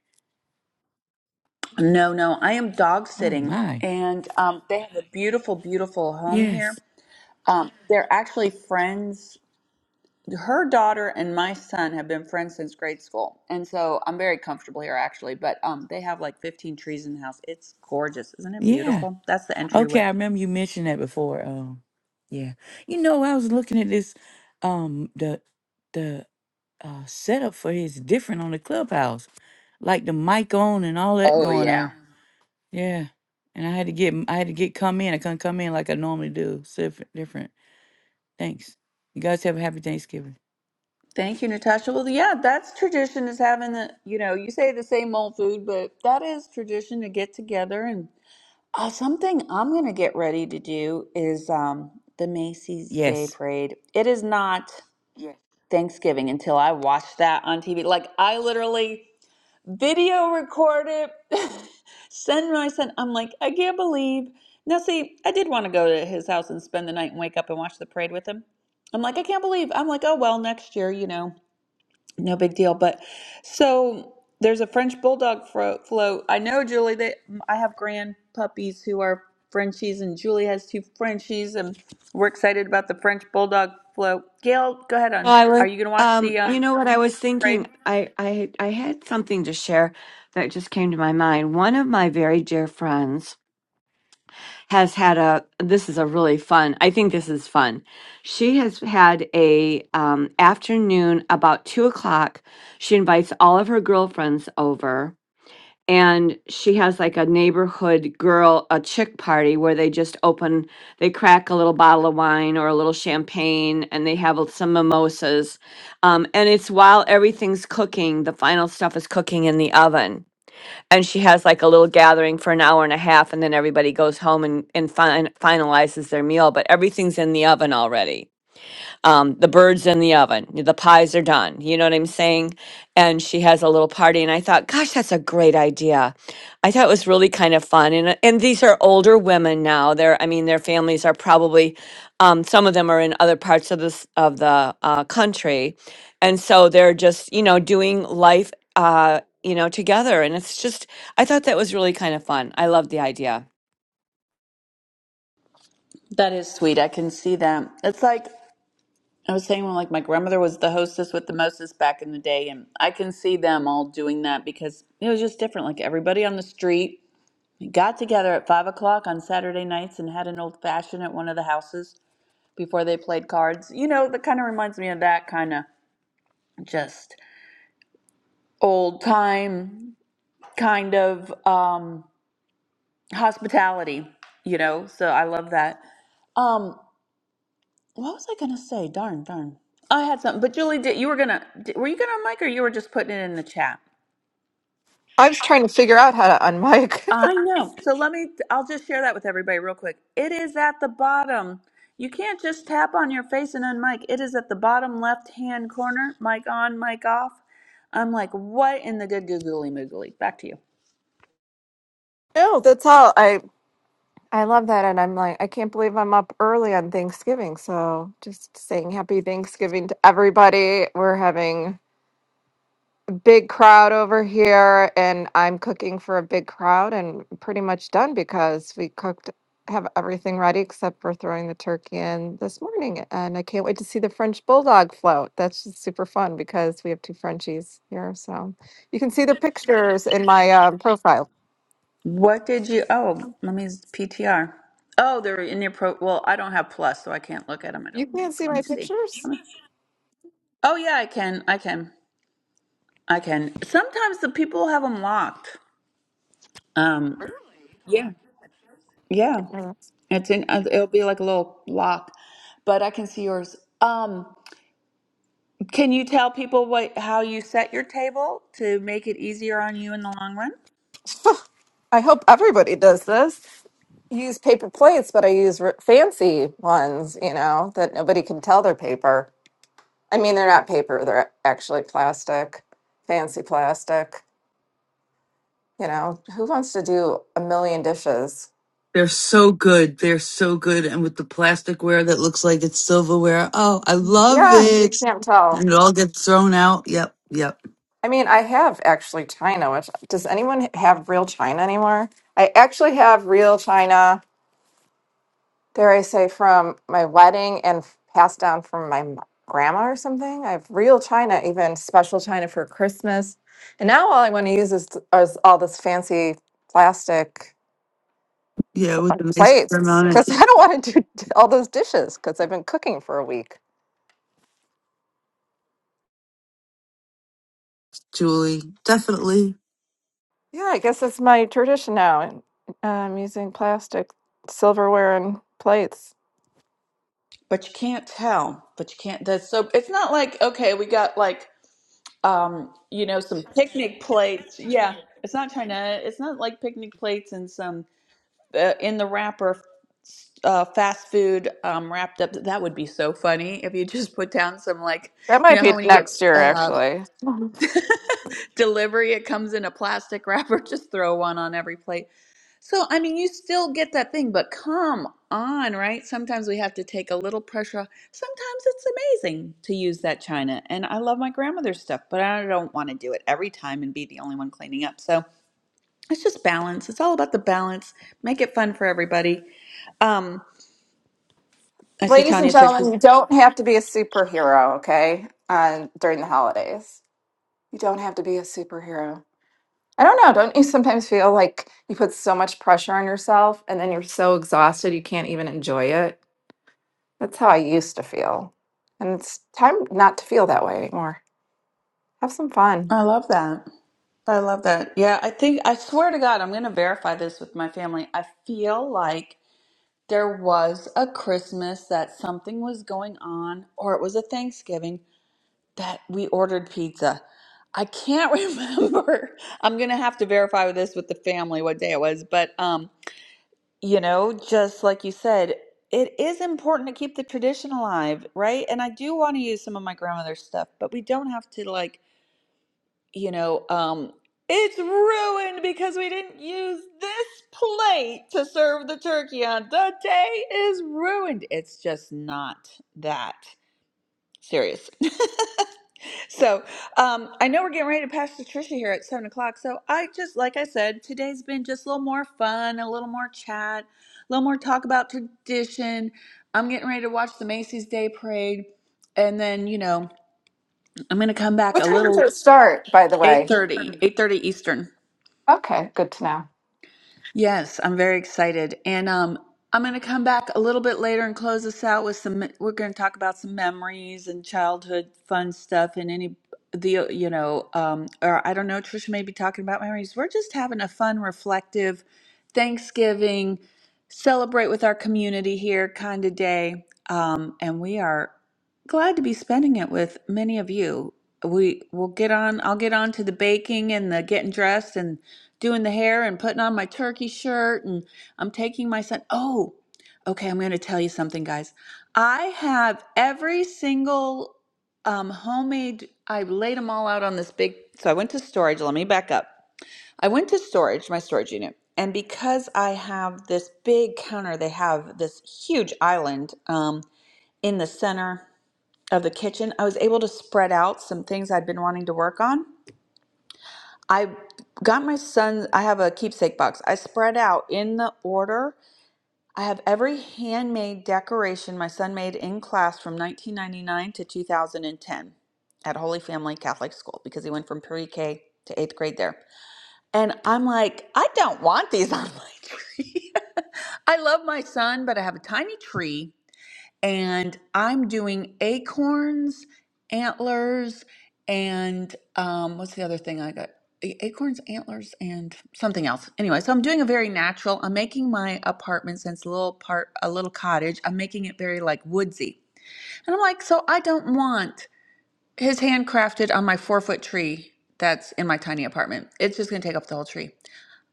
Speaker 1: No, no, I am dog
Speaker 18: Oh
Speaker 1: sitting,
Speaker 18: my.
Speaker 1: and um, they have a beautiful, beautiful home
Speaker 18: Yes.
Speaker 1: here. Um, they're actually friends. Her daughter and my son have been friends since grade school, and so I'm very comfortable here actually. But um, they have like 15 trees in the house. It's gorgeous, isn't it
Speaker 18: Yeah.
Speaker 1: beautiful? That's the
Speaker 18: Okay.
Speaker 1: entryway.
Speaker 18: I remember you mentioned that before. Um, yeah. You know, I was looking at this, um, the the uh setup for his different on the clubhouse, like the mic on and all that
Speaker 1: Oh
Speaker 18: going on.
Speaker 1: yeah.
Speaker 18: Yeah. And I had to get I had to get come in. I couldn't come in like I normally do. So different, different. Thanks. You guys have a happy Thanksgiving.
Speaker 1: Thank you, Natasha. Well, yeah, that's tradition is having the you know you say the same old food, but that is tradition to get together and. Uh, something I'm going to get ready to do is um, the Macy's Day
Speaker 18: Yes.
Speaker 1: Parade. It is not Thanksgiving until I watch that on TV. Like, I literally video record it, send my son. I'm like, I can't believe. Now, see, I did want to go to his house and spend the night and wake up and watch the parade with him. I'm like, I can't believe. I'm like, oh, well, next year, you know. No big deal. But so there's a French bulldog fro- float. I know, Julie, that I have grand puppies who are Frenchies, and Julie has two Frenchies, and we're excited about the French bulldog float. Gail, go ahead
Speaker 4: Oh,
Speaker 1: on.
Speaker 4: I was,
Speaker 1: Are you going to watch
Speaker 4: um,
Speaker 1: the
Speaker 4: you
Speaker 1: um,
Speaker 4: know what I was
Speaker 1: parade?
Speaker 4: thinking. I I I had something to share that just came to my mind. One of my very dear friends has had a this is a really fun i think this is fun she has had a um, afternoon about two o'clock she invites all of her girlfriends over and she has like a neighborhood girl a chick party where they just open they crack a little bottle of wine or a little champagne and they have some mimosas um, and it's while everything's cooking the final stuff is cooking in the oven and she has like a little gathering for an hour and a half and then everybody goes home and and fin- finalizes their meal but everything's in the oven already um, the bird's in the oven, the pies are done. You know what I'm saying? And she has a little party, and I thought, gosh, that's a great idea. I thought it was really kind of fun. And and these are older women now. They're, I mean, their families are probably, um, some of them are in other parts of this of the uh, country, and so they're just you know doing life, uh, you know, together. And it's just, I thought that was really kind of fun. I love the idea.
Speaker 1: That is sweet. I can see that. It's like I was saying when like my grandmother was the hostess with the mostest back in the day, and I can see them all doing that because it was just different. Like everybody on the street Got together at five o'clock on Saturday nights and had an old fashioned at one of the houses before they played cards. You know, that kind of reminds me of that kind of just old time kind of um, hospitality, you know? So I love that. Um, what was I going to say? Darn, darn. I had something, but Julie, did, you were going to, were you going to mic or you were just putting it in the chat?
Speaker 19: I was trying to figure out how to unmic.
Speaker 1: I know. So let me, I'll just share that with everybody real quick. It is at the bottom. You can't just tap on your face and unmic. It is at the bottom left hand corner. Mic on, mic off. I'm like, what in the good googly moogly? Back to you.
Speaker 19: no, that's all. I I love that, and I'm like, I can't believe I'm up early on Thanksgiving. So just saying happy Thanksgiving to everybody. We're having a big crowd over here, and I'm cooking for a big crowd, and pretty much done because we cooked. Have everything ready except for throwing the turkey in this morning, and I can't wait to see the French bulldog float. That's just super fun because we have two Frenchies here, so you can see their pictures in my um, profile.
Speaker 1: What did you, oh, let me, PTR. Oh, they're in your pro, well, I don't have plus, so I can't look at them, I
Speaker 19: You
Speaker 1: don't
Speaker 19: can't
Speaker 1: think.
Speaker 19: see
Speaker 1: Let
Speaker 19: my
Speaker 1: me see.
Speaker 19: pictures?
Speaker 1: Oh, yeah, I can. I can. I can. Sometimes the people have them locked. Um, yeah. Yeah.
Speaker 19: Uh,
Speaker 1: It's in, uh, it'll be like a little block, but I can see yours. Um, can you tell people what how you set your table to make it easier on you in the long run?
Speaker 19: I hope everybody does this. Use paper plates, but I use r- fancy ones, you know, that nobody can tell they're paper. I mean, they're not paper, they're actually plastic, fancy plastic. You know, who wants to do a million dishes?
Speaker 2: They're so good. They're so good. And with the plasticware that looks like it's silverware. Oh, I love
Speaker 19: Yeah,
Speaker 2: it.
Speaker 19: you can't
Speaker 2: And
Speaker 19: tell.
Speaker 2: it all gets thrown out. Yep. Yep.
Speaker 19: I mean, I have actually china, which does anyone have real china anymore? I actually have real china. dare I say, from my wedding and f- passed down from my m- grandma or something. I have real china, even special china for Christmas. And now all I want to use is, is all this fancy plastic
Speaker 2: Yeah.
Speaker 19: pl-
Speaker 2: With
Speaker 19: uh,
Speaker 2: a nice trim
Speaker 19: plates
Speaker 2: on
Speaker 19: because
Speaker 2: it.
Speaker 19: I don't want to do d- all those dishes because I've been cooking for a week.
Speaker 2: Julie, definitely.
Speaker 19: Yeah, I guess it's my tradition now. And I'm using plastic silverware and plates.
Speaker 1: But you can't tell. But you can't. That's so. It's not like okay, we got like um, you know, some picnic plates. Yeah, it's not trying to. It's not like picnic plates and some uh, in the wrapper uh, fast food um, wrapped up. That would be so funny if you just put down some like
Speaker 19: That
Speaker 1: you
Speaker 19: might
Speaker 1: know
Speaker 19: be
Speaker 1: how when you get.
Speaker 19: next year,
Speaker 1: uh,
Speaker 19: actually.
Speaker 1: delivery it comes in a plastic wrapper just throw one on every plate so i mean you still get that thing but come on right sometimes we have to take a little pressure off. sometimes it's amazing to use that china and i love my grandmother's stuff but i don't want to do it every time and be the only one cleaning up so it's just balance it's all about the balance make it fun for everybody um i see
Speaker 19: Ladies and
Speaker 1: tanya said
Speaker 19: gentlemen,
Speaker 1: she's
Speaker 19: you don't have to be a superhero, okay? Uh, during the holidays, you don't have to be a superhero. I don't know. Don't you sometimes feel like you put so much pressure on yourself and then you're so exhausted you can't even enjoy it? That's how I used to feel. And it's time not to feel that way anymore. Have some fun.
Speaker 1: i love that I love that. Yeah, I think I swear to God, I'm going to verify this with my family. I feel like there was a Christmas that something was going on, or it was a Thanksgiving that we ordered pizza. I can't remember. I'm gonna have to verify this with the family what day it was, but um, you know, just like you said, it is important to keep the tradition alive, right? And I do want to use some of my grandmother's stuff, but we don't have to like you know, um, it's ruined because we didn't use this plate to serve the turkey on. The day is ruined. It's just not that serious. so um, I know we're getting ready to pass to Tricia here at seven o'clock. So I just, like I said, today's been just a little more fun, a little more chat, a little more talk about tradition. I'm getting ready to watch the Macy's Day Parade, and then you know I'm gonna come back
Speaker 19: What
Speaker 1: a
Speaker 19: time does
Speaker 1: little
Speaker 19: it start, by the
Speaker 1: eight
Speaker 19: way?
Speaker 1: thirty, eight thirty Eastern.
Speaker 19: Okay, good to know.
Speaker 1: Yes, I'm very excited. And um, I'm going to come back a little bit later and close this out with some, we're going to talk about some memories and childhood fun stuff and any, the, uh, you know, um, or I don't know, Trisha may be talking about memories. We're just having a fun, reflective Thanksgiving, celebrate with our community here kind of day. Um, and we are glad to be spending it with many of you. We will get on, I'll get on to the baking and the getting dressed and doing the hair and putting on my turkey shirt and I'm taking my son. Oh, okay, I'm going to tell you something, guys. I have every single um, homemade, I laid them all out on this big. So I went to storage. Let me back up. I went to storage, my storage unit. And because I have this big counter, they have this huge island um, in the center of the kitchen. I was able to spread out some things I'd been wanting to work on. I got my son, I have a keepsake box. I spread out in the order. I have every handmade decoration my son made in class from 1999 to 2010 at Holy Family Catholic School because he went from pre K to eighth grade there. And I'm like, I don't want these on my tree. I love my son, but I have a tiny tree and I'm doing acorns, antlers, and um, what's the other thing I got? A- Acorns, antlers, and something else. Anyway, so I'm doing a very natural. I'm making my apartment since a little part, a little cottage. I'm making it very like woodsy, and I'm like, so I don't want his handcrafted on my four foot tree that's in my tiny apartment. It's just gonna take up the whole tree.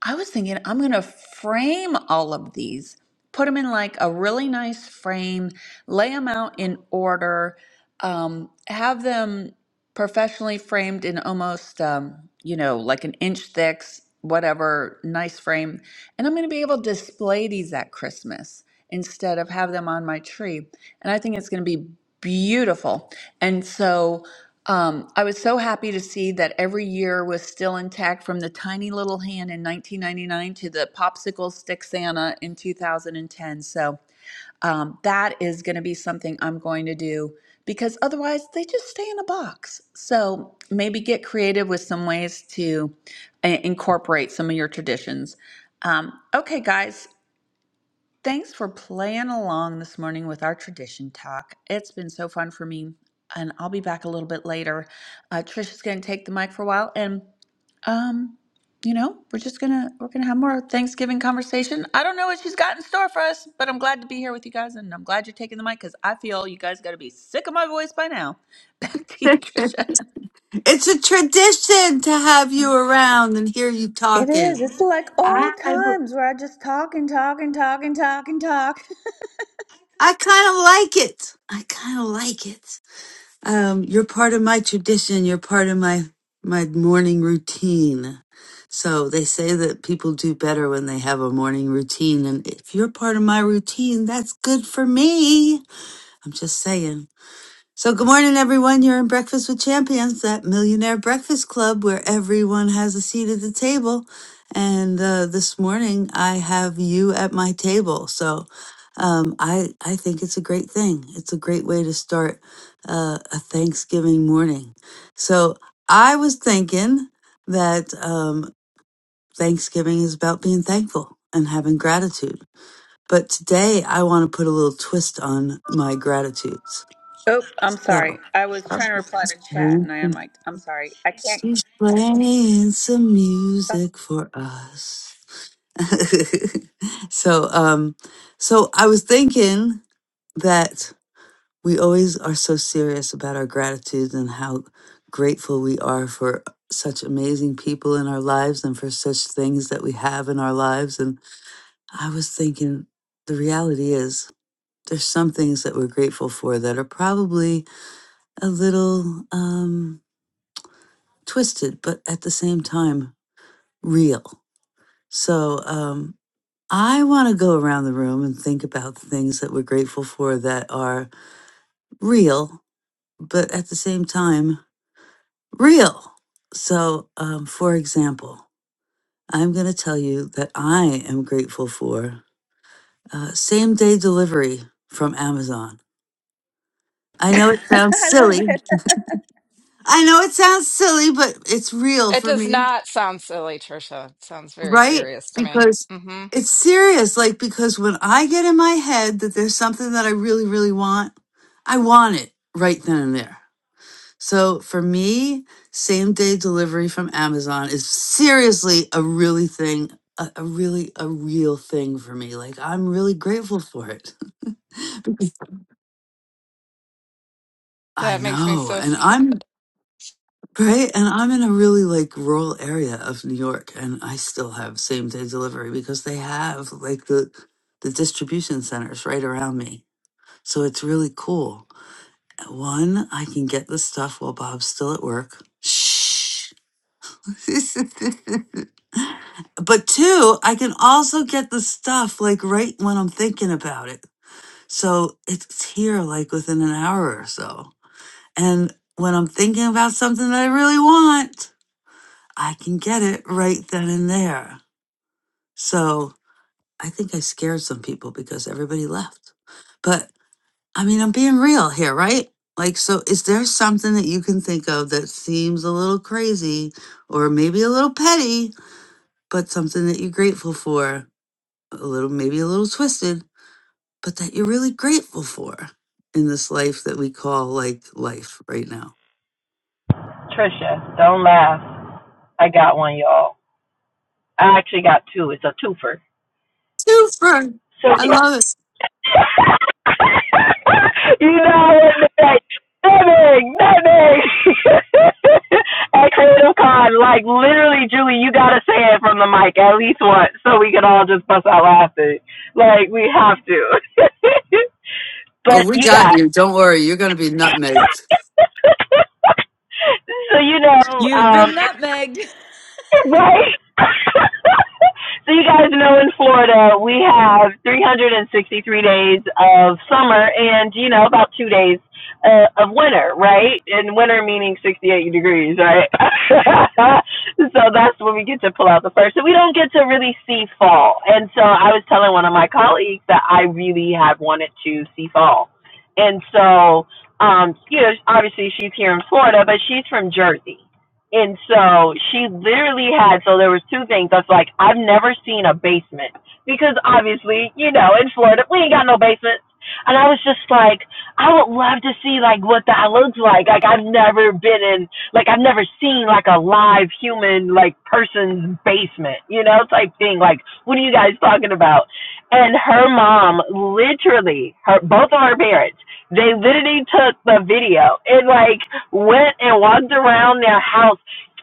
Speaker 1: I was thinking I'm going to frame all of these, put them in like a really nice frame, lay them out in order, um, have them professionally framed in almost, um, you know, like an inch thick, whatever, nice frame. And I'm going to be able to display these at Christmas instead of have them on my tree. And I think it's going to be beautiful. And so, um, I was so happy to see that every year was still intact from the tiny little hand in 1999 to the popsicle stick Santa in 2010. So um, that is going to be something I'm going to do because otherwise they just stay in a box. So maybe get creative with some ways to uh, incorporate some of your traditions. Um, okay, guys, Thanks for playing along this morning with our tradition talk. It's been so fun for me, and I'll be back a little bit later. Uh, Trisha's going to take the mic for a while, and um, you know, we're just gonna we're gonna have more Thanksgiving conversation. I don't know what she's got in store for us, but I'm glad to be here with you guys, and I'm glad you're taking the mic because I feel you guys got to be sick of my voice by now. Back to you, Trisha.
Speaker 2: It's a tradition to have you around and hear you
Speaker 1: It is.
Speaker 2: talking.
Speaker 1: It's like
Speaker 2: I,
Speaker 1: old
Speaker 2: I
Speaker 1: times where I just talk and talk and talk and talk and talk.
Speaker 2: kind of like it. I kind of like it. Um, you're part of my tradition. You're part of my my morning routine. So they say that people do better when they have a morning routine, and if you're part of my routine, that's good for me. I'm just saying. So, good morning, everyone. You're in Breakfast with Champions, that millionaire breakfast club where everyone has a seat at the table. And uh, this morning, I have you at my table. So, um, I I think it's a great thing. It's a great way to start uh, a Thanksgiving morning. So, I was thinking that um, Thanksgiving is about being thankful and having gratitude. But today, I want to put a little twist on my gratitude.
Speaker 1: Oh, I'm sorry.
Speaker 2: So
Speaker 1: I was
Speaker 2: I'm
Speaker 1: trying to reply
Speaker 2: just
Speaker 1: to chat
Speaker 2: playing
Speaker 1: and I
Speaker 2: some-
Speaker 1: unmiked. I'm sorry. I can't.
Speaker 2: she's playing some music for us. so um so I was thinking that we always are so serious about our gratitude and how grateful we are for such amazing people in our lives and for such things that we have in our lives and I was thinking the reality is there's some things that we're grateful for that are probably a little um. twisted, but at the same time, real. So um, I want to go around the room and think about things that we're grateful for that are real, but at the same time, real. So, um, for example, I'm going to tell you that I am grateful for uh, same day delivery from Amazon. I know it sounds
Speaker 1: I love
Speaker 2: silly.
Speaker 1: it.
Speaker 2: I know it sounds silly, but it's real
Speaker 19: It
Speaker 2: for
Speaker 19: does
Speaker 2: me.
Speaker 19: not sound silly, Trisha. It sounds very
Speaker 2: right?
Speaker 19: serious to me.
Speaker 2: Because
Speaker 19: hmm
Speaker 2: it's serious. Like, because when I get in my head that there's something that I really, really want, I want it right then and there. So for me, same day delivery from Amazon is seriously a really thing, a, a really, a real thing for me. Like, I'm really grateful for it. I
Speaker 19: That makes me
Speaker 2: know.
Speaker 19: so
Speaker 2: And
Speaker 19: sad.
Speaker 2: I'm Right? And I'm in a really like rural area of New York and I still have same day delivery because they have like the the distribution centers right around me. So it's really cool. One, I can get the stuff while Bob's still at work. Shh. but two, I can also get the stuff like right when I'm thinking about it. So it's here like within an hour or so. And when I'm thinking about something that I really want, I can get it right then and there. So I think I scared some people because everybody left. But I mean, I'm being real here, right? Like, so is there something that you can think of that seems a little crazy or maybe a little petty, but something that you're grateful for, a little, maybe a little twisted, but that you're really grateful for in this life that we call like life right now?
Speaker 16: Trisha, don't laugh. I got one, y'all. I actually got two. It's a twofer.
Speaker 2: Super.
Speaker 16: So.
Speaker 2: I love it.
Speaker 16: you know what wasn't like nothing, nothing. At Creative Con, like literally, Julie, you gotta say it from the mic at least once, so we can all just bust out laughing. Like we have to.
Speaker 2: Oh,
Speaker 16: but
Speaker 2: we
Speaker 16: you
Speaker 2: got
Speaker 16: got
Speaker 2: you. Don't worry. You're going to be nutmegged.
Speaker 16: so you know,
Speaker 1: You've been
Speaker 16: um,
Speaker 1: nutmegged.
Speaker 16: right? So you guys know in Florida we have 363 days of summer and you know about two days uh, of winter, right? And winter meaning 68 degrees, right? so that's when we get to pull out the first. So we don't get to really see fall. And so I was telling one of my colleagues that I really had wanted to see fall. And so, um, you know, obviously she's here in Florida, but she's from Jersey. And so she literally had so there was two things. That's like I've never seen a basement because obviously you know in Florida we ain't got no basements. And I was just like, I would love to see like what that looks like. Like I've never been in like I've never seen like a live human like person's basement, you know, type thing. Like what are you guys talking about? And her mom literally, her both of her parents, they literally took the video and like went and walked around their house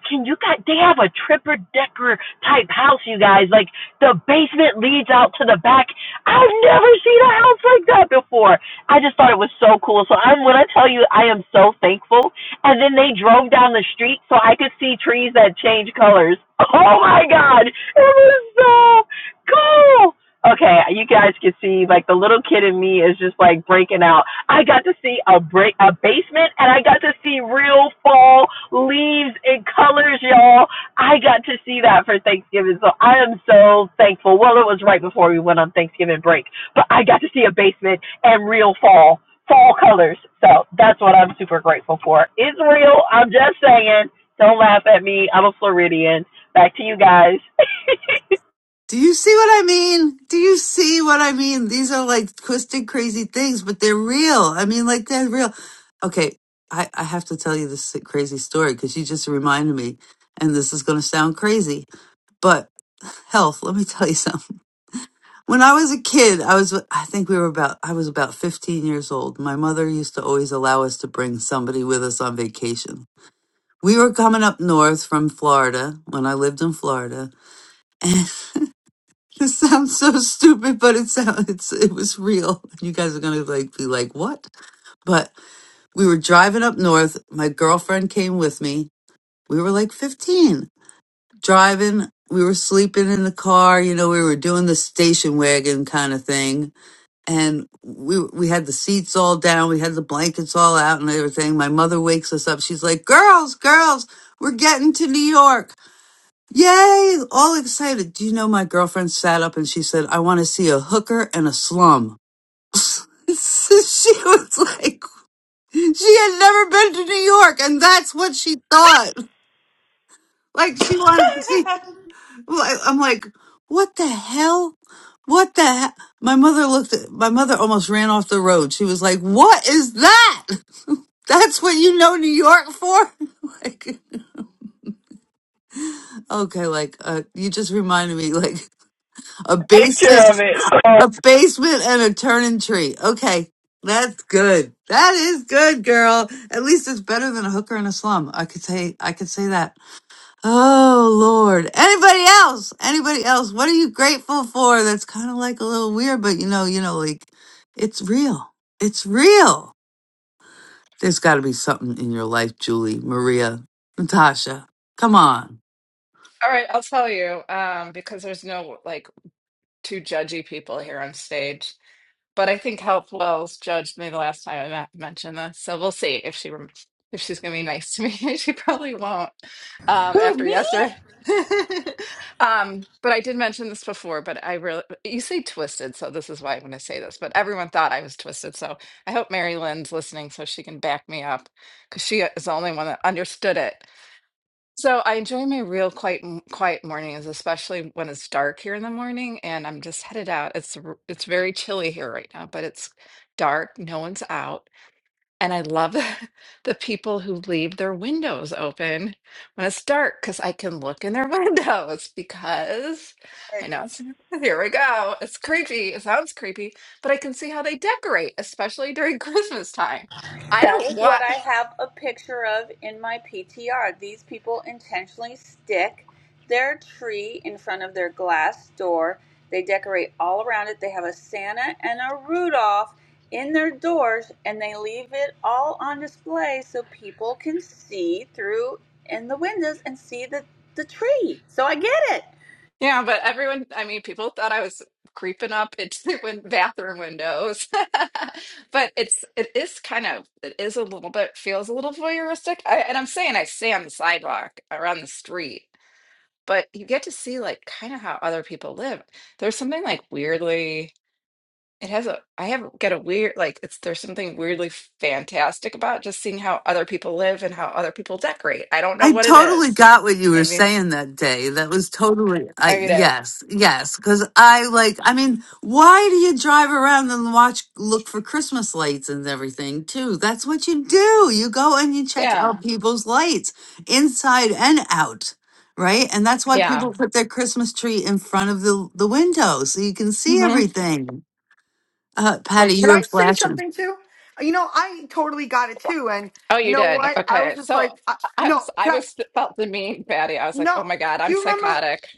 Speaker 16: can you guys? They have a tripper decker type house, you guys. Like the basement leads out to the back. I've never seen a house like that before. I just thought it was so cool. So I'm when I tell you, I am so thankful. And then they drove down the street so I could see trees that change colors. Oh my God, it was so cool. Okay, you guys can see like the little kid in me is just like breaking out. I got to see a break a basement and I got to see real fall leaves and colors, y'all. I got to see that for Thanksgiving. So I am so thankful. Well, it was right before we went on Thanksgiving break, but I got to see a basement and real fall fall colors. So that's what I'm super grateful for. It's real. I'm just saying. Don't laugh at me. I'm a Floridian. Back to you guys.
Speaker 2: Do you see what I mean? Do you see what I mean? These are like twisted, crazy things, but they're real. I mean, like they're real. Okay, I, I have to tell you this crazy story because you just reminded me, and this is going to sound crazy, but health. Let me tell you something. When I was a kid, I was I think we were about I was about fifteen years old. My mother used to always allow us to bring somebody with us on vacation. We were coming up north from Florida when I lived in Florida This sounds so stupid, but it sounds it's it was real. You guys are gonna like be like, what? But we were driving up north. My girlfriend came with me. We were like fifteen. Driving, we were sleeping in the car, you know, we were doing the station wagon kind of thing. And we we had the seats all down, we had the blankets all out and everything. My mother wakes us up, she's like, Girls, girls, we're getting to New York. Yay! All excited. Do you know my girlfriend sat up and she said, I want to see a hooker and a slum. So she was like, she had never been to New York and that's what she thought. Like she wanted to see. like- I'm like, what the hell? What the hell? My mother looked at, my mother almost ran off the road. She was like, what is that? That's what you know New York for? like, okay, like, uh, you just reminded me, like. A
Speaker 16: Take care of
Speaker 2: basement,
Speaker 16: it. Oh,
Speaker 2: a basement, and a turning tree. Okay, that's good. That is good, girl. At least it's better than a hooker in a slum. I could say, I could say that. Oh Lord. Anybody else? Anybody else? What are you grateful for? That's kind of like a little weird, but you know, you know, like it's real. It's real. There's got to be something in your life, Julie, Maria, Natasha. Come on.
Speaker 19: All right, I'll tell you, um, because there's no like two judgy people here on stage. But I think Health Wells judged me the last time I ma- mentioned this, so we'll see if she rem if she's gonna be nice to me. She probably won't um,
Speaker 1: Who,
Speaker 19: after
Speaker 1: me?
Speaker 19: yesterday. Um, but I did mention this before. But I really, you say twisted, so this is why I'm gonna say this. But everyone thought I was twisted, so I hope Mary Lynn's listening so she can back me up because she is the only one that understood it. So I enjoy my real quiet m- quiet mornings, especially when it's dark here in the morning and I'm just headed out. It's r- it's very chilly here right now, but it's dark, no one's out, and I love the people who leave their windows open when it's dark because I can look in their windows because I know it's here we go. It's creepy. It sounds creepy, but I can see how they decorate, especially during Christmas time. I
Speaker 1: That
Speaker 19: don't
Speaker 1: is
Speaker 19: want.
Speaker 1: what I have a picture of in my PTR. These people intentionally stick their tree in front of their glass door. They decorate all around it. They have a Santa and a Rudolph in their doors and they leave it all on display so people can see through in the windows and see the, the tree. So I get it.
Speaker 19: Yeah, but everyone, I mean, people thought I was creeping up into win- bathroom windows. But it's it is kind of it is a little bit feels a little voyeuristic. I, and I'm saying I stay on the sidewalk or on the street, but you get to see like kind of how other people live. There's something like weirdly it has a I have get a weird like it's there's something weirdly fantastic about just seeing how other people live and how other people decorate. I don't know
Speaker 2: I
Speaker 19: what it
Speaker 2: totally
Speaker 19: is.
Speaker 2: got what you were
Speaker 19: Maybe
Speaker 2: saying that day. That was totally, I
Speaker 19: I get it.
Speaker 2: yes, yes. Because I like, I mean, why do you drive around and watch, look for Christmas lights and everything too? That's what you do. You go and you check
Speaker 19: Yeah.
Speaker 2: out people's lights inside and out, right? And that's why
Speaker 19: Yeah.
Speaker 2: people put their Christmas tree in front of the the window so you can see everything. Uh, Patty,
Speaker 8: wait
Speaker 2: you
Speaker 8: can
Speaker 2: were
Speaker 8: i say
Speaker 2: flashing.
Speaker 8: something too you know i totally got it too and
Speaker 19: Oh,
Speaker 8: you
Speaker 19: you
Speaker 8: know
Speaker 19: did.
Speaker 8: what i was
Speaker 19: Okay.
Speaker 8: just
Speaker 19: So
Speaker 8: like I,
Speaker 19: I
Speaker 8: no
Speaker 19: was, I
Speaker 8: can i
Speaker 19: was felt the mean baddie. I was like,
Speaker 8: no
Speaker 19: oh my God,
Speaker 8: do
Speaker 19: I'm
Speaker 8: you remember?
Speaker 19: psychotic.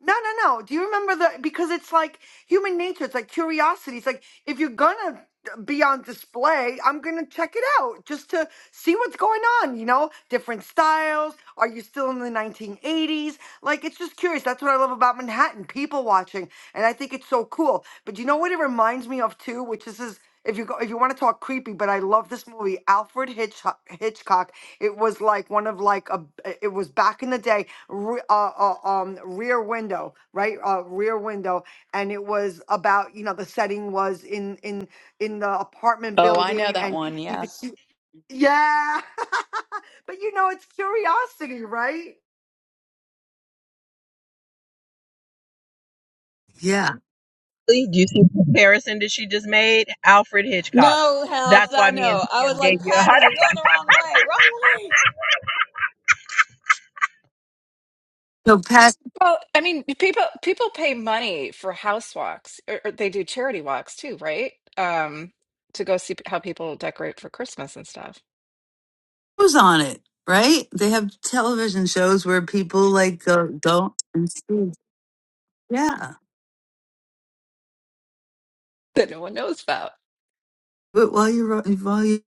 Speaker 8: No, no, no. Do you remember the? Because it's like human nature. It's like curiosity. It's like if you're gonna be on display, I'm gonna check it out just to see what's going on. You know, different styles. Are you still in the 1980s? Like, it's just curious. That's what I love about Manhattan. People watching, and I think it's so cool. But you know what? It reminds me of too, which this is if you go, if you want to talk creepy, but I love this movie, Alfred Hitchcock. Hitchcock. It was like one of like a. It was back in the day, re, uh, uh, um, Rear Window, right? Uh, Rear Window, and it was about you know the setting was in in in the apartment
Speaker 1: Oh, I know
Speaker 8: building,
Speaker 1: that
Speaker 8: and
Speaker 1: one.
Speaker 8: you could
Speaker 1: Yes.
Speaker 8: see, yeah. but you know, it's curiosity, right?
Speaker 2: Yeah.
Speaker 16: Really? Do you see the comparison that she just made? Alfred Hitchcock.
Speaker 1: No health,
Speaker 16: That's why
Speaker 1: I
Speaker 16: me and
Speaker 1: know. I was
Speaker 16: Tim
Speaker 1: like,
Speaker 16: gave you a
Speaker 1: Patty,
Speaker 16: hot.
Speaker 1: you're going the wrong way. Wrong
Speaker 2: So, Patty.
Speaker 19: Well, I mean, people people pay money for house walks, or, or they do charity walks too, right? Um, to go see how people decorate for Christmas and stuff
Speaker 2: shows on it, right? They have television shows where people like go go and see. Yeah,
Speaker 19: that no one knows about.
Speaker 2: but while you're while you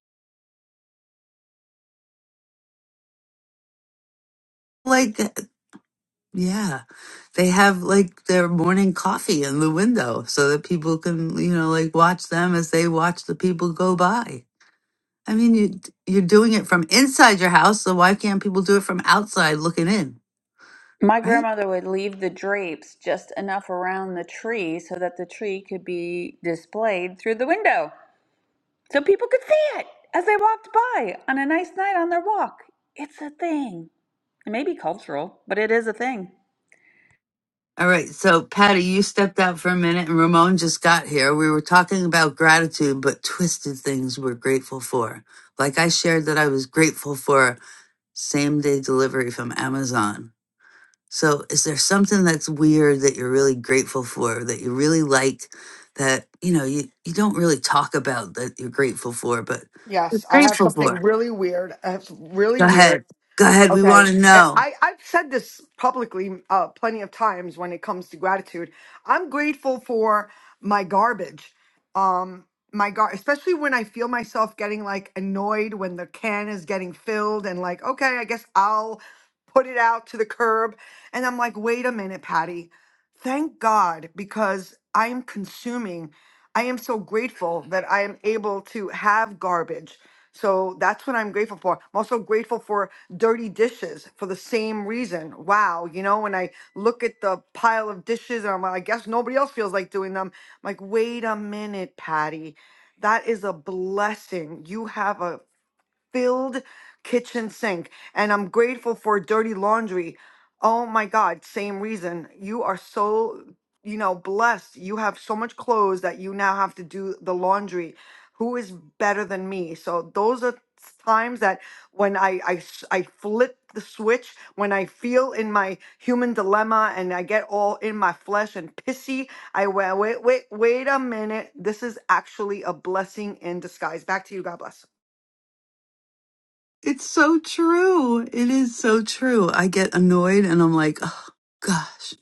Speaker 2: like, uh, yeah, they have like their morning coffee in the window so that people can you know like watch them as they watch the people go by. I mean, you you're doing it from inside your house, so why can't people do it from outside looking in,
Speaker 1: My
Speaker 2: right?
Speaker 1: grandmother would leave the drapes just enough around the tree so that the tree could be displayed through the window so people could see it as they walked by on a nice night on their walk. It's a thing. It may be cultural, but it is a thing.
Speaker 2: All right, so Patty, you stepped out for a minute and Ramon just got here. We were talking about gratitude, but twisted things we're grateful for. Like I shared that I was grateful for same day delivery from Amazon. So, is there something that's weird that you're really grateful for, that you really like, that you know you, you don't really talk about that you're grateful for, but you're
Speaker 8: Yes, I have
Speaker 2: grateful
Speaker 8: something
Speaker 2: for?
Speaker 8: really weird. I have some really
Speaker 2: Go
Speaker 8: weird.
Speaker 2: ahead, go ahead. We
Speaker 8: Okay.
Speaker 2: want to
Speaker 8: I,
Speaker 2: know.
Speaker 8: I- I've said this publicly uh, plenty of times when it comes to gratitude. I'm grateful for my garbage. Um, my gar, especially when I feel myself getting like annoyed when the can is getting filled and like, okay, I guess I'll put it out to the curb. And I'm like, wait a minute, Patty. Thank God because I am consuming. I am so grateful that I am able to have garbage so that's what I'm grateful for. I'm also grateful for dirty dishes for the same reason. Wow, you know, when I look at the pile of dishes and I'm like, I guess nobody else feels like doing them. I'm like, wait a minute, Patty. That is a blessing. You have a filled kitchen sink. And I'm grateful for dirty laundry. Oh my God, same reason. You are so, you know, blessed. You have so much clothes that you now have to do the laundry. Who is better than me? So those are times that when I, I, s- I flip the switch, when I feel in my human dilemma and I get all in my flesh and pissy, I wait, wait, wait, wait a minute. This is actually a blessing in disguise. Back to you. God bless.
Speaker 2: It's so true. It is so true. I get annoyed and I'm like, oh, gosh,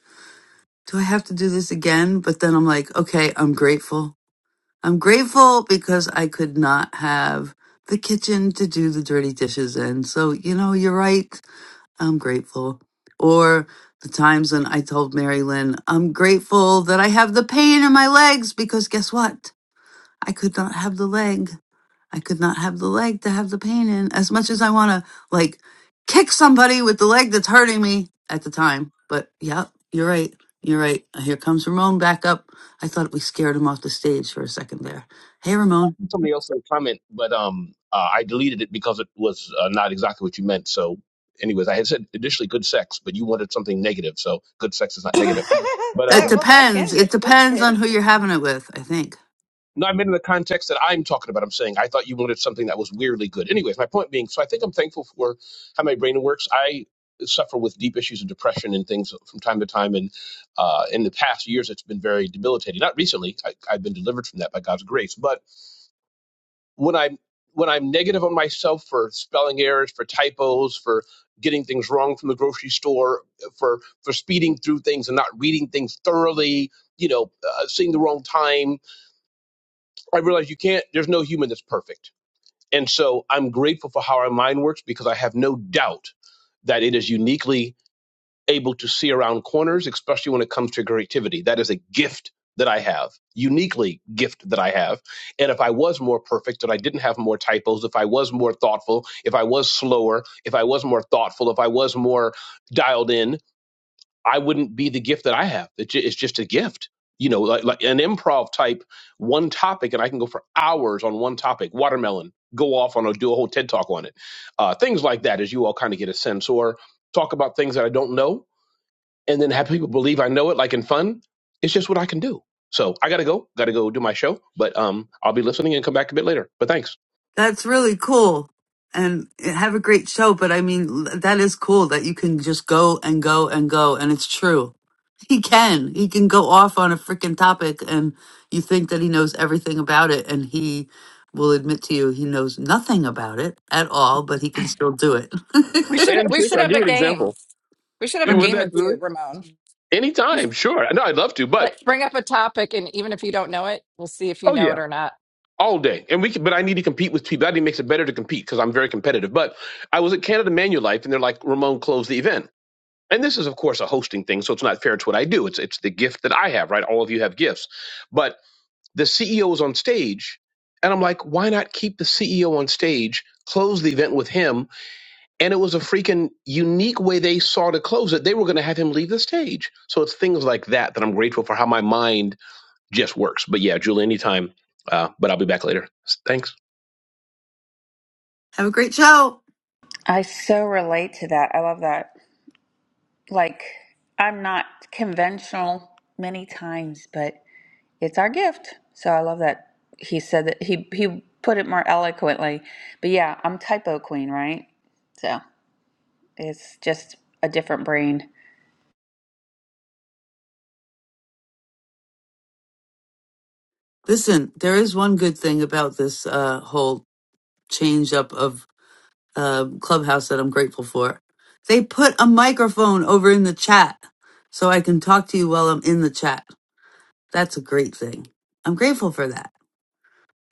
Speaker 2: do I have to do this again? But then I'm like, okay, I'm grateful. I'm grateful because I could not have the kitchen to do the dirty dishes in. So, you know, you're right. I'm grateful. Or the times when I told Mary Lynn, I'm grateful that I have the pain in my legs because guess what? I could not have the leg. I could not have the leg to have the pain in as much as I want to like kick somebody with the leg that's hurting me at the time. But yeah, you're right. You're right. Here comes Ramon back up. I thought we scared him off the stage for a second there. Hey, Ramon.
Speaker 20: somebody else in the comment, but um, uh, I deleted it because it was uh, not exactly what you meant. So, anyways, I had said initially good sex, but you wanted something negative. So, good sex is not negative. But
Speaker 2: It
Speaker 20: um,
Speaker 2: depends. It depends on who you're having it with, I think.
Speaker 20: no, I meant in the context that I'm talking about. I'm saying I thought you wanted something that was weirdly good. Anyways, my point being, so I think I'm thankful for how my brain works. I suffer with deep issues of depression and things from time to time, and uh, in the past years, it's been very debilitating. Not recently, I, I've been delivered from that by God's grace, but when I'm when I'm negative on myself for spelling errors, for typos, for getting things wrong from the grocery store, for for speeding through things and not reading things thoroughly, you know, uh, seeing the wrong time, I realize you can't. There's no human that's perfect, and so I'm grateful for how our mind works because I have no doubt that it is uniquely able to see around corners, especially when it comes to creativity. That is a gift that I have, uniquely gift that I have. And if I was more perfect, and I didn't have more typos, if I was more thoughtful, if I was slower, if I was more thoughtful, if I was more dialed in, I wouldn't be the gift that I have. It ju- It's just a gift. You know, like, like an improv type, one topic, and I can go for hours on one topic. Watermelon, go off on a do a whole TED talk on it. Uh, things like that, as you all kind of get a sense, or talk about things that I don't know and then have people believe I know it like in fun. It's just what I can do. So I gotta go, gotta go do my show. But um I'll be listening and come back a bit later. But thanks.
Speaker 2: That's really cool. And have a great show. But I mean, l- that is cool that you can just go and go and go. And it's true. He can. He can go off on a freaking topic and you think that he knows everything about it. And he will admit to you he knows nothing about it at all, but he can still do it.
Speaker 19: We should
Speaker 20: And
Speaker 19: we
Speaker 20: Tish,
Speaker 19: should
Speaker 20: I'll
Speaker 19: have
Speaker 20: give
Speaker 19: a
Speaker 20: you an
Speaker 19: game.
Speaker 20: example.
Speaker 19: We should have
Speaker 20: You
Speaker 19: a
Speaker 20: want
Speaker 19: game with
Speaker 20: that Julie?
Speaker 19: you, Ramon. We should,
Speaker 20: Anytime, sure. No, I'd love to,
Speaker 19: like
Speaker 20: but
Speaker 19: bring up a topic, and even if you don't know it, we'll see if you
Speaker 20: oh
Speaker 19: know
Speaker 20: yeah.
Speaker 19: it or not.
Speaker 20: All day. And we can, but I need to compete with people. That makes it better to compete because I'm very competitive. But I was at Canada Manulife and they're like, Ramon closed the event. And this is of course a hosting thing, so it's not fair to what I do. It's it's the gift that I have, right? All of you have gifts. But The CEO is on stage. And I'm like, why not keep the CEO on stage, close the event with him? And it was a freaking unique way they saw to close it. They were going to have him leave the stage. So it's things like that that I'm grateful for how my mind just works. But yeah, Julie, anytime. Uh, but I'll be back later. Thanks.
Speaker 2: have a great show.
Speaker 1: I so relate to that. I love that. Like, I'm not conventional many times, but it's our gift. So I love that he said that he, he put it more eloquently. But yeah, I'm typo queen, right? So. It's just a different brain.
Speaker 2: Listen, there is one good thing about this uh, whole change up of um, clubhouse that I'm grateful for. They put a microphone over in the chat so I can talk to you while I'm in the chat. That's a great thing. I'm grateful for that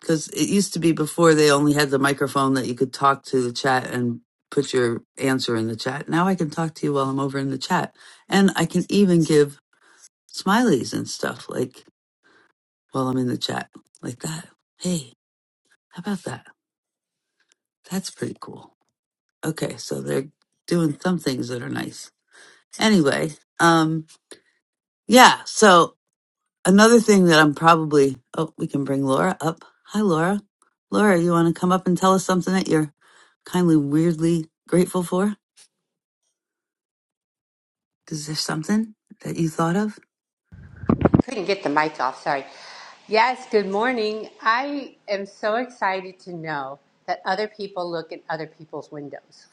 Speaker 2: because it used to be before they only had the microphone that you could talk to the chat and put your answer in the chat. Now I can talk to you while I'm over in the chat. And I can even give smileys and stuff like while I'm in the chat, like that. Hey, how about that? That's pretty cool. Okay, so they're doing some things that are nice. Anyway, um, yeah. So another thing that I'm probably oh, we can bring Laura up. Hi, Laura. Laura, you want to come up and tell us something that you're kindly, weirdly grateful for? Is there something that you thought of?
Speaker 21: couldn't get the mic off, sorry. Yes, good morning. I am so excited to know that other people look in other people's windows.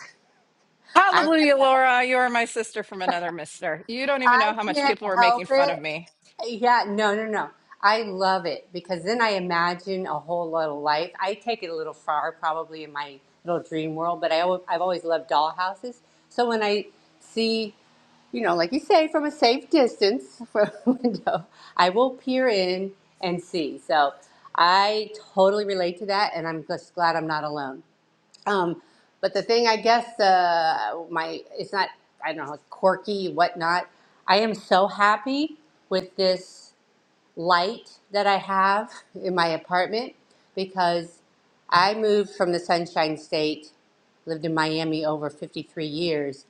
Speaker 21: I have
Speaker 19: Hallelujah,
Speaker 21: had a
Speaker 19: Laura. You are my sister from another mister. You don't even
Speaker 21: I
Speaker 19: know how much
Speaker 21: can't
Speaker 19: people were
Speaker 21: help
Speaker 19: making fun
Speaker 21: it.
Speaker 19: of me.
Speaker 21: Yeah, no, no, no. I love it because then I imagine a whole lot of life. I take it a little far, probably in my little dream world, but I, al- I've always loved dollhouses. So when I see, you know, like you say, from a safe distance from a window, I will peer in and see. So I totally relate to that, and I'm just glad I'm not alone. Um, but the thing, I guess, uh, my it's not. I don't know, quirky, whatnot. I am so happy with this light that I have in my apartment because I moved from the Sunshine State, lived in Miami over 53 years,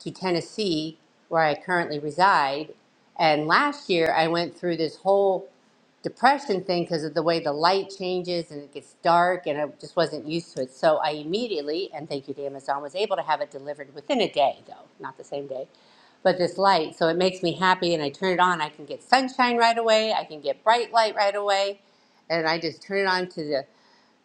Speaker 21: to Tennessee, where I currently reside. And last year, I went through this whole depression thing because of the way the light changes and it gets dark and I just wasn't used to it. So I immediately, and thank you to Amazon, was able to have it delivered within a day though, not the same day. But this light, so it makes me happy and I turn it on. I can get sunshine right away. I can get bright light right away. And I just turn it on to the,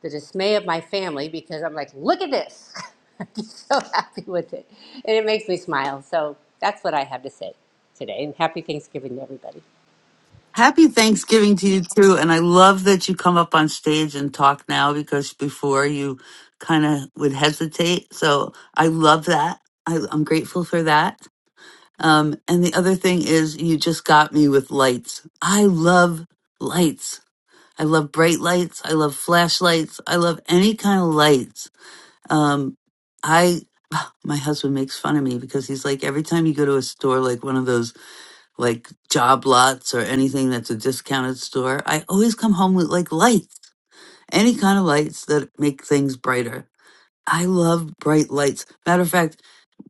Speaker 21: the dismay of my family because I'm like, look at this. I'm just so happy with it. And it makes me smile. So that's what I have to say today. And happy Thanksgiving to everybody.
Speaker 2: Happy Thanksgiving to you too, and I love that you come up on stage and talk now because before you kind of would hesitate. So I love that. I, I'm grateful for that. Um, and the other thing is, you just got me with lights. I love lights. I love bright lights. I love flashlights. I love any kind of lights. Um, I, my husband makes fun of me because he's like, every time you go to a store, like one of those like job lots or anything that's a discounted store, I always come home with like lights, any kind of lights that make things brighter. I love bright lights. Matter of fact,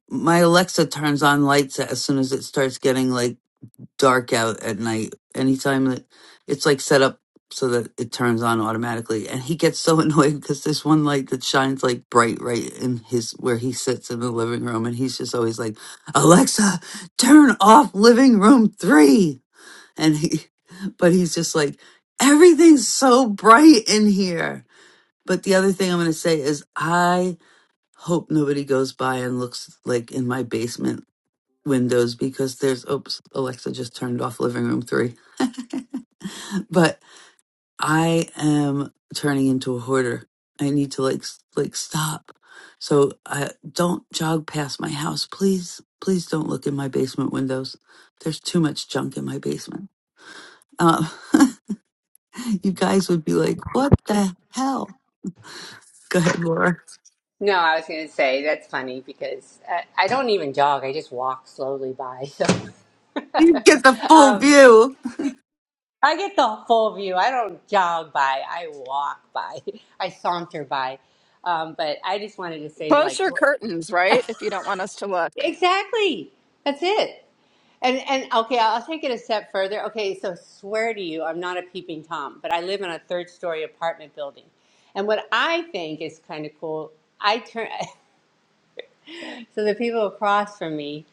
Speaker 2: my Alexa turns on lights as soon as it starts getting like dark out at night. Anytime that it's like set up so that it turns on automatically, and he gets so annoyed because there's one light that shines like bright right in his where he sits in the living room, and he's just always like, "Alexa, turn off living room three." And he, but he's just like, everything's so bright in here. But the other thing I'm going to say is, I hope nobody goes by and looks like in my basement windows because there's oops alexa just turned off living room 3 but i am turning into a hoarder i need to like s- like stop so i don't jog past my house please please don't look in my basement windows there's too much junk in my basement um, you guys would be like what the hell go ahead laura
Speaker 21: No, I was going to say that's funny because I, I don't even jog. I just walk slowly by. So
Speaker 2: you get the full
Speaker 21: um,
Speaker 2: view
Speaker 21: I get the full view. I don't jog by. I walk by. I saunter by. Um, but I just wanted to say,
Speaker 19: Close
Speaker 21: like,
Speaker 19: your curtains, right? If you don't want us to look.
Speaker 21: exactly. That's it. And and okay, I'll take it a step further. Okay, so swear to you, I'm not a peeping tom, but I live in a third story apartment building. And what I think is kind of cool, I turn. So the people across from me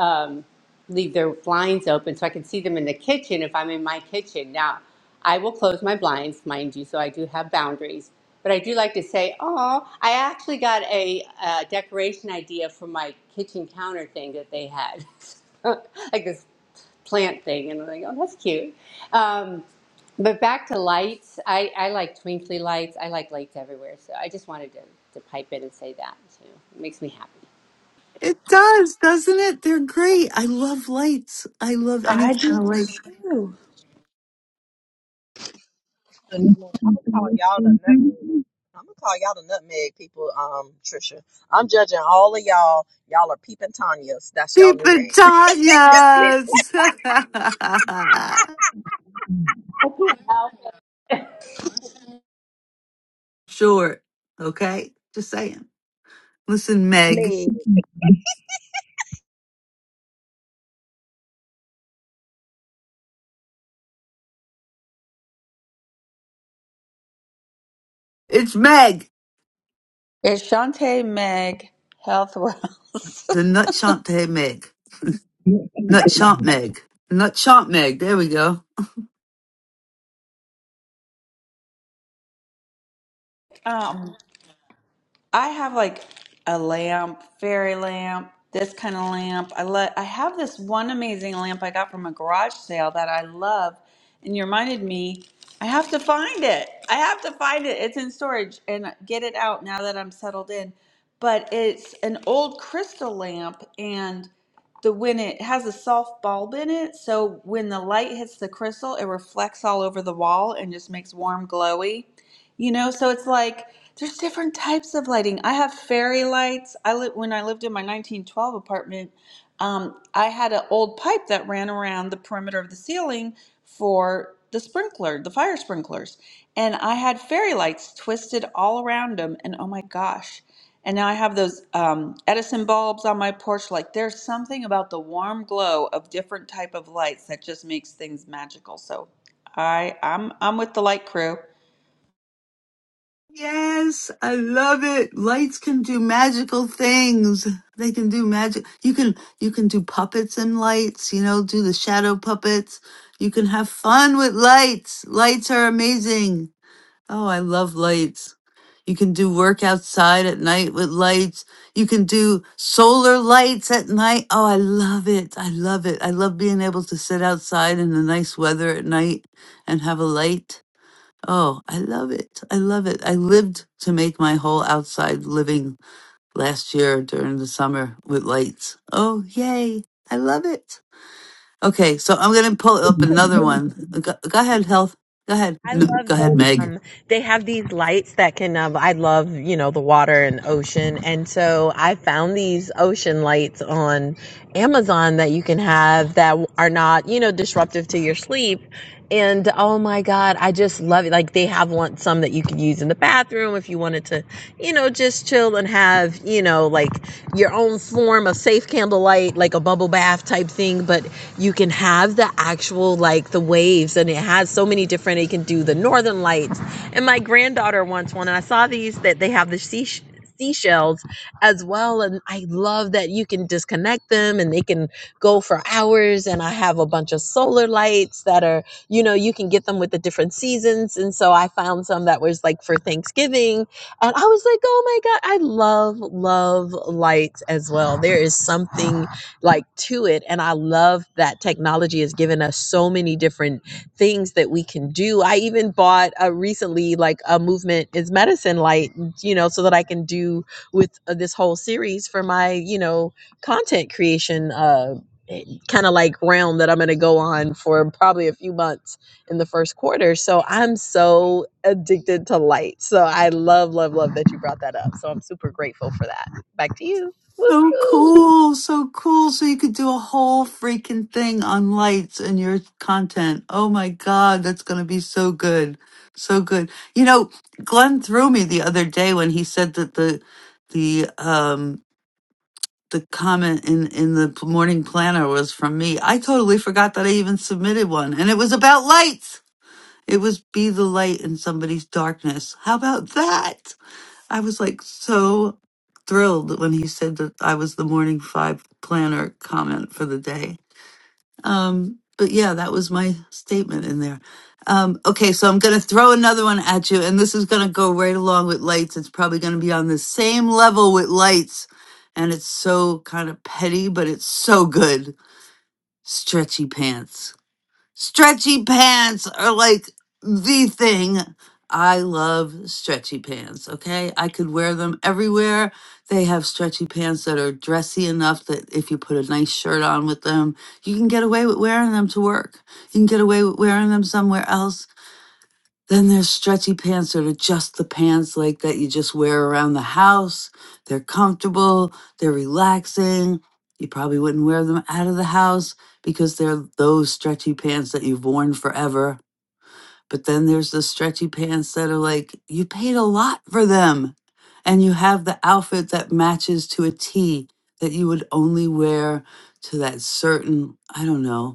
Speaker 21: um, leave their blinds open so I can see them in the kitchen if I'm in my kitchen. Now, I will close my blinds, mind you, so I do have boundaries. But I do like to say, oh, I actually got a, uh decoration idea for my kitchen counter thing that they had, like this plant thing. And I'm like, oh, that's cute. Um, but back to lights, I, I like twinkly lights. I like lights everywhere. So I just wanted to, to pipe in and say that too. It makes me happy.
Speaker 2: it does doesn't it they're great i love lights i love any
Speaker 1: I
Speaker 2: kind
Speaker 1: do
Speaker 2: of light
Speaker 1: too.
Speaker 16: I'm gonna call y'all the nutmeg. I'm gonna call y'all the nutmeg people, um, Trisha. I'm judging all of y'all. Y'all are peeping Tanya's. That's y'all new name.
Speaker 2: Pipitanhas.
Speaker 21: I can't help it.
Speaker 2: Short. Okay. Just saying. Listen, Meg. It's Meg.
Speaker 1: It's Shantae Meg Healthwell.
Speaker 2: The Nutshante Meg. Nutshant
Speaker 16: Me.
Speaker 2: Meg. Nutshant Meg. There we go.
Speaker 1: Um, I have like a lamp, fairy lamp, this kind of lamp. I let I have this one amazing lamp I got from a garage sale that I love, and you reminded me I have to find it. I have to find it. It's in storage and get it out now that I'm settled in. But it's an old crystal lamp and the when it has a soft bulb in it, so when the light hits the crystal, it reflects all over the wall and just makes warm glowy. You know, so it's like there's different types of lighting. I have fairy lights. I li- when I lived in my 1912 apartment, um, I had an old pipe that ran around the perimeter of the ceiling for the sprinkler, the fire sprinklers, and I had fairy lights twisted all around them. And oh my gosh! And now I have those um, Edison bulbs on my porch. Like there's something about the warm glow of different type of lights that just makes things magical. So I I'm I'm with the light crew.
Speaker 2: Yes. I love it. Lights can do magical things. They can do magic. You can, you can do puppets and lights, you know, do the shadow puppets. You can have fun with lights. Lights are amazing. Oh, I love lights. You can do work outside at night with lights. You can do solar lights at night. Oh, I love it. I love it. I love being able to sit outside in the nice weather at night and have a light. Oh, I love it. I love it. I lived to make my whole outside living last year during the summer with lights. Oh, yay. I love it. Okay, so I'm going to pull up another one. Go, go ahead, health. Go ahead.
Speaker 16: I
Speaker 2: No,
Speaker 16: love
Speaker 2: go ahead,
Speaker 16: them.
Speaker 2: Meg.
Speaker 16: um, they have these lights that can. Um, I love you know the water and ocean, and so I found these ocean lights on Amazon that you can have that are not you know disruptive to your sleep. And oh my god, I just love it. Like things in the back to you know like your own but you can have the actual like the waves and it has so many different you can do the northern lights and my granddaughter wants one and i saw these that they have the sea seashells as well and i love that you can disconnect them and they can go for hours and i have a bunch of solar lights that are you know you can get them with the different seasons and so i found some that was like for thanksgiving and i was like oh my god i love love lights as well there is something like to it and i love that technology has given us so many different things that we can do i even bought a recently like a movement is medicine light you know so that i can do with uh, this whole series for my you know content creation uh kind of like realm that i'm going to go on for probably a few months in the first quarter so i'm so addicted to light so i love love love that you brought that up so i'm super grateful for that back to you
Speaker 2: So
Speaker 16: Woohoo.
Speaker 2: cool, so cool. So you could do a whole freaking thing on lights and your content. Oh my God, that's going to be so good. So good. You know, Glenn threw me the other day when he said that the, the, um, the comment in, in the morning planner was from me. I totally forgot that I even submitted one and it was about lights. It was be the light in somebody's darkness. How about that? I was like so thrilled when he said that I was the morning five planner comment for the day. Um, but yeah, that was my statement in there. Um, okay, so I'm going to throw another one at you, and this is going to go right along with lights. It's probably going to be on the same level with lights, and it's so kind of petty, but it's so good. Stretchy pants. Stretchy pants are like the thing. I love stretchy pants, okay? I could wear them everywhere. They have stretchy pants that are dressy enough that if you put a nice shirt on with them, you can get away with wearing them to work. You can get away with wearing them somewhere else then there's stretchy pants that are just the pants like that you just wear around the house. They're comfortable, they're relaxing. You probably wouldn't wear them out of the house because they're those stretchy pants that you've worn forever. But then there's the stretchy pants that are like you paid a lot for them and you have the outfit that matches to a T that you would only wear to that certain, I don't know,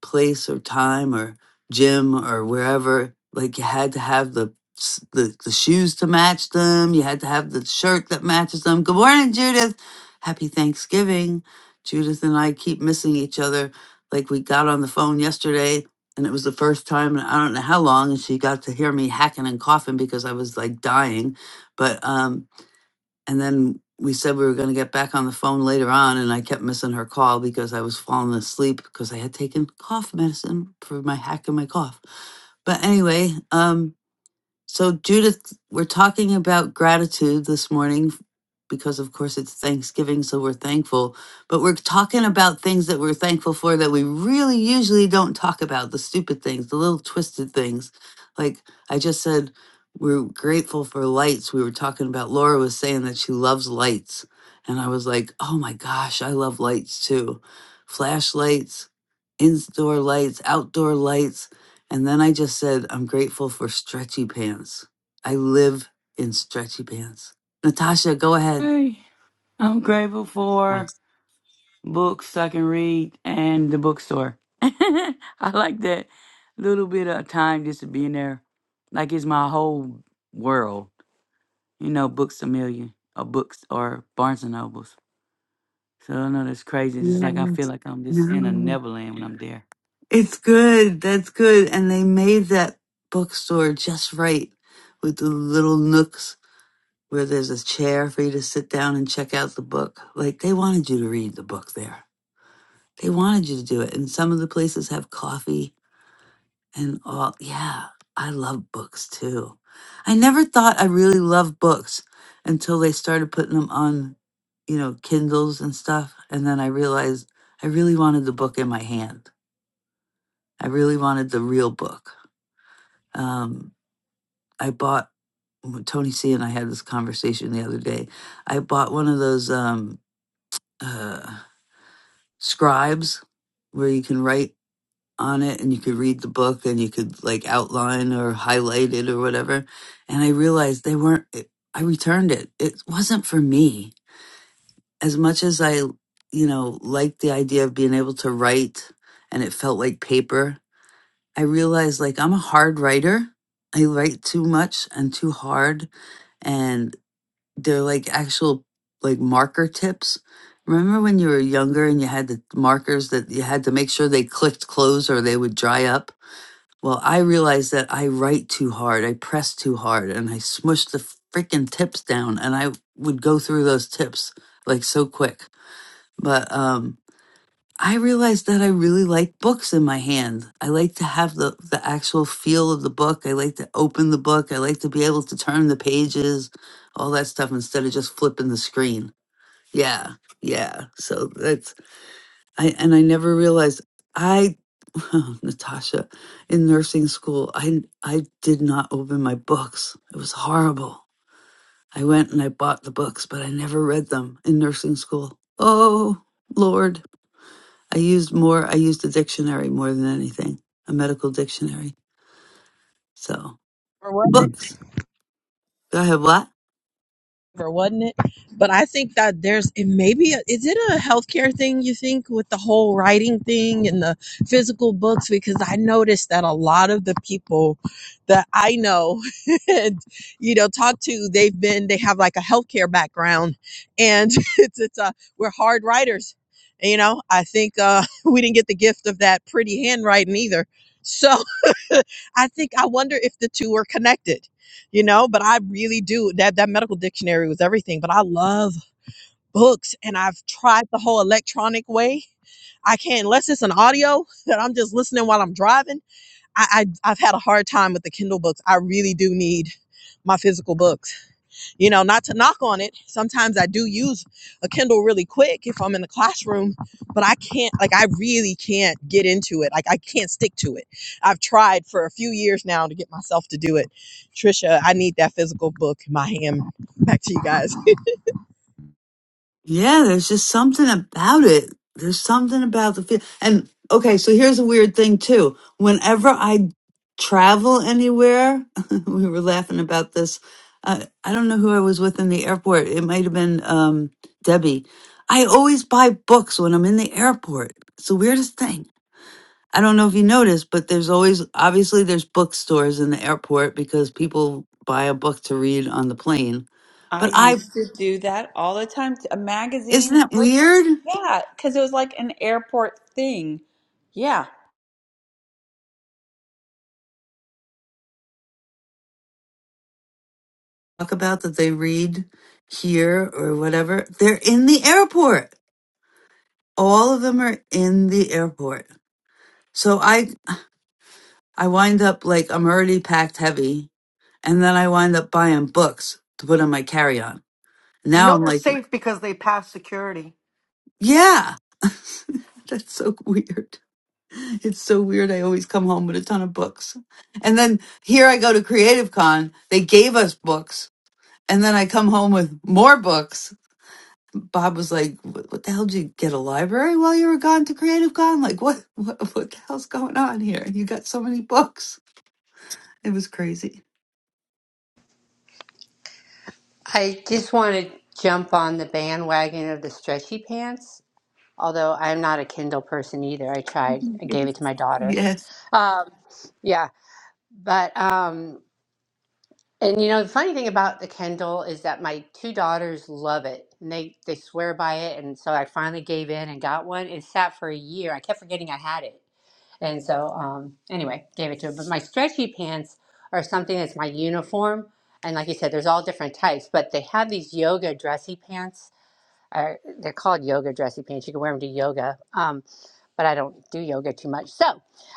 Speaker 2: place or time or gym or wherever like you had to have the s- the, the shoes to match them you had to have the shirt that matches them good morning judith happy thanksgiving judith and i keep missing each other like we got on the phone yesterday and it was the first time and i don't know how long and she got to hear me hacking and coughing because i was like dying but um and then we said we were going to get back on the phone later on, and I kept missing her call because I was falling asleep because I had taken cough medicine for my hack and my cough. But anyway, um, so, Judith, we're talking about gratitude this morning because, of course, it's Thanksgiving, so we're thankful. But we're talking about things that we're thankful for that we really usually don't talk about the stupid things, the little twisted things. Like I just said, we're grateful for lights. We were talking about Laura was saying that she loves lights. And I was like, oh my gosh, I love lights too. Flashlights, indoor lights, outdoor lights. And then I just said, I'm grateful for stretchy pants. I live in stretchy pants. Natasha, go ahead.
Speaker 18: Hey, I'm grateful
Speaker 2: Yes.
Speaker 18: for books I can read and the bookstore. I like that little bit of time just to be in there. Like it's my whole world. You know, books a million or books or Barnes and Nobles. So I know that's crazy. It's
Speaker 2: Yeah,
Speaker 18: like I feel like I'm just in a
Speaker 2: no.
Speaker 18: neverland when I'm there.
Speaker 2: It's good. That's good. And they made that bookstore just right with the little nooks where there's a chair for you to sit down and check out the book. Like they wanted you to read the book there. They wanted you to do it. And some of the places have coffee and all. Yeah, I love books too. I never thought I really loved books until they started putting them on, you know, Kindles and stuff. And then I realized I really wanted the book in my hand. I really wanted the real book. Um, I bought Tony C and I had this conversation the other day. I bought one of those um, uh, scribes where you can write. on it and you could read the book and you could like outline or highlight it or whatever. And I realized they weren't, it, I returned it. It wasn't for me. As much as I, you know, liked the idea of being able to write and it felt like paper, I realized like I'm a hard writer. I write too much and too hard. And they're like actual like marker tips. Remember when you were younger and you had the markers that you had to make sure they clicked close or they would dry up? Well, I realized that I write too hard, I press too hard, and I smush the freaking tips down, and I would go through those tips like so quick. But um, I realized that I really like books in my hand. I like to have the the actual feel of the book. I like to open the book. I like to be able to turn the pages, all that stuff, instead of just flipping the screen. Yeah, yeah. So that's I and I never realized I Natasha in nursing school I I did not open my books. It was horrible. I went and I bought the books, but I never read them in nursing school. Oh, lord. I used more I used a dictionary more than anything, a medical dictionary. So,
Speaker 16: For what?
Speaker 2: books. Do I have what?
Speaker 16: or wasn't it? But I think that there's it maybe is it a healthcare thing you think with the whole writing thing and the physical books because I noticed that a lot of the people that I know and you know talk to they've been they have like a healthcare background and it's it's uh we're hard writers. And, you know, I think uh we didn't get the gift of that pretty handwriting either. so. I think I wonder if the two are connected, you know. But I really do that. That medical dictionary was everything. But I love books, and I've tried the whole electronic way. I can't unless it's an audio that I'm just listening while I'm driving. I, I I've had a hard time with the Kindle books. I really do need my physical books you know, not to knock on it. Sometimes I do use a Kindle really quick if I'm in the classroom, but I can't, like, I really can't get into it. Like, I can't stick to it. I've tried for a few years now to get myself to do it. Trisha, I need that physical book in my hand. Back to you guys.
Speaker 2: Yeah, there's just something about it. There's something about the feel. And okay, so here's a weird thing too. Whenever I travel anywhere, we were laughing about this. Uh, I don't know who I was with in the airport. It might have been um, Debbie. I always buy books when I'm in the airport. It's the weirdest thing. I don't know if you noticed, but there's always obviously there's bookstores in the airport because people buy a book to read on the plane.
Speaker 1: I
Speaker 2: But I
Speaker 1: used to do that all the time. t-
Speaker 2: isn't
Speaker 1: Magazines,
Speaker 2: that
Speaker 1: books.
Speaker 2: weird?
Speaker 1: Yeah, because it was like an airport thing. Yeah.
Speaker 2: talk about that they read here or whatever, they're in the airport. All of them are in the airport. So I I wind up like I'm already packed heavy, and then I wind up buying books to put on my carry on.
Speaker 8: You
Speaker 2: Now
Speaker 8: know
Speaker 2: I'm
Speaker 8: they're
Speaker 2: like,
Speaker 8: safe because they pass security.
Speaker 2: yeah, that's so weird. It's so weird. I always come home with a ton of books. And then here I go to Creative Con. They gave us books. And then I come home with more books Bob was like, "What what the hell did you get a library while you were gone to Creative Con? Like, what, what, what the hell's going on here? You got so many books. It was crazy."
Speaker 21: I just want to jump on the bandwagon of the stretchy pants, although I'm not a Kindle person either. I tried, I gave it to my daughter.
Speaker 2: yes.
Speaker 21: Um, yeah, but, um, and you know, the funny thing about the Kindle is that my two daughters love it and they, they swear by it. And so I finally gave in and got one. It sat for a year. I kept forgetting I had it. And so, um, anyway, gave it to her. But my stretchy pants are something that's my uniform. And like you said, there's all different types, but they have these yoga dressy pants or they're called yoga dressy pants. You can wear them to yoga. Um, but I don't do yoga too much. So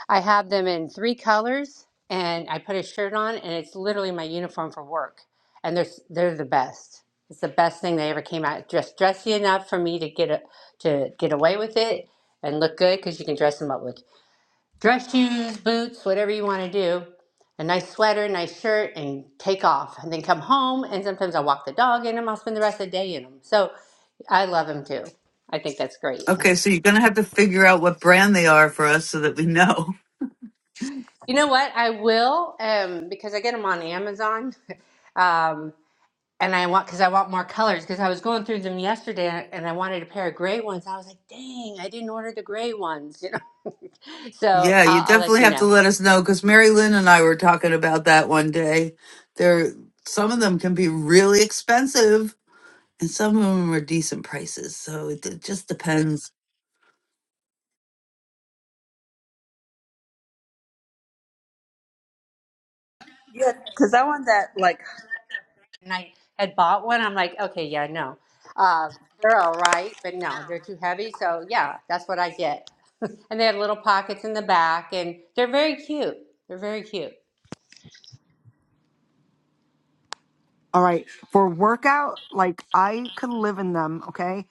Speaker 21: I have them in three colors and I put a shirt on and it's literally my uniform for work. And they're, they're the best. It's the best thing they ever came out. Just dressy enough for me to get a, to get away with it and look good because you can dress them up with dress shoes, boots, whatever you want to do, a nice sweater, nice shirt, and take off. And then come home, and sometimes I'll walk the dog in them. I'll spend the rest of the day in them. So I love them too. I think that's great.
Speaker 2: Okay, so you're gonna have to figure out what brand they are for us so that we know.
Speaker 21: You know what? I will, um, because I get them on Amazon. Um, and I want, because I want more colors, because I was going through them yesterday and I wanted a pair of gray ones. I was like, dang, I didn't order the gray ones, you know? So
Speaker 2: Yeah, you
Speaker 21: I'll, I'll let
Speaker 2: definitely
Speaker 21: you
Speaker 2: have
Speaker 21: know.
Speaker 2: to let us know because Mary Lynn and I were talking about that one day. There, some of them can be really expensive, and some of them are decent prices. So it, it just depends.
Speaker 1: Yeah, because I want that, like,
Speaker 21: and I had bought one. I'm like, okay, yeah, no, uh, they're all right, but no, they're too heavy. So yeah, that's what I get. and they have little pockets in the back, and they're very cute. They're very cute.
Speaker 8: All right. For workout, like I could live in them, okay?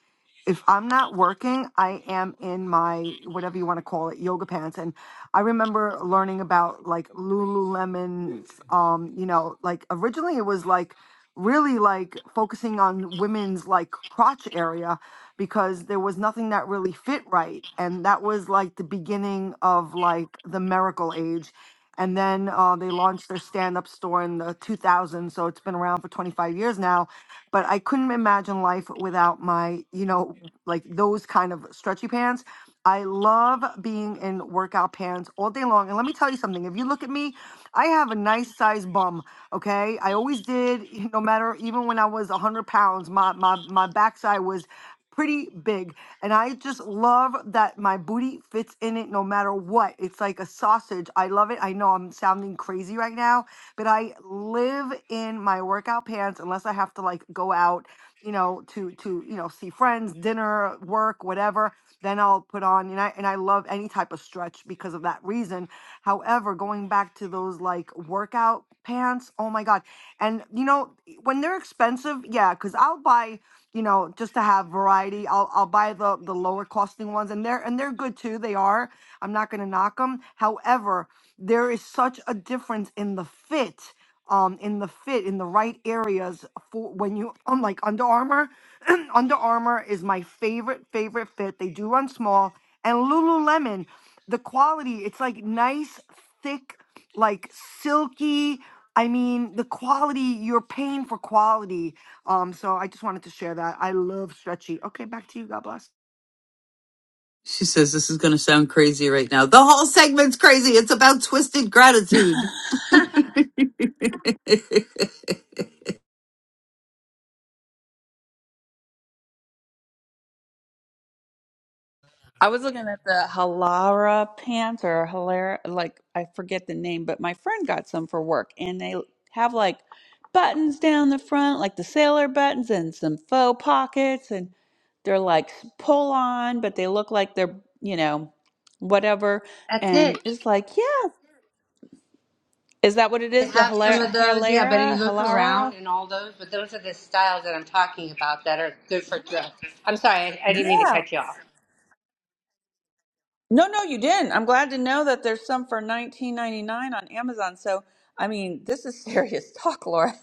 Speaker 8: If I'm not working, I am in my whatever you want to call it, yoga pants. And I remember learning about like Lululemon. Um, you know, like originally it was like really like focusing on women's like crotch area because there was nothing that really fit right and that was like the beginning of like the miracle age and then uh, they launched their stand-up store in the 2000s so it's been around for 25 years now but i couldn't imagine life without my you know like those kind of stretchy pants I love being in workout pants all day long. And let me tell you something. If you look at me, I have a nice size bum. Okay. I always did, no matter, even when I was 100 pounds, my, my, my backside was pretty big. And I just love that my booty fits in it no matter what. It's like a sausage. I love it. I know I'm sounding crazy right now, but I live in my workout pants unless I have to like go out you know, to to you know see friends, dinner, work, whatever. Then I'll put on and I and I love any type of stretch because of that reason. However, going back to those like workout pants, oh my god! And you know when they're expensive, yeah, because I'll buy you know just to have variety. I'll I'll buy the the lower costing ones and they're and they're good too. They are. I'm not gonna knock them. However, there is such a difference in the fit um in the fit in the right areas for when you um like Under Armour. Under Armour is my favorite favorite fit. They do run small and Lululemon, the quality it's like nice thick like silky. I mean the quality you're paying for quality. Um, so I just wanted to share that. I love stretchy. Okay, back to you. God bless.
Speaker 2: She says this is going to sound crazy right now. The whole segment's crazy. It's about twisted gratitude.
Speaker 1: I was looking at the Halara pants or Halara, like, I forget the name, but my friend got some for work and they have like buttons down the front, like the sailor buttons and some faux pockets and they're like pull on, but they look like they're, you know, whatever.
Speaker 21: That's it.
Speaker 1: And it's like, yeah. Is that what it
Speaker 21: They
Speaker 1: is? The
Speaker 21: have some
Speaker 1: Hilara,
Speaker 21: of those, yeah. But you
Speaker 1: Hilara,
Speaker 21: look around
Speaker 1: Hilara?
Speaker 21: and all those, but those are the styles that I'm talking about that are good for dress. I'm sorry, I, I didn't mean to
Speaker 1: Yeah.
Speaker 21: cut you off.
Speaker 1: No, no, you didn't. I'm glad to know that there's some for 19.99 on Amazon. So, I mean, this is serious talk, Laura.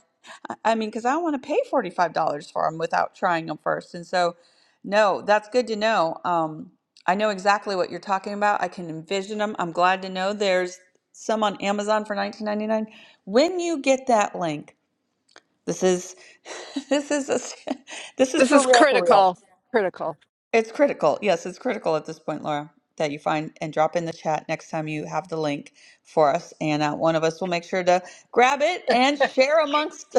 Speaker 1: I I mean, because I want to pay $45 for them without trying them first. And so, no, that's good to know. Um, I know exactly what you're talking about. I can envision them. I'm glad to know there's some on Amazon for 19.99. When you get that link, this is this is a, this is
Speaker 19: This is
Speaker 1: for real, for real.
Speaker 19: critical. Critical.
Speaker 1: It's critical. Yes, it's critical at this point, Laura, that you find and drop in the chat next time you have the link for us. And uh, one of us will make sure to grab it and share amongst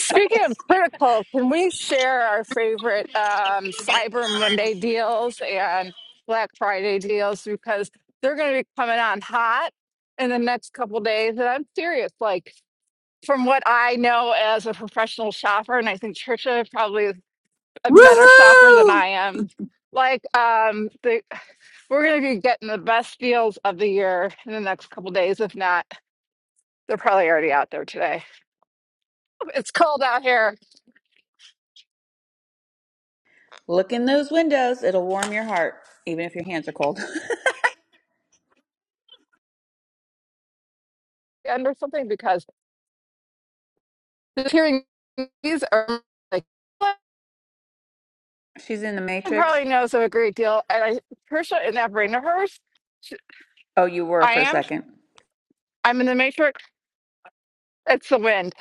Speaker 19: of
Speaker 1: us.
Speaker 19: critical, can we share our favorite um, Cyber Monday deals and Black Friday deals? Because they're going to be coming on hot in the next couple days. And I'm serious. Like, from what I know as a professional shopper, and I think Trisha probably a better shopper than
Speaker 2: Woohoo!
Speaker 19: I am. Like um the we're gonna be getting the best deals of the year in the next couple days. If not, they're probably already out there today. It's cold out here
Speaker 1: Look in those windows. It'll warm your heart, even if your hands are cold.
Speaker 19: under something because the hearing these are like
Speaker 1: She's in the
Speaker 19: everyone
Speaker 1: Matrix.
Speaker 19: probably knows of a great deal. And I Trisha in that brain of hers, she-
Speaker 1: Oh, you were
Speaker 19: I
Speaker 1: for a
Speaker 19: am.
Speaker 1: second.
Speaker 19: I'm in the matrix. It's the wind.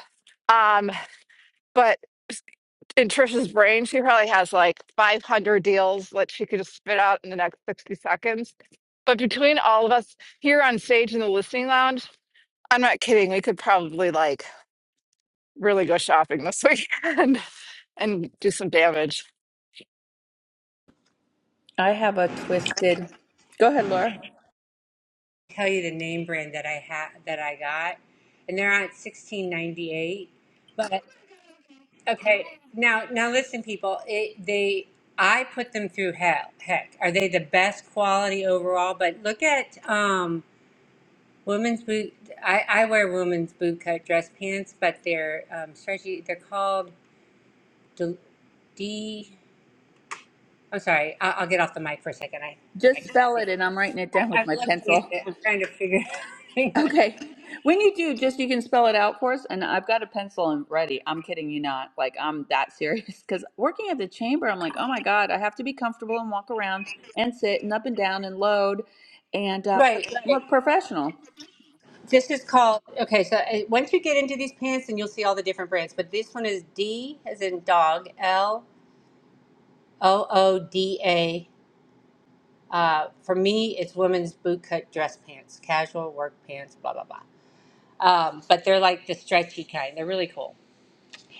Speaker 19: Um, but in Trisha's brain, she probably has like 500 deals that she could just spit out in the next 60 seconds. But between all of us here on stage in the listening lounge, I'm not kidding. We could probably like really go shopping this weekend and do some damage.
Speaker 1: I have a twisted. Go ahead, Laura.
Speaker 21: Tell you the name brand that I had that I got, and they're on 16.98, but Okay, now now listen, people. It, they, I put them through hell. Heck, are they the best quality overall? But look at um, women's boot. I, I wear women's bootcut dress pants, but they're um, stretchy. They're called D. D I'm sorry. I, I'll get off the mic for a second. I I
Speaker 1: Just
Speaker 21: can't
Speaker 1: spell
Speaker 21: see.
Speaker 1: it, and I'm writing it
Speaker 21: I,
Speaker 1: down
Speaker 21: I'm
Speaker 1: with my
Speaker 21: looking at
Speaker 1: pencil.
Speaker 21: it. I'm trying to figure. Hang on.
Speaker 1: Okay. When you do, just you can spell it out for us. And I've got a pencil and ready. I'm kidding you not. Like, I'm that serious. Because working at the chamber, I'm like, oh my God, I have to be comfortable and walk around and sit and up and down and load and uh, but
Speaker 21: Right, right.
Speaker 1: look professional.
Speaker 21: This is called okay. So uh, once you get into these pants, and you'll see all the different brands. But this one is D as in dog. L O O D A. Uh, for me, it's women's bootcut dress pants, casual work pants, blah blah blah. Um, but they're like the stretchy kind. They're really cool.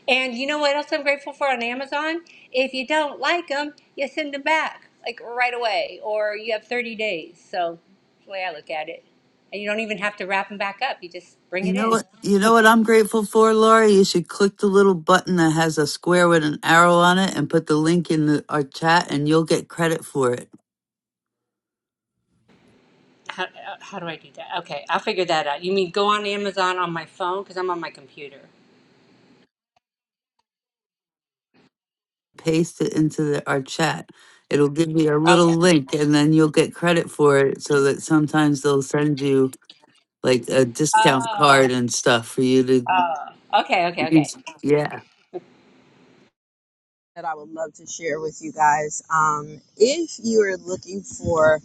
Speaker 21: And you know what else I'm grateful for on Amazon? If you don't like them, you send them back like right away, or you have 30 days. So that's the way I look at it, and you don't even have to wrap them back up. You just bring
Speaker 2: You
Speaker 21: it
Speaker 2: know
Speaker 21: in.
Speaker 2: what? You know what I'm grateful for, Laura. You should click the little button that has a square with an arrow on it, and put the link in the, our chat, and you'll get credit for it.
Speaker 21: How, uh, how do I do that? Okay, I'll figure that out. You mean go on Amazon on my phone because I'm on my computer.
Speaker 2: Paste it into the, our chat. It'll give you a little
Speaker 21: Okay.
Speaker 2: link, and then you'll get credit for it. So that sometimes they'll send you like a discount
Speaker 21: Oh,
Speaker 2: card and stuff for you to
Speaker 21: oh. Okay, okay, okay.
Speaker 2: Yes. Yeah.
Speaker 16: that I would love to share with you guys. Um, if you are looking for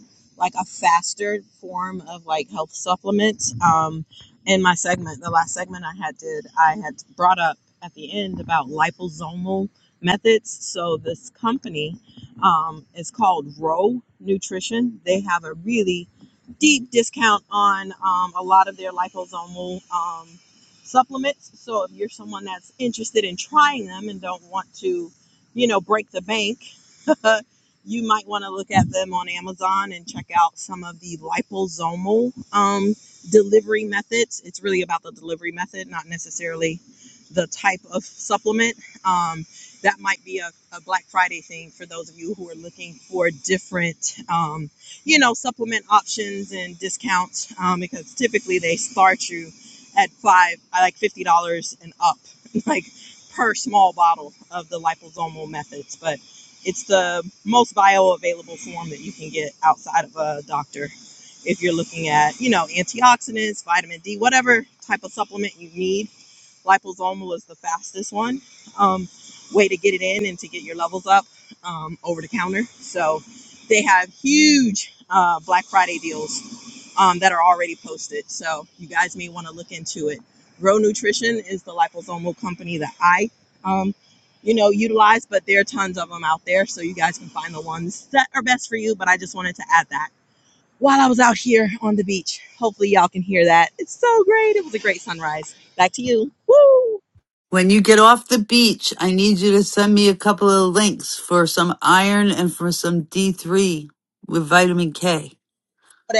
Speaker 2: When you get off the beach, I need you to send me a couple of links for some iron and for some D3 with vitamin K,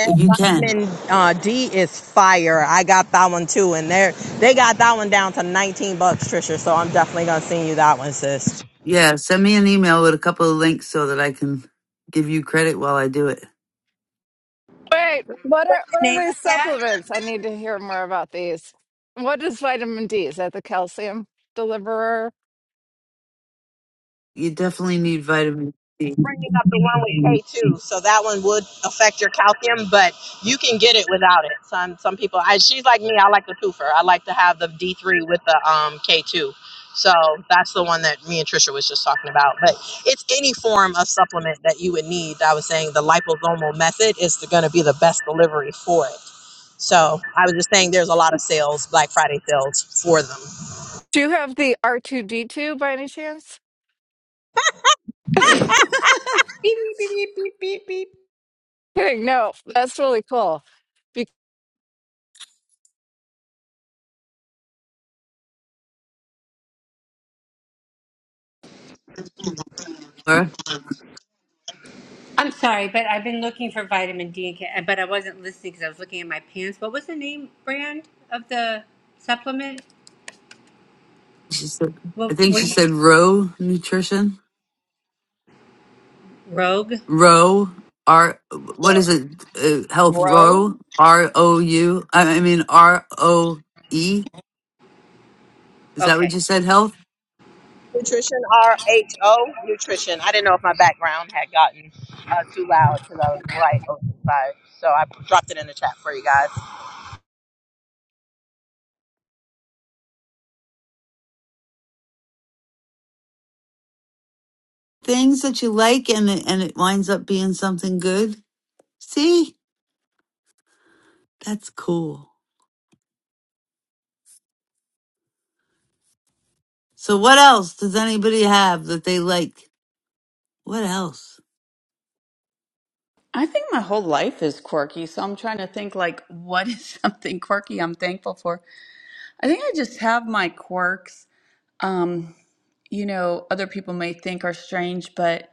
Speaker 2: if you can. Yeah, send me an email with a couple of links so that I can give you credit while I do it.
Speaker 19: Wait, what are
Speaker 21: What's the
Speaker 19: what
Speaker 21: name
Speaker 19: are
Speaker 21: of
Speaker 19: these
Speaker 21: that?
Speaker 19: supplements? I need to hear more about these. What is vitamin D? Is that the calcium deliverer?
Speaker 2: You definitely need vitamin C.
Speaker 19: Do you have the R2D2 by any chance?
Speaker 1: Beep, beep, beep, beep, beep, beep. beep.
Speaker 19: Kidding, no, that's really cool
Speaker 2: Laura,
Speaker 21: I'm sorry, but I've been looking for vitamin D and K, but I wasn't listening because I was looking at my pants. What was the name brand of the supplement?
Speaker 2: she said, I
Speaker 21: What
Speaker 2: think
Speaker 21: were
Speaker 2: she said Row Nutrition.
Speaker 21: Rogue.
Speaker 2: Row R. What is
Speaker 21: Rogue.
Speaker 2: it? Uh, health
Speaker 1: Grow.
Speaker 2: Row R O U. I I mean R O E. Is that
Speaker 21: Okay.
Speaker 2: what you said? Health.
Speaker 16: nutrition,
Speaker 2: things that you like and it, and it winds up being something good. See? That's cool. So what else does anybody have that they like? What else?
Speaker 1: I think my whole life is quirky. So I'm trying to think, like, what is something quirky I'm thankful for? I think I just have my quirks um, you know, other people may think are strange, but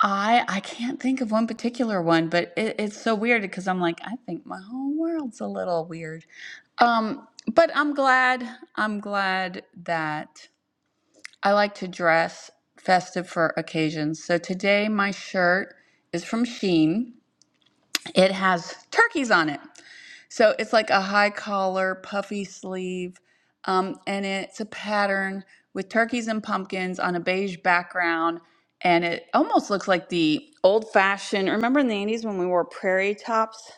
Speaker 1: I I can't think of one particular one, but it, it's so weird because I'm like, I think my whole world's a little weird. Um, but I'm glad I'm glad that I like to dress festive for occasions. So today my shirt is from Shein. It has turkeys on it. So it's like a high collar, puffy sleeve, um, and it's a pattern with turkeys and pumpkins on a beige background. And it almost looks like the old fashioned. Remember in the 80s when we wore prairie tops?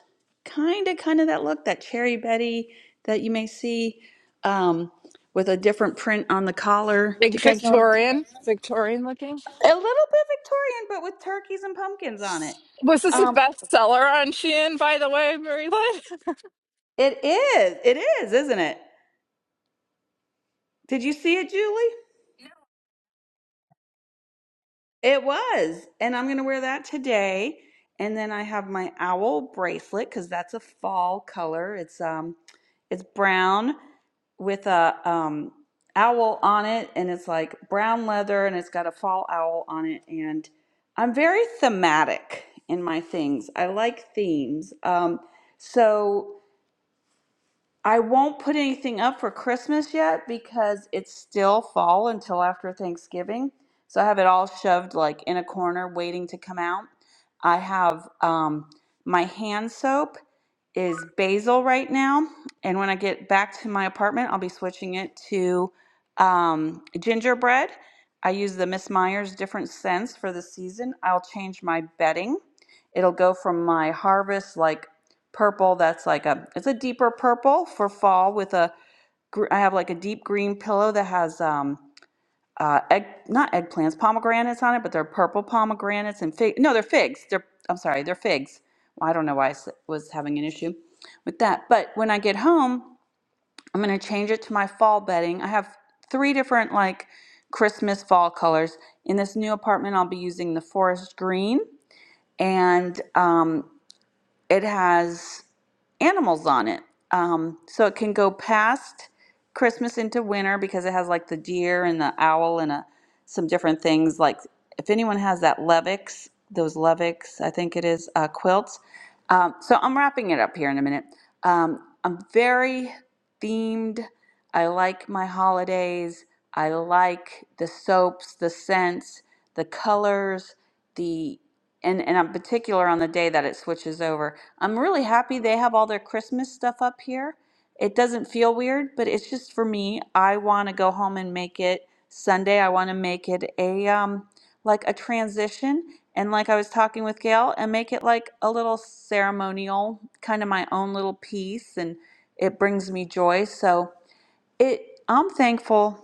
Speaker 1: Kind of, kind of that look, that Cherry Betty that you may see um, with a different print on the collar. Do
Speaker 19: Big
Speaker 1: you guys know what I'm talking about?
Speaker 19: Victorian, Victorian looking.
Speaker 1: A little bit Victorian, but with turkeys and pumpkins on it.
Speaker 19: Was this a
Speaker 1: Um,
Speaker 19: bestseller on Shein, by the way, Mary Lynn?
Speaker 1: it is. It is, isn't it? Did you see it, Julie? It was. And I'm going to wear that today. And then I have my owl bracelet cuz that's a fall color. It's um it's brown with a um owl on it and it's like brown leather and it's got a fall owl on it and I'm very thematic in my things. I like themes. Um so I won't put anything up for Christmas yet because it's still fall until after Thanksgiving. So I have it all shoved like in a corner waiting to come out. I have um, my hand soap is basil right now. And when I get back to my apartment, I'll be switching it to um, gingerbread. I use the Miss Myers different scents for the season. I'll change my bedding. It'll go from my harvest like purple that's like a it's a deeper purple for fall with a, I have like a deep green pillow that has um uh egg not eggplants pomegranates on it but they're purple pomegranates and fig no they're figs they're I'm sorry they're figs Well, I don't know why I was having an issue with that but when I get home I'm gonna change it to my fall bedding I have three different like Christmas fall colors in this new apartment I'll be using the forest green and um it has animals on it. Um, so it can go past Christmas into winter because it has like the deer and the owl and a, some different things. Like if anyone has that Levix, those Levix, I think it is uh, quilts. Um, so I'm wrapping it up here in a minute. Um, I'm very themed. I like my holidays. I like the soaps, the scents, the colors, the and and I'm particular on the day that it switches over. I'm really happy they have all their Christmas stuff up here. It doesn't feel weird, but it's just for me. I want to go home and make it Sunday. I want to make it a um like a transition and like I was talking with Gail and make it like a little ceremonial, kind of my own little piece and it brings me joy. So it, I'm thankful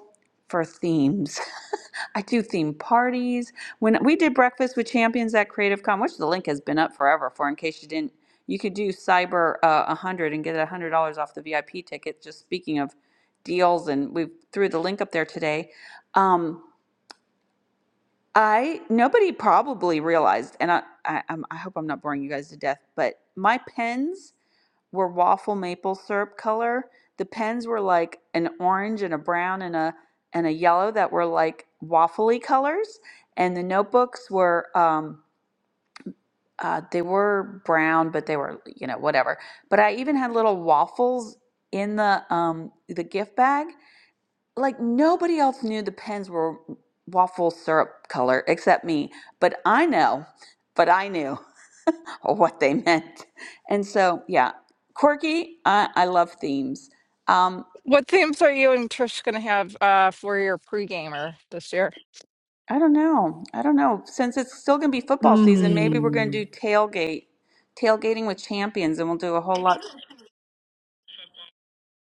Speaker 1: for themes. I do theme parties. When we did breakfast with champions at Creative Con, which the link has been up forever for, in case you didn't, you could do Cyber uh, 100 and get $100 off the VIP ticket. Just speaking of deals, and we threw the link up there today. Um, I nobody probably realized, and I, I, I'm, I hope I'm not boring you guys to death, but my pens were waffle maple syrup color. The pens were like an orange and a brown and a and a yellow that were like waffly colors. And the notebooks were um, uh, they were brown, but they were you know whatever. But I even had little waffles in the um, the gift bag. Like nobody else knew the pens were waffle syrup color except me. But I know. But I knew or what they meant. And so, yeah, quirky. I, I love themes. Um,
Speaker 19: What themes are you and Trish going to have uh, for your pre-gamer this year?
Speaker 1: I don't know. I don't know. Since it's still going to be football season, maybe we're going
Speaker 2: Hmm.
Speaker 1: to do tailgate, tailgating with champions, and we'll do a whole lot.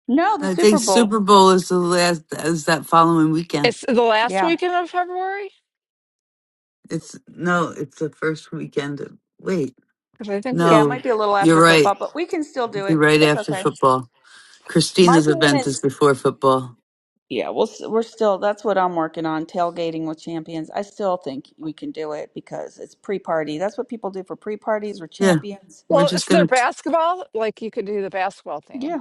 Speaker 1: No, the
Speaker 2: I think
Speaker 1: Super
Speaker 2: Super
Speaker 1: Bowl.
Speaker 2: Bowl is the last is that following weekend.
Speaker 19: It's the last
Speaker 1: Yeah.
Speaker 19: weekend of February?
Speaker 2: It's no, it's the first weekend. Of, wait.
Speaker 19: Because I think
Speaker 1: Yeah,
Speaker 19: you.
Speaker 1: it
Speaker 2: No,
Speaker 1: might be a little
Speaker 2: you're
Speaker 1: after
Speaker 2: right.
Speaker 1: football, but we can still
Speaker 2: It'll
Speaker 1: do
Speaker 2: be
Speaker 1: it.
Speaker 2: right
Speaker 1: It's
Speaker 2: after
Speaker 1: okay.
Speaker 2: football.
Speaker 1: My
Speaker 2: Christina's
Speaker 1: theme
Speaker 2: event is
Speaker 1: is.
Speaker 2: before football.
Speaker 1: Yeah, we'll, s- we're still, that's what I'm working on, tailgating with champions. I still think we can do it because it's pre party. That's what people do for pre parties or
Speaker 2: Yeah.
Speaker 1: champions.
Speaker 2: We're
Speaker 19: Well,
Speaker 2: just
Speaker 19: is there
Speaker 2: going to
Speaker 19: basketball? Like you could do the basketball
Speaker 1: Yeah.
Speaker 19: theme.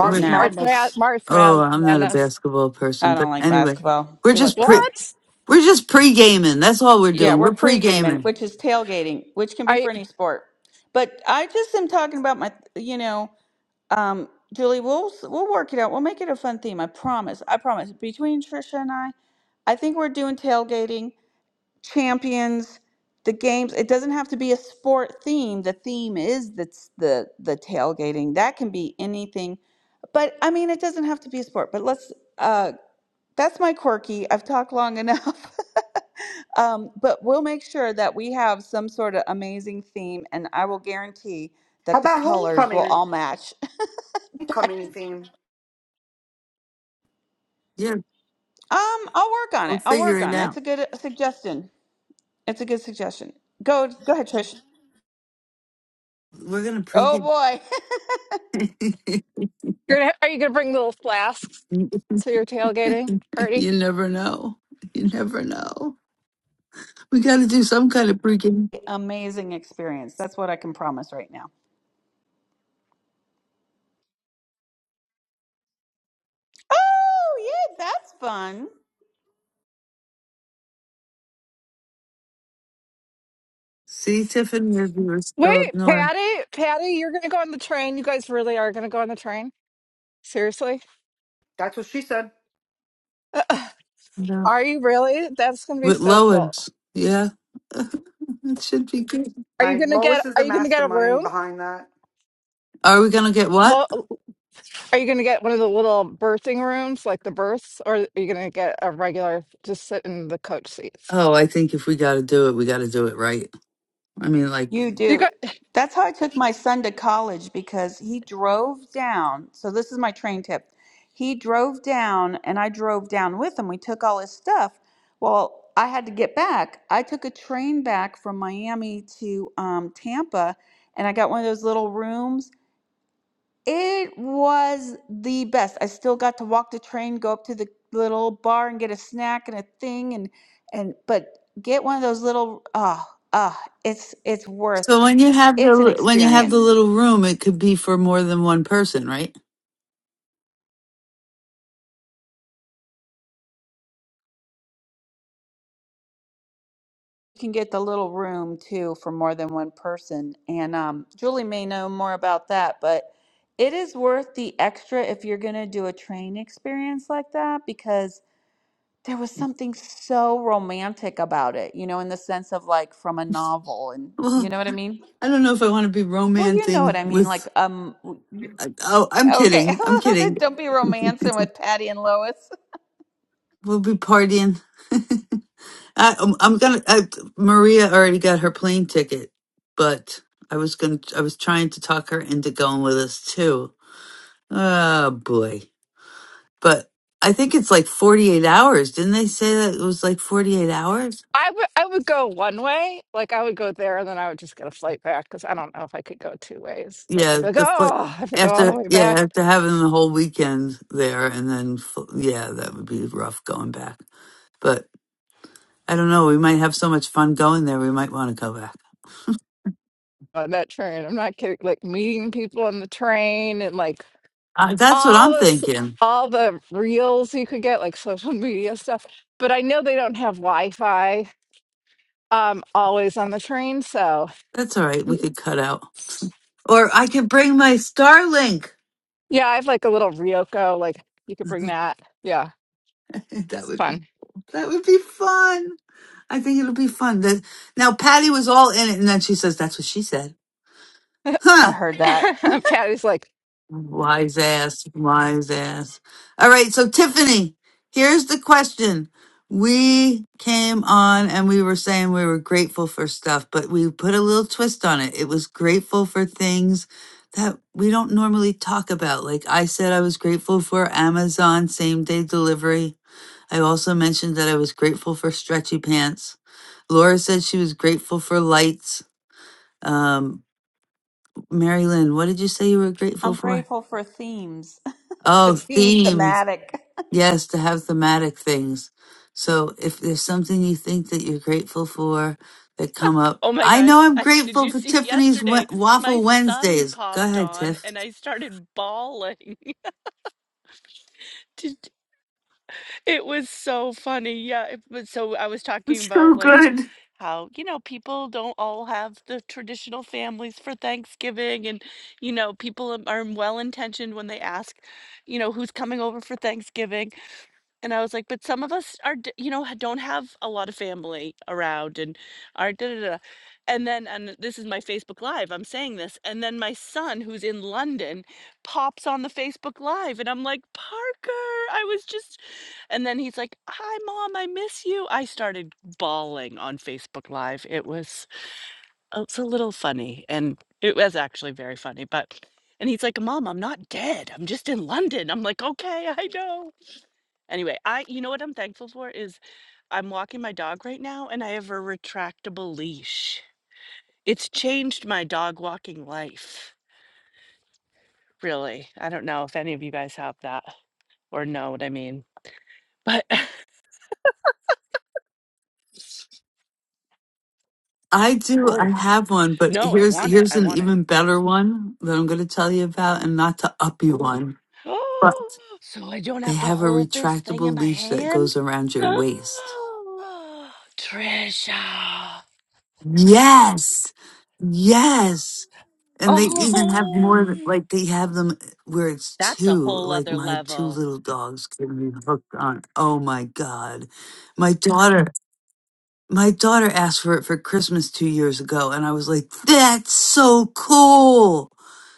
Speaker 19: There's
Speaker 2: wait.
Speaker 1: No.
Speaker 19: March Mad-
Speaker 8: Madness.
Speaker 19: March
Speaker 2: Oh,
Speaker 19: Mad-
Speaker 2: I'm not a
Speaker 19: Madness.
Speaker 2: basketball person,
Speaker 1: I
Speaker 2: but
Speaker 1: don't like
Speaker 2: anyway,
Speaker 1: basketball.
Speaker 2: we're
Speaker 1: We like
Speaker 2: just pre-
Speaker 1: football.
Speaker 19: What?
Speaker 2: We're just pre gaming. That's all we're
Speaker 1: Yeah,
Speaker 2: doing.
Speaker 1: we're
Speaker 2: We're pre
Speaker 1: pre-gaming,
Speaker 2: gaming.
Speaker 1: which is tailgating, which can be
Speaker 19: Are you
Speaker 1: for any sport. But I just am talking about my, you know, um, Julie, we'll we'll work it out. We'll make it a fun theme. I promise. I promise. Between Trisha and I, I think we're doing tailgating, champions, the games. It doesn't have to be a sport theme. The theme is that's the the tailgating. That can be anything. But I mean, it doesn't have to be a sport. But let's. Uh, that's my quirky. I've talked long enough. Um, but we'll make sure that we have some sort of amazing theme, and I will guarantee
Speaker 8: How
Speaker 1: that the
Speaker 8: about
Speaker 1: colors will
Speaker 8: homecoming?
Speaker 1: all match.
Speaker 8: Homecoming theme.
Speaker 2: Yeah,
Speaker 1: Um, I'll work on
Speaker 2: we'll
Speaker 1: it. I'll
Speaker 2: figure
Speaker 1: work
Speaker 2: it
Speaker 1: on it.
Speaker 2: out.
Speaker 1: It's a good uh, suggestion. It's a good suggestion. Go, go ahead, Trish.
Speaker 2: We're gonna pre
Speaker 1: Oh
Speaker 2: game.
Speaker 1: boy,
Speaker 19: you're gonna, are you gonna bring little flasks
Speaker 2: you
Speaker 19: to your tailgating party?
Speaker 2: never know. You never know. We got to do some kind of pre game.
Speaker 1: amazing experience. That's what I can promise right now. Oh yeah, that's fun.
Speaker 2: See, Tiffany, if you were
Speaker 19: Wait,
Speaker 2: still up north,
Speaker 19: Patty, Patty, you're gonna go on the train. You guys really are gonna go on the train. Seriously?
Speaker 8: That's what she said.
Speaker 2: no,
Speaker 19: Are you really? That's gonna be
Speaker 2: with
Speaker 19: so cool.
Speaker 2: Lois. Yeah, it should be good.
Speaker 19: Are you
Speaker 8: I,
Speaker 19: gonna
Speaker 8: Lois
Speaker 19: get
Speaker 8: is
Speaker 19: are
Speaker 8: the
Speaker 19: you gonna get a
Speaker 8: mastermind
Speaker 19: room?
Speaker 8: behind that.
Speaker 2: Are we gonna get what?
Speaker 19: Well, Are you gonna get one of the little birthing rooms, like the berths, or are you gonna get a regular just sit in the coach seats?
Speaker 2: Oh, I think if we got to do it, we got to do it right. I mean, like,
Speaker 1: You
Speaker 19: You
Speaker 1: do.
Speaker 19: got
Speaker 1: That's how I took my son to college because he drove down. So this is my train tip. He drove down and I drove down with him. We took all his stuff. Well, I had to get back. I took a train back from Miami to um, Tampa and I got one of those little rooms. It was the best. I still got to walk the train, go up to the little bar and get a snack and a thing and and but get one of those little Ah, ah, it's it's worth
Speaker 2: so when you have
Speaker 1: it's an
Speaker 2: the when you have the
Speaker 1: experience.
Speaker 2: little
Speaker 1: You
Speaker 2: room, it could be for more than one person, right?
Speaker 1: can get the little room too for more than one person. And um, Julie may know more about that, but it is worth the extra if you're going to do a train experience like that because there was something so romantic about it, you know, in the sense of like from a novel. And you know what I mean?
Speaker 2: I don't know if I want to be
Speaker 1: Well, you know what
Speaker 2: romancing
Speaker 1: I mean. Like,
Speaker 2: with.
Speaker 1: um, w- y-
Speaker 2: I- Oh, I'm
Speaker 1: okay,
Speaker 2: kidding. I'm kidding.
Speaker 1: don't be romancing with Patty and Lois.
Speaker 2: We'll be partying. I, I'm I'm gonna. I, Maria already got her plane ticket, but I was gonna. I was trying to talk her into going with us too. Oh boy! But I think it's like 48 hours. Didn't they say that it was like 48 hours?
Speaker 19: I would I would go one way, like I would go there and then I would just get a flight back because I don't know if I could go two ways. Like I'd
Speaker 2: Yeah,
Speaker 19: be like,
Speaker 2: the foot
Speaker 19: oh, I have to go all the
Speaker 2: after.
Speaker 19: way
Speaker 2: Yeah,
Speaker 19: back
Speaker 2: after having the whole weekend there, and then fl- yeah, that would be rough going back. But I don't know. We might have so much fun going there. We might want to go back.
Speaker 19: on that train. I'm not kidding. Like meeting people on the train and like
Speaker 2: Uh, that's what
Speaker 19: all
Speaker 2: I'm
Speaker 19: the s-
Speaker 2: thinking.
Speaker 19: all the reels you could get, like social media stuff. But I know they don't have Wi-Fi um, always on the train, so
Speaker 2: That's all right. We
Speaker 19: y-
Speaker 2: could cut out, or I could bring my Starlink.
Speaker 19: yeah, I have like a little Ryoko. Like you could bring that. Yeah,
Speaker 2: that
Speaker 19: it's
Speaker 2: would be
Speaker 19: fun.
Speaker 2: that would be fun. I think it'll be fun. That, now Patty was all in it, and then she says, "That's what she said." huh?"
Speaker 1: I heard that.
Speaker 19: Patty's like
Speaker 2: Wise ass, wise ass. All right, so Tiffany, here's the question. We came on and we were saying we were grateful for stuff, but we put a little twist on it. It was grateful for things that we don't normally talk about. Like I said, I was grateful for Amazon same day delivery. I also mentioned that I was grateful for stretchy pants. Laura said she was grateful for lights. Um, Mary Lynn, what did you say you were grateful
Speaker 1: I'm
Speaker 2: for?
Speaker 1: grateful for themes,
Speaker 2: Oh,
Speaker 1: them being
Speaker 2: themes.
Speaker 1: thematic.
Speaker 2: Yes, to have thematic things. So if there's something you think that you're grateful for that come up,
Speaker 22: Oh my
Speaker 2: I know
Speaker 22: gosh.
Speaker 2: I'm
Speaker 22: I did
Speaker 2: grateful
Speaker 22: you
Speaker 2: for
Speaker 22: see
Speaker 2: Tiffany's w-
Speaker 22: yesterday my
Speaker 2: Waffle
Speaker 22: son
Speaker 2: Wednesdays. Go
Speaker 22: popped
Speaker 2: ahead,
Speaker 22: on
Speaker 2: Tiff.
Speaker 22: and I started bawling. Did- It was so funny. Yeah, it was so I was talking
Speaker 2: It's so
Speaker 22: about like
Speaker 2: good.
Speaker 22: how, you know, people don't all have the traditional families for Thanksgiving and you know, people am- are well intentioned when they ask, you know, who's coming over for Thanksgiving And I was like, "But some of us are d you know, ha don't have a lot of family around and are da da da." And then and this is my Facebook Live, I'm saying this, and then my son, who's in London, pops on the Facebook Live, and I'm like, "Parker, I was just" and then he's like, "Hi, mom, I miss you." I started bawling on Facebook Live. It was uh, it's a little funny, and it was actually very funny, but and he's like, "Mom, I'm not dead. I'm just in London." I'm like, "Okay, I know." Anyway, I you know what I'm thankful for is I'm walking my dog right now and I have a retractable leash. It's changed my dog walking life, really. I don't know if any of you guys have that or know what I mean. But
Speaker 2: I do. I
Speaker 22: oh,
Speaker 2: have one, but
Speaker 22: no, I
Speaker 2: here's
Speaker 22: want it.
Speaker 2: here's
Speaker 22: I
Speaker 2: an
Speaker 22: want it.
Speaker 2: even better one that I'm going to tell you about, and not to up you one, but
Speaker 22: Oh, so I don't
Speaker 2: they
Speaker 22: have to
Speaker 2: have a
Speaker 22: hold this thing in
Speaker 2: retractable
Speaker 22: my
Speaker 2: leash that
Speaker 22: hand?
Speaker 2: goes around your waist.
Speaker 22: Oh, Trisha.
Speaker 2: Yes, yes. And they even have
Speaker 22: Oh,
Speaker 2: more, th- like they have them where it's
Speaker 22: that's a
Speaker 2: two,
Speaker 22: whole
Speaker 2: like
Speaker 22: other
Speaker 2: my two
Speaker 22: level.
Speaker 2: little dogs can be hooked on. Oh my God. My daughter, my daughter asked for it for Christmas two years ago. And I was like, that's so cool.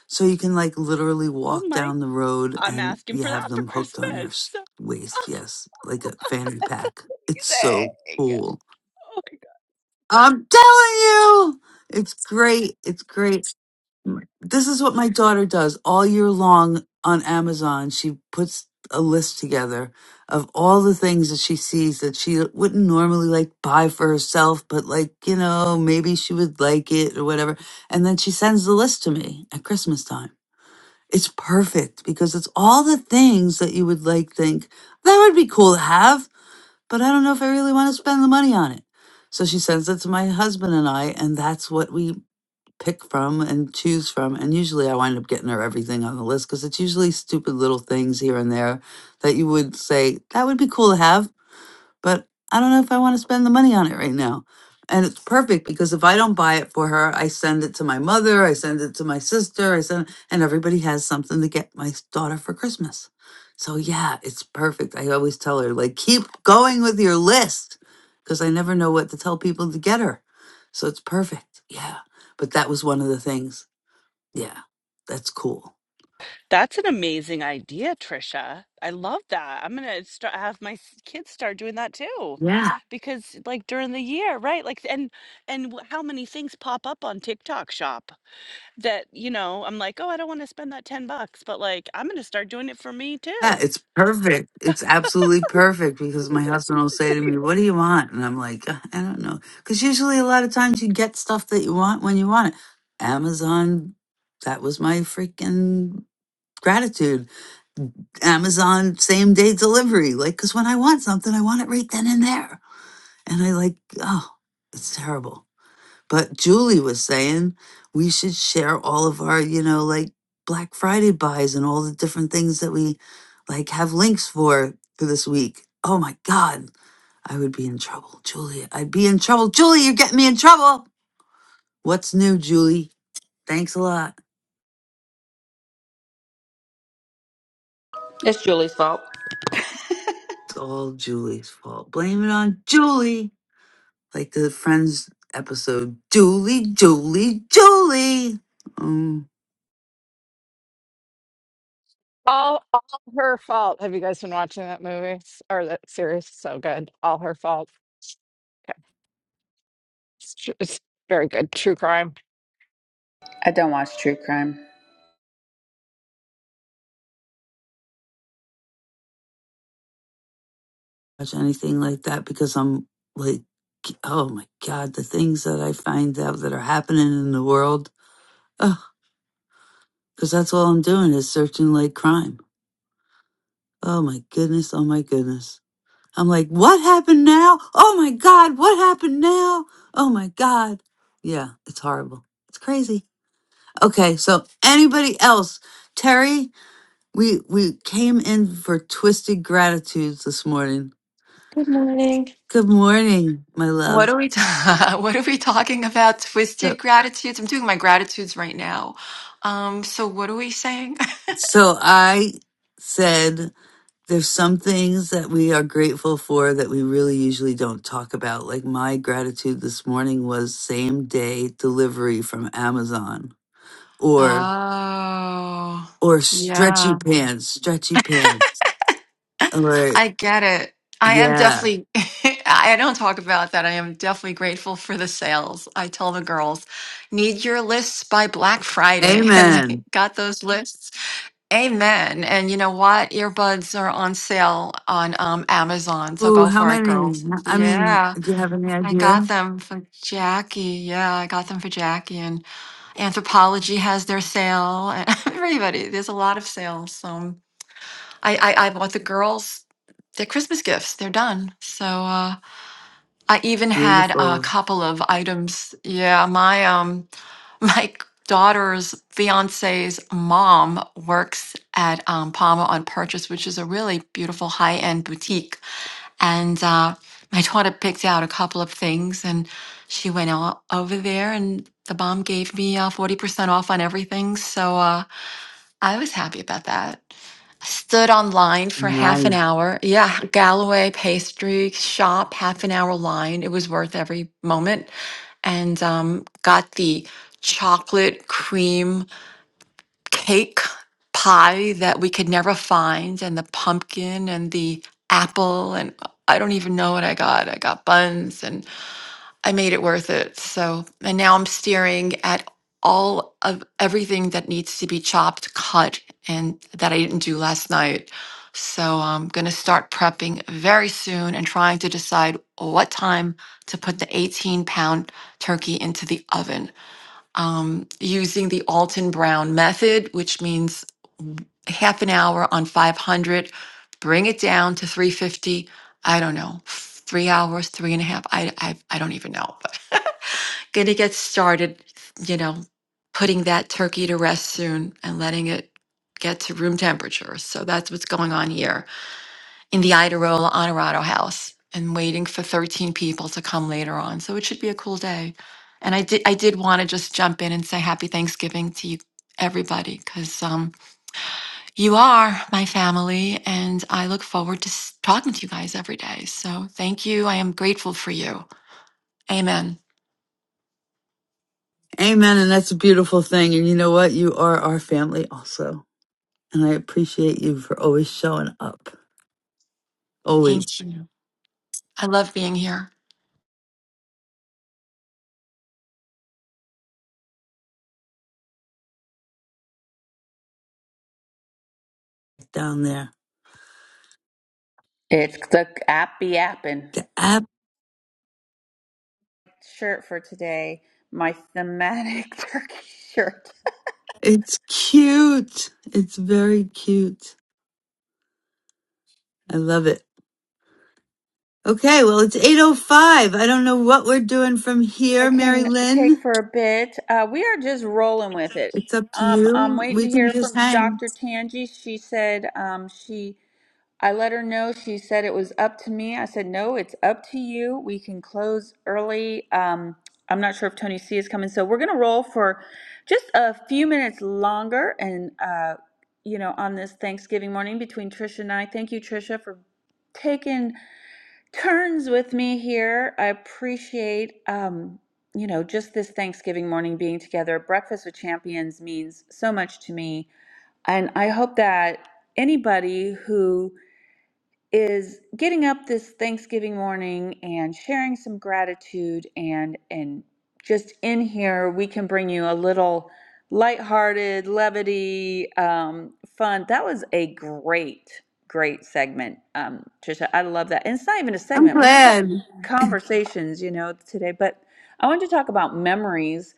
Speaker 2: So you can like literally
Speaker 22: Oh
Speaker 2: walk
Speaker 22: my
Speaker 2: down the road
Speaker 22: I'm
Speaker 2: and
Speaker 22: asking
Speaker 2: you
Speaker 22: for that
Speaker 2: have
Speaker 22: for
Speaker 2: them hooked on your s-
Speaker 22: Christmas.
Speaker 2: waist. Yes. Like a fanny pack. It's so
Speaker 22: Amazing.
Speaker 2: cool.
Speaker 22: Oh my God.
Speaker 2: I'm telling you, it's great. It's great. Right. This is what my daughter does all year long on Amazon. She puts a list together of all the things that she sees that she wouldn't normally like buy for herself, but like, you know, maybe she would like it or whatever. And then she sends the list to me at Christmas time. It's perfect because it's all the things that you would like think that would be cool to have, but I don't know if I really want to spend the money on it. So she sends it to my husband and I, and that's what we pick from and choose from. And usually I wind up getting her everything on the list because it's usually stupid little things here and there that you would say, that would be cool to have but I don't know if I want to spend the money on it right now. And it's perfect because if I don't buy it for her, I send it to my mother, I send it to my sister, I send and everybody has something to get my daughter for Christmas. So yeah, it's perfect. I always tell her like keep going with your list because I never know what to tell people to get her. So it's perfect. Yeah. But that was one of the things. Yeah. That's cool.
Speaker 22: That's an amazing idea, Trisha. I love that. I'm gonna start have my s- kids start doing that too,
Speaker 2: Yeah.
Speaker 22: because like during the year, right? Like and and wh- how many things pop up on TikTok Shop that you know I'm like, oh, I don't want to spend that ten bucks, but like I'm gonna start doing it for me
Speaker 2: Yeah,
Speaker 22: too.
Speaker 2: it's perfect. It's absolutely perfect because my husband will say to me, What do you want? And I'm like, "Uh, I don't know. Because usually a lot of times you get stuff that you want when you want it. Amazon, that was my freaking gratitude. Amazon same day delivery. Like, because when I want something, I want it right then and there. And I like, oh, it's terrible. But Julie was saying we should share all of our, you know, like Black Friday buys and all the different things that we like have links for for this week. Oh my God, I would be in trouble, Julie. I'd be in trouble. Julie, you're getting me in trouble. What's new, Julie? Thanks a lot.
Speaker 1: It's Julie's fault.
Speaker 2: It's all Julie's fault. Blame it on Julie. Like the Friends episode, Julie, Julie, Julie. Um,
Speaker 19: all all her fault. Have you guys been watching that movie or that series? So good, all her fault. Yeah, it's, tr- it's very good, true crime.
Speaker 1: I don't watch true crime.
Speaker 2: watch anything like that because I'm like, oh my God, the things that I find out that are happening in the world. Oh, Because that's all I'm doing is searching like crime. Oh my goodness, oh my goodness. I'm like, what happened now? Oh my God, what happened now? Oh my God. Yeah, it's horrible. It's crazy. Okay, so anybody else? Terry, we we came in for twisted gratitudes this morning.
Speaker 23: Good morning.
Speaker 2: Good morning, my love.
Speaker 23: What are we ta- what are we talking about?
Speaker 2: So
Speaker 23: Twisted gratitudes. I'm doing my gratitudes right now. Um, so what are we saying?
Speaker 2: So I said, there's some things that we are grateful for that we really usually don't talk about. Like my gratitude this morning was same day delivery from Amazon or,
Speaker 23: Oh,
Speaker 2: or stretchy
Speaker 23: yeah.
Speaker 2: pants, stretchy pants. Or,
Speaker 23: I get it. I am
Speaker 2: yeah.
Speaker 23: definitely I don't talk about that. I am definitely grateful for the sales. I tell the girls, need your lists by Black Friday, and they
Speaker 2: Amen.
Speaker 23: got those lists. Amen. And you know what? Earbuds are on sale on um, Amazon. So
Speaker 2: Ooh,
Speaker 23: go
Speaker 2: how
Speaker 23: for it,
Speaker 2: many?
Speaker 23: girls.
Speaker 2: I mean,
Speaker 23: Yeah.
Speaker 2: do you have any
Speaker 23: I
Speaker 2: idea?
Speaker 23: got them for Jackie. Yeah, I got them for Jackie. And Anthropology has their sale. and Everybody, there's a lot of sales. So I, I, I bought the girls their Christmas gifts. They're done. So uh, I even had a
Speaker 2: Beautiful.
Speaker 23: couple of items. Yeah, my um my daughter's fiance's mom works at um, Palma on Purchase, which is a really beautiful high end boutique and uh, my daughter picked out a couple of things and she went o- over there and the mom gave me uh, 40% off on everything. So uh, I was happy about that. I stood online for half
Speaker 2: Nice.
Speaker 23: an hour. Yeah, Galloway pastry shop, half an hour line. It was worth every moment. And um, got the chocolate cream cake pie that we could never find and the pumpkin and the apple and I don't even know what I got. I got buns and I made it worth it. So, and now I'm staring at all of everything that needs to be chopped, cut and that I didn't do last night. So, I'm going to start prepping very soon and trying to decide what time to put the 18 pound turkey into the oven um, using the Alton Brown method, which means half an hour on 500, bring it down to 350. I don't know, three hours, three and a half. I, I, I don't even know, but gonna get started, you know, putting that turkey to rest soon and letting it get to room temperature. So that's what's going on here in the Iderola Honorado House and waiting for 13 people to come later on. So it should be a cool day. And I did I did want to just jump in and say happy Thanksgiving to you everybody because um, you are my family and I look forward to s- talking to you guys every day. So thank you. I am grateful for you. Amen.
Speaker 2: Amen. And that's a beautiful thing. And you know what? You are our family also. And I appreciate you for always showing up, always
Speaker 23: Thank you. I love being here.
Speaker 2: down there.
Speaker 1: It's the app be appin
Speaker 2: The app,
Speaker 1: shirt for today. My thematic turkey shirt.
Speaker 2: it's cute. It's very cute. I love it. Okay, well, it's 8.05. I don't know what we're doing from
Speaker 1: I
Speaker 2: here, Mary
Speaker 1: can take
Speaker 2: Lynn.
Speaker 1: for a bit. Uh, we are just rolling with it.
Speaker 2: It's up to
Speaker 1: Um, I'm
Speaker 2: you.
Speaker 1: waiting
Speaker 2: We
Speaker 1: to
Speaker 2: can
Speaker 1: hear
Speaker 2: just
Speaker 1: from
Speaker 2: hang.
Speaker 1: Dr. Tangi. She said um, she I let her know. She said it was up to me. I said, no, it's up to you. We can close early. Um, I'm not sure if Tony C is coming. So we're going to roll for just a few minutes longer and, uh, you know, on this Thanksgiving morning between Trisha and I. Thank you, Trisha, for taking turns with me here. I appreciate, um, you know, just this Thanksgiving morning being together. Breakfast with Champions means so much to me. And I hope that anybody who is getting up this Thanksgiving morning and sharing some gratitude and and just in here we can bring you a little lighthearted levity um, fun. That was a great great segment, um, Trisha. I love that. And it's not even a
Speaker 2: I'm
Speaker 1: segment. We're just having
Speaker 2: glad.
Speaker 1: conversations, you know, today. But I wanted to talk about memories.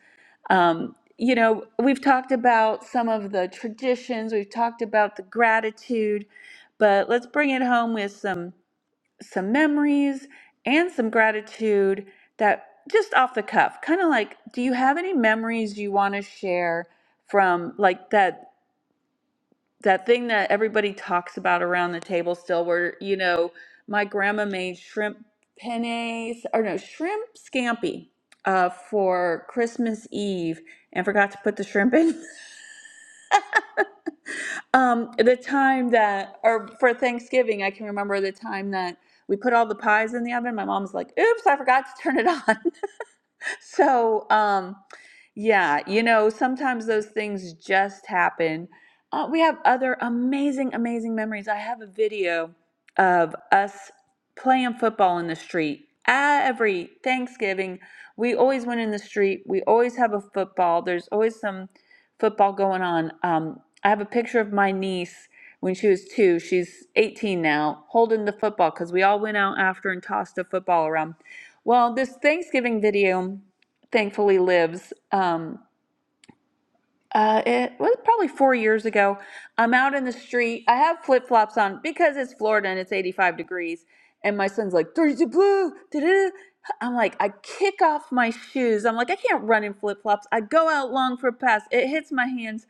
Speaker 1: Um, you know, we've talked about some of the traditions. We've talked about the gratitude but let's bring it home with some some memories and some gratitude that just off the cuff kind of like do you have any memories you want to share from like that that thing that everybody talks about around the table still where you know my grandma made shrimp penne or no shrimp scampi uh, for christmas eve and forgot to put the shrimp in Um, the time that, or for Thanksgiving, I can remember the time that we put all the pies in the oven. My mom's like, "Oops, I forgot to turn it on." So, um, yeah, you know, sometimes those things just happen. Uh, we have other amazing, amazing memories. I have a video of us playing football in the street. Every Thanksgiving, we always went in the street. We always have a football. There's always some football going on. Um, I have a picture of my niece when she was two. She's 18 now, holding the football because we all went out after and tossed a football around. Well, this Thanksgiving video thankfully lives. Um, uh, it was probably four years ago. I'm out in the street. I have flip flops on because it's Florida and it's 85 degrees. And my son's like, "Dirty blue." da-da-da." I'm like, I kick off my shoes. I'm like, I can't run in flip flops. I go out long for a pass. It hits my hands.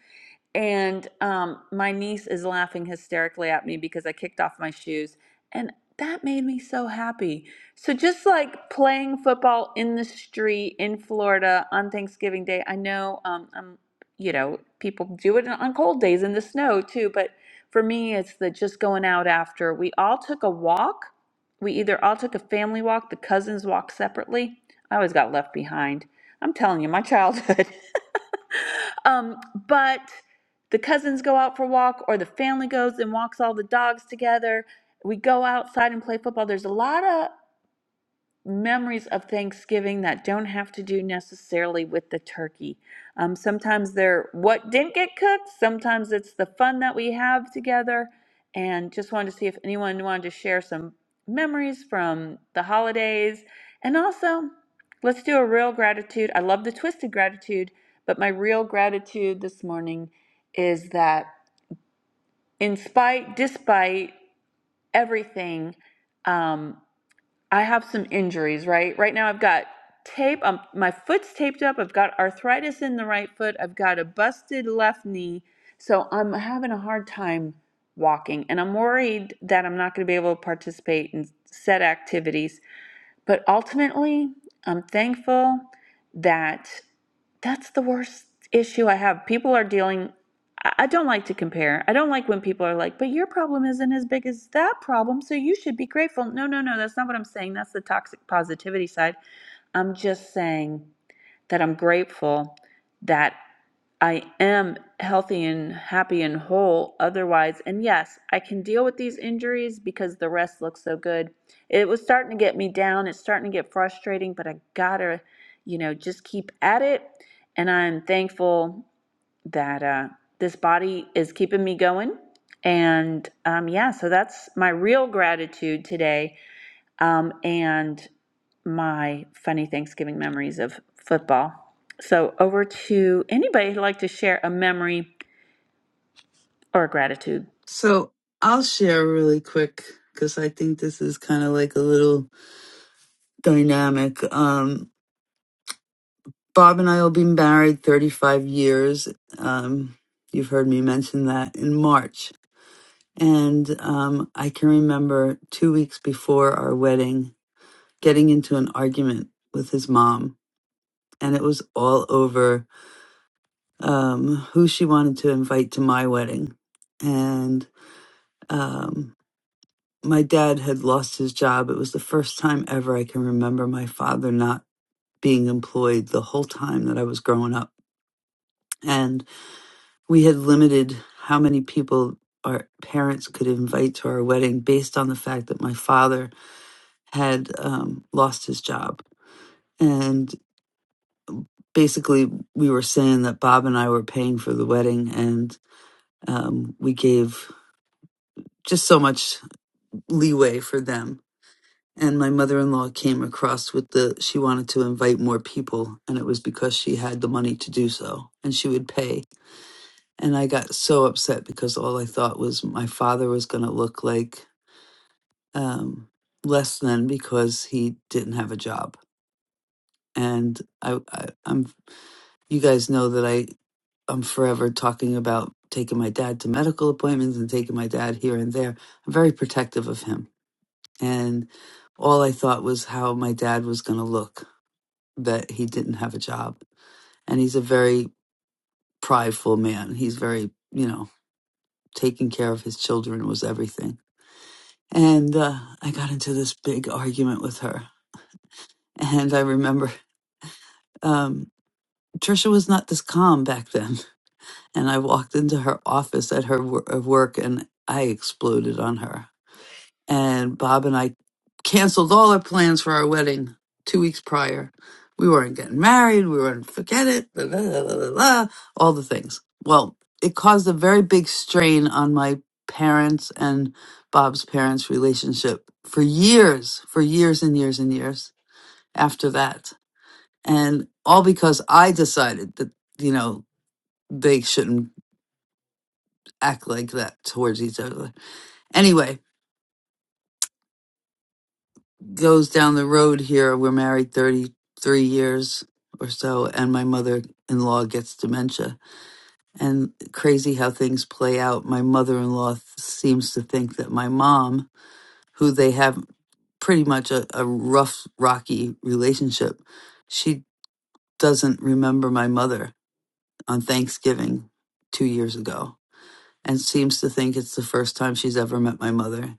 Speaker 1: And um, my niece is laughing hysterically at me because I kicked off my shoes. And that made me so happy. So, just like playing football in the street in Florida on Thanksgiving Day, I know, um, um, you know, people do it on cold days in the snow too. But for me, it's the just going out after. We all took a walk. We either all took a family walk, the cousins walked separately. I always got left behind. I'm telling you, my childhood. um, but the cousins go out for a walk or the family goes and walks all the dogs together we go outside and play football there's a lot of memories of thanksgiving that don't have to do necessarily with the turkey um, sometimes they're what didn't get cooked sometimes it's the fun that we have together and just wanted to see if anyone wanted to share some memories from the holidays and also let's do a real gratitude i love the twisted gratitude but my real gratitude this morning is that in spite, despite everything, um, I have some injuries, right? Right now, I've got tape. Um, my foot's taped up. I've got arthritis in the right foot. I've got a busted left knee. So I'm having a hard time walking. And I'm worried that I'm not going to be able to participate in set activities but ultimately, I'm thankful that that's the worst issue I have. People are dealing, I I don't like to compare. I don't like when people are like, but your problem isn't as big as that problem, so you should be grateful. No, no, no, that's not what I'm saying. That's the toxic positivity side. I'm just saying that I'm grateful that I am healthy and happy and whole otherwise. And yes, I can deal with these injuries because the rest looks so good. It was starting to get me down. It's starting to get frustrating, but I gotta, you know, just keep at it. And I'm thankful that uh, this body is keeping me going. And um, yeah, so that's my real gratitude today um, and my funny Thanksgiving memories of football. So, over to anybody who'd like to share a memory or gratitude.
Speaker 2: So I'll share really quick because I think this is kind of like a little dynamic. Um, Bob and I will be married 35 years. Um, you've heard me mention that in March. And um, I can remember two weeks before our wedding getting into an argument with his mom. And it was all over um, who she wanted to invite to my wedding. And um, my dad had lost his job. It was the first time ever I can remember my father not being employed the whole time that I was growing up. and. we had limited how many people our parents could invite to our wedding based on the fact that my father had um, lost his job. And basically, we were saying that Bob and I were paying for the wedding, and um, we gave just so much leeway for them. And my mother in law came across with the, she wanted to invite more people, and it was because she had the money to do so, and she would pay. And I got so upset because all I thought was my father was going to look like um, less than because he didn't have a job. And I, I, I'm, you guys know that I, I'm forever talking about taking my dad to medical appointments and taking my dad here and there. I'm very protective of him, and all I thought was how my dad was going to look that he didn't have a job. And he's a very prideful man. He's very, you know, taking care of his children was everything. And uh, I got into this big argument with her, and I remember. Um, Trisha was not this calm back then. And I walked into her office at her wor- uh, work and I exploded on her. And Bob and I canceled all our plans for our wedding two weeks prior. We weren't getting married. We weren't, forget it, blah, blah, blah, blah, blah, blah, all the things. Well, it caused a very big strain on my parents and Bob's parents' relationship for years, for years and years and years after that. And all because I decided that, you know, they shouldn't act like that towards each other. Anyway, goes down the road here. We're married 33 years or so, and my mother in law gets dementia. And crazy how things play out. My mother in law seems to think that my mom, who they have pretty much a, a rough, rocky relationship, she doesn't remember my mother on Thanksgiving two years ago and seems to think it's the first time she's ever met my mother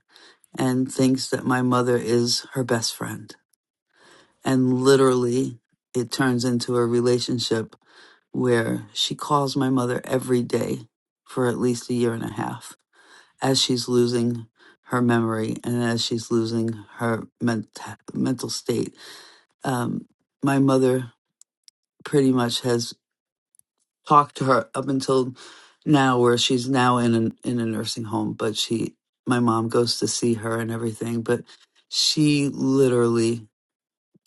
Speaker 2: and thinks that my mother is her best friend. And literally, it turns into a relationship where she calls my mother every day for at least a year and a half as she's losing her memory and as she's losing her ment- mental state. Um, my mother pretty much has talked to her up until now where she's now in an, in a nursing home but she my mom goes to see her and everything but she literally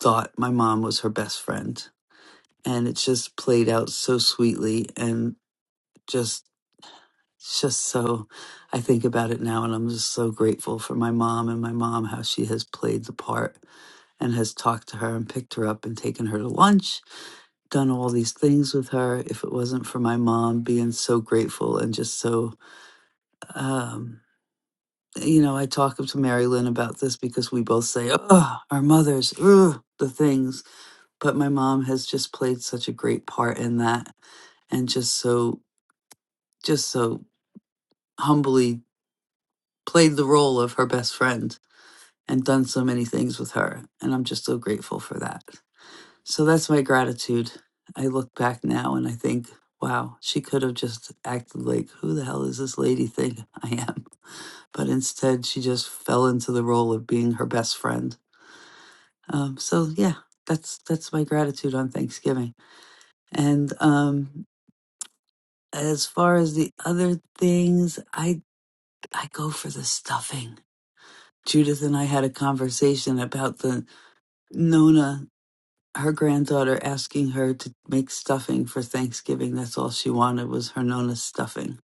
Speaker 2: thought my mom was her best friend. And it just played out so sweetly and just, it's just so, I think about it now and I'm just so grateful for my mom and my mom, how she has played the part and has talked to her and picked her up and taken her to lunch, done all these things with her. If it wasn't for my mom being so grateful and just so, um, you know, I talk to Mary Lynn about this because we both say, oh, our mothers, ugh, the things. but my mom has just played such a great part in that and just so just so humbly played the role of her best friend and done so many things with her and i'm just so grateful for that so that's my gratitude i look back now and i think wow she could have just acted like who the hell is this lady thing i am but instead she just fell into the role of being her best friend um, so yeah that's that's my gratitude on thanksgiving and um, as far as the other things, I I go for the stuffing. Judith and I had a conversation about the Nona, her granddaughter asking her to make stuffing for Thanksgiving. That's all she wanted was her Nona's stuffing.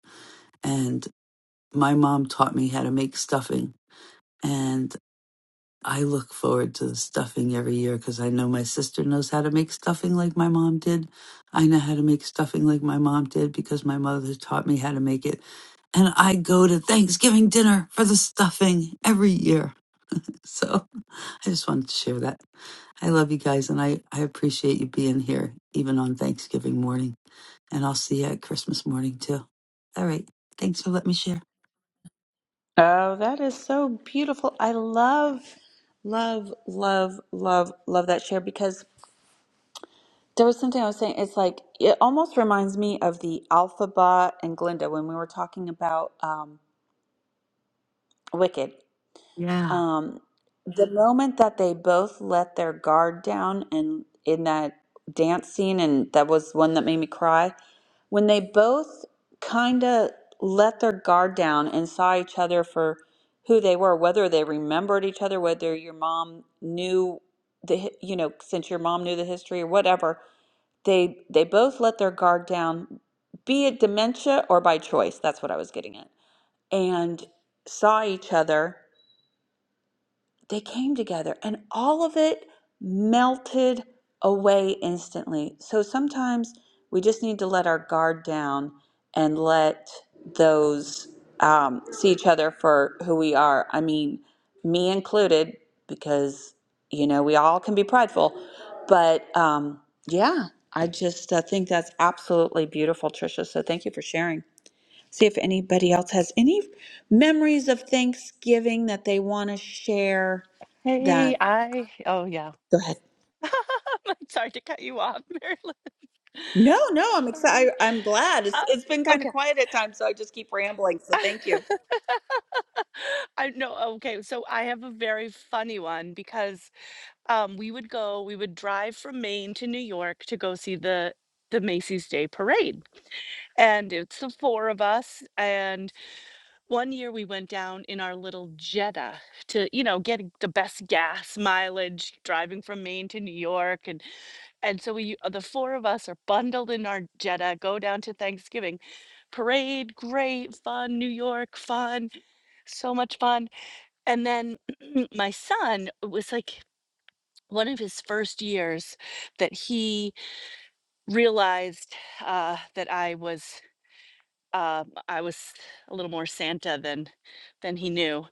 Speaker 2: And my mom taught me how to make stuffing. and. I look forward to the stuffing every year because I know my sister knows how to make stuffing like my mom did. I know how to make stuffing like my mom did because my mother taught me how to make it. And I go to Thanksgiving dinner for the stuffing every year. So I just wanted to share that. I love you guys and I, I appreciate you being here even on Thanksgiving morning. And I'll see you at Christmas morning too. All right. Thanks for letting me share.
Speaker 1: Oh, that is so beautiful. I love, love, love, love, love that share because there was something I was saying. It's like, it almost reminds me of the Alphabet and Glinda when we were talking about um, Wicked.
Speaker 2: Yeah.
Speaker 1: Um, the moment that they both let their guard down and in that dance scene, and that was one that made me cry, when they both kind of let their guard down and saw each other for who they were, whether they remembered each other, whether your mom knew the, hi- you know, since your mom knew the history or whatever, they they both let their guard down, be it dementia or by choice. That's what I was getting at, and saw each other they came together and all of it melted away instantly. So sometimes we just need to let our guard down and let those um, see each other for who we are. I mean, me included, because, you know, we all can be prideful. But um, yeah, I just uh, think that's absolutely beautiful, Tricia. So thank you for sharing. See if anybody else has any memories of Thanksgiving that they want to share
Speaker 22: Hey,
Speaker 1: that
Speaker 22: I oh yeah.
Speaker 1: go ahead
Speaker 22: I'm sorry to cut you off, Marilyn.
Speaker 1: no
Speaker 22: I'm sorry. Uh, okay.
Speaker 1: I just keep rambling you.
Speaker 22: I know. Okay, so I have a very funny one because um, we would go, we would drive from Maine to New York to go see the the Macy's Day Parade, and it's the four of us. And one year we went down in our little Jetta to, you know, get the best gas mileage driving from Maine to New York, and and so we uh, the four of us are bundled in our Jetta, go down to Thanksgiving parade, great fun, New York fun, so much fun. And then my son it was like one of his first years that he realized uh, that I was um I was a little more Santa than than he knew,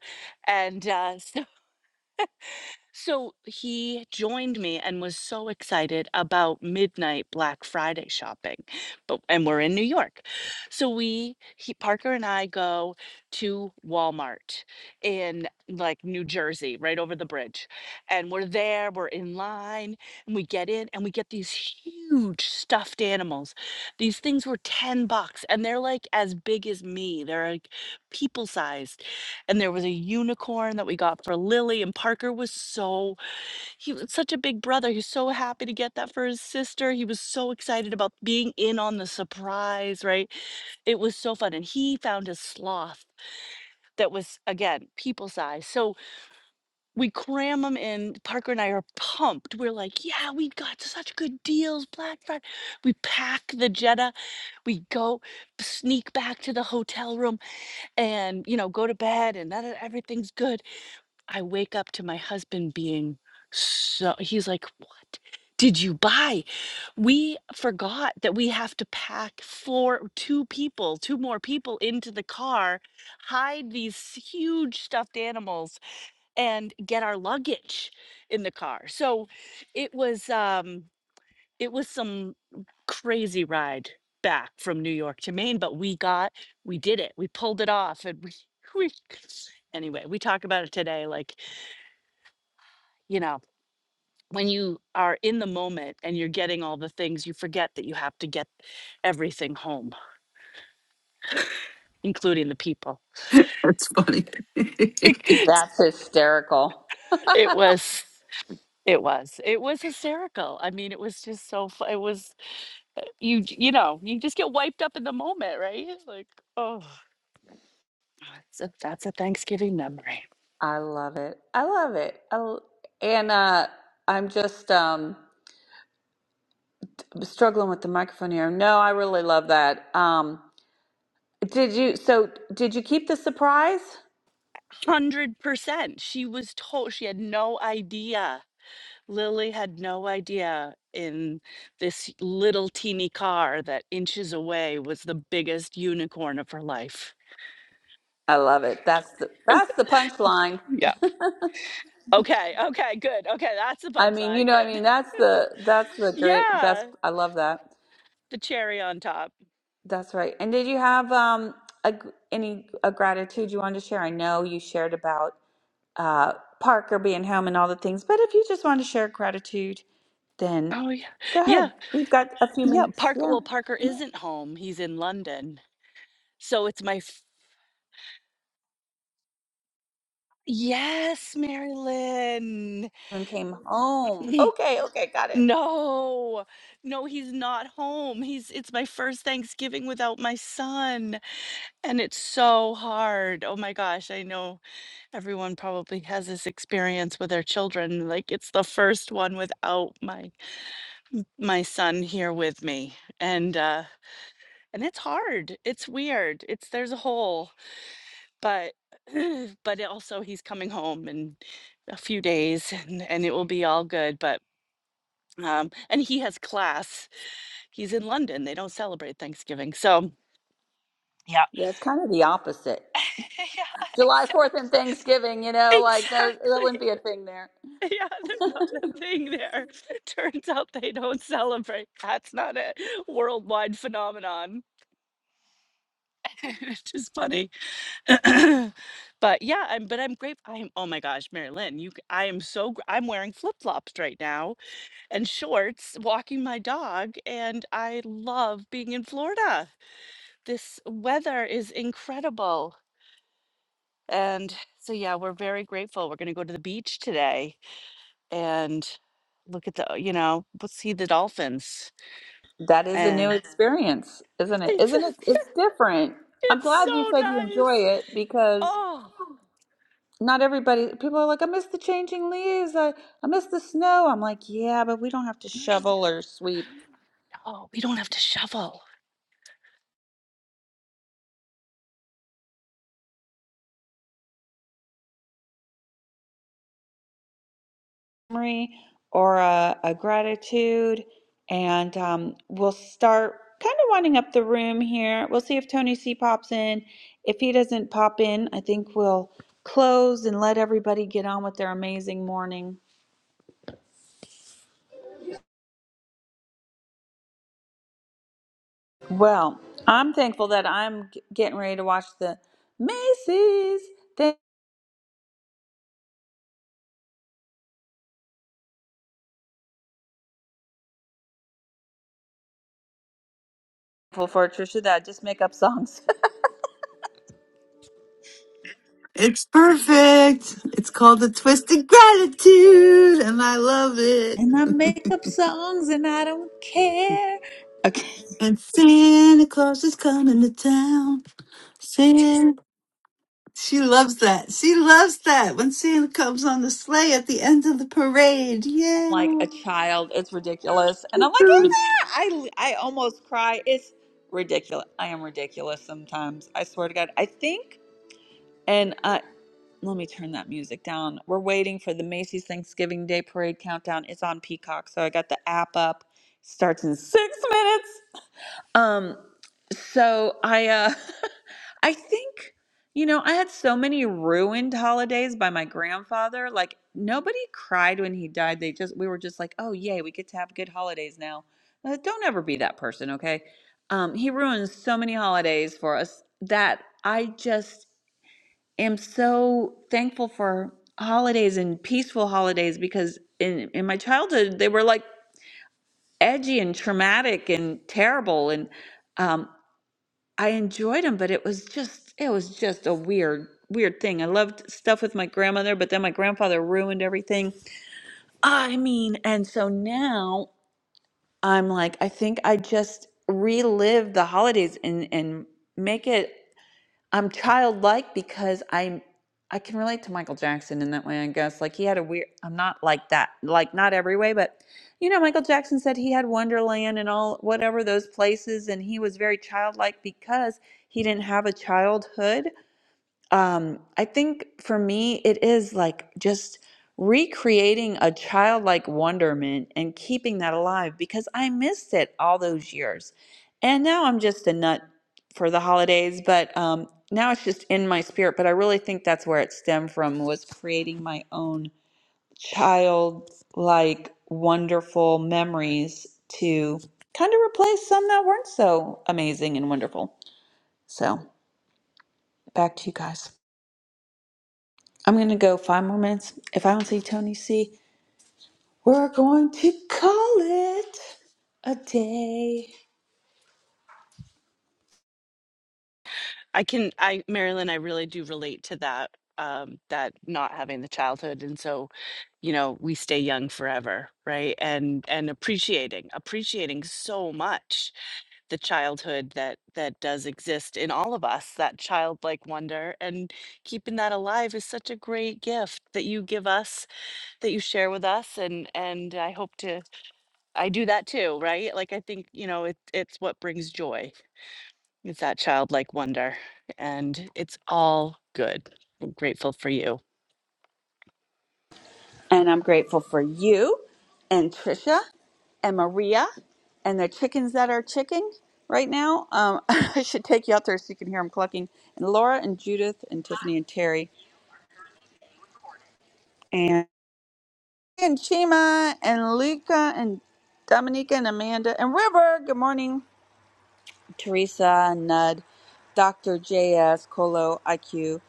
Speaker 22: and uh, so So he joined me and was so excited about midnight Black Friday shopping. But and we're in New York. So we he Parker and I go to Walmart in like New Jersey, right over the bridge. And we're there, we're in line, and we get in and we get these huge stuffed animals. These things were 10 bucks and they're like as big as me. They're like people sized and there was a unicorn that we got for Lily and Parker was so he was such a big brother. He was so happy to get that for his sister. He was so excited about being in on the surprise, right? It was so fun and he found a sloth that was again people size. So we cram them in. Parker and I are pumped. We're like, yeah, we got such good deals, Black Friday. We pack the Jetta. We go sneak back to the hotel room and you know go to bed and that everything's good I wake up to my husband being so, he's like, What did you buy? We forgot that we have to pack four, two people, two more people into the car, hide these huge stuffed animals, and get our luggage in the car. So it was, um, it was some crazy ride back from New York to Maine, but we got, we did it. We pulled it off and we, we, anyway, we talk about it today. Like you know, when you are in the moment and you're getting all the things, you forget that you have to get everything home, including the people.
Speaker 2: That's funny.
Speaker 22: it
Speaker 1: Oh,
Speaker 22: was it was it was hysterical i mean it was just so fu- it was uh, you j- you know you just get wiped up in the moment right like oh that's a, that's a thanksgiving memory
Speaker 1: I love it. I love it. I l and uh, I'm just um, struggling with the microphone here. No, I really love that. Um, did you? So did you keep the surprise?
Speaker 22: 100% she was told she had no idea Lily had no idea in this little teeny car that inches away was the biggest unicorn of her life.
Speaker 1: I love it. That's the that's the punchline.
Speaker 22: Yeah. Okay. Okay. Good. Okay. That's the
Speaker 1: I
Speaker 22: fun
Speaker 1: mean, you
Speaker 22: side.
Speaker 1: know, I
Speaker 22: Good.
Speaker 1: mean, that's the that's the great. That's
Speaker 22: Yeah.
Speaker 1: I love that.
Speaker 22: The cherry on top.
Speaker 1: That's right. And did you have um a gr- any a gratitude you wanted to share? I know you shared about. uh, Parker being home and all the things. But if you just want to share gratitude, then
Speaker 22: Oh, yeah.
Speaker 1: go
Speaker 22: Yeah.
Speaker 1: ahead. We've got a few
Speaker 22: Yeah.
Speaker 1: minutes.
Speaker 22: Parker.
Speaker 1: Yeah.
Speaker 22: Well, Parker isn't home. He's in London. So it's my. F- yes, Marilyn.
Speaker 1: And came home. Okay. Okay. Got it.
Speaker 22: No. No, he's not home. He's. It's my first Thanksgiving without my son. And it's so hard. Oh my gosh, I know everyone probably has this experience with their children. Like it's the first one without my my son here with me. And uh and it's hard. It's weird. It's there's a hole, but but also he's coming home in a few days and and it will be all good, but um and he has class. He's in London. They don't celebrate Thanksgiving. So, yeah.
Speaker 1: Yeah. It's kind of the opposite.
Speaker 22: yeah,
Speaker 1: July 4th
Speaker 22: exactly.
Speaker 1: and Thanksgiving, you know, like that, that wouldn't be
Speaker 22: Exactly.
Speaker 1: a thing there.
Speaker 22: Yeah, they're not a thing there. Turns out they don't celebrate. That's not a worldwide phenomenon. It's just funny. But yeah, I'm but I'm grateful. I'm oh my gosh, Mary Lynn, you c- I am so gr- I'm wearing flip-flops right now and shorts, walking my dog, and I love being in Florida. This weather is incredible. And so yeah, we're very grateful. We're gonna go to the beach today. and look at the you know we'll see the dolphins
Speaker 1: That is a new
Speaker 22: and
Speaker 1: experience, isn't it?
Speaker 22: it's
Speaker 1: Isn't it? It's different. I'm
Speaker 22: it's
Speaker 1: glad you
Speaker 22: so
Speaker 1: said you enjoy
Speaker 22: nice
Speaker 1: it because
Speaker 22: oh
Speaker 1: not everybody, people are like, I miss the changing leaves. I, I miss the snow.
Speaker 22: I know. we don't have to shovel
Speaker 1: or a, a gratitude. And um, we'll start kind of winding up the room here. We'll see if Tony C pops in. If he doesn't pop in, I think we'll close and let everybody get on with their amazing morning. Oh, I'm grateful that I'm getting ready to watch the Macy's things.
Speaker 2: It's perfect. It's called the Twisted Gratitude, and I love it.
Speaker 1: And I make up songs and I don't care. Okay.
Speaker 2: And Santa Claus is coming to town. Santa, she loves that. She loves that when Santa comes on the sleigh at the end of the parade. Yay!
Speaker 1: like a child. It's ridiculous. And I'm like, is there? I, I almost cry. It's ridiculous. I am ridiculous sometimes. I swear to God. I think, and uh, let me turn that music down. We're waiting for the Macy's Thanksgiving Day Parade countdown. It's on Peacock. So I got the app up. Starts in six minutes. Um, so I uh I think you know, I had so many ruined holidays by my grandfather. Like nobody cried when he died. They just we were just like, "Oh, yay, we get to have good holidays now." Uh, don't ever be that person, okay? Um, he ruined so many holidays for us that I just am so thankful for holidays and peaceful holidays because in in my childhood they were like edgy and traumatic and terrible and um. I enjoyed them, but it was just it was just a weird weird thing. I loved stuff with my grandmother, but then my grandfather ruined everything. I mean, and so now I'm like, I think I just relive the holidays and and make it. I'm childlike because I'm I can relate to Michael Jackson in that way, I guess. Like he had a weird I'm not like that. Like not every way, but you know, Michael Jackson said he had Wonderland and all whatever those places and he was very childlike because he didn't have a childhood um, I think for me, it is like just recreating a childlike wonderment and keeping that alive because I missed it all those years. And now I'm just a nut for the holidays, but um, now it's just in my spirit. But I really think that's where it stemmed from was creating my own childlike, wonderful memories to kind of replace some that weren't so amazing and wonderful. So back to you guys. I'm going to go five more minutes. If I don't see Tony C, we're going to call it a day.
Speaker 22: i can i marilyn i really do relate to that um that not having the childhood and so you know we stay young forever right and and appreciating appreciating so much the childhood that that does exist in all of us, that childlike wonder, and keeping that alive is such a great gift that you give us, that you share with us, and and I hope to I do that too, right? Like I think, you know, it it's what brings joy. It's that childlike wonder, and it's all good. I'm grateful for you.
Speaker 1: And I'm grateful for you and Trisha and Maria and the chickens that are chicking right now. Um, I should take you out there so you can hear them clucking. And Laura and Judith and Tiffany and Terry and, and Chima and Luca and Dominica and Amanda and River. Good morning, Teresa and Nud, Dr. J.S., Colo, IQ.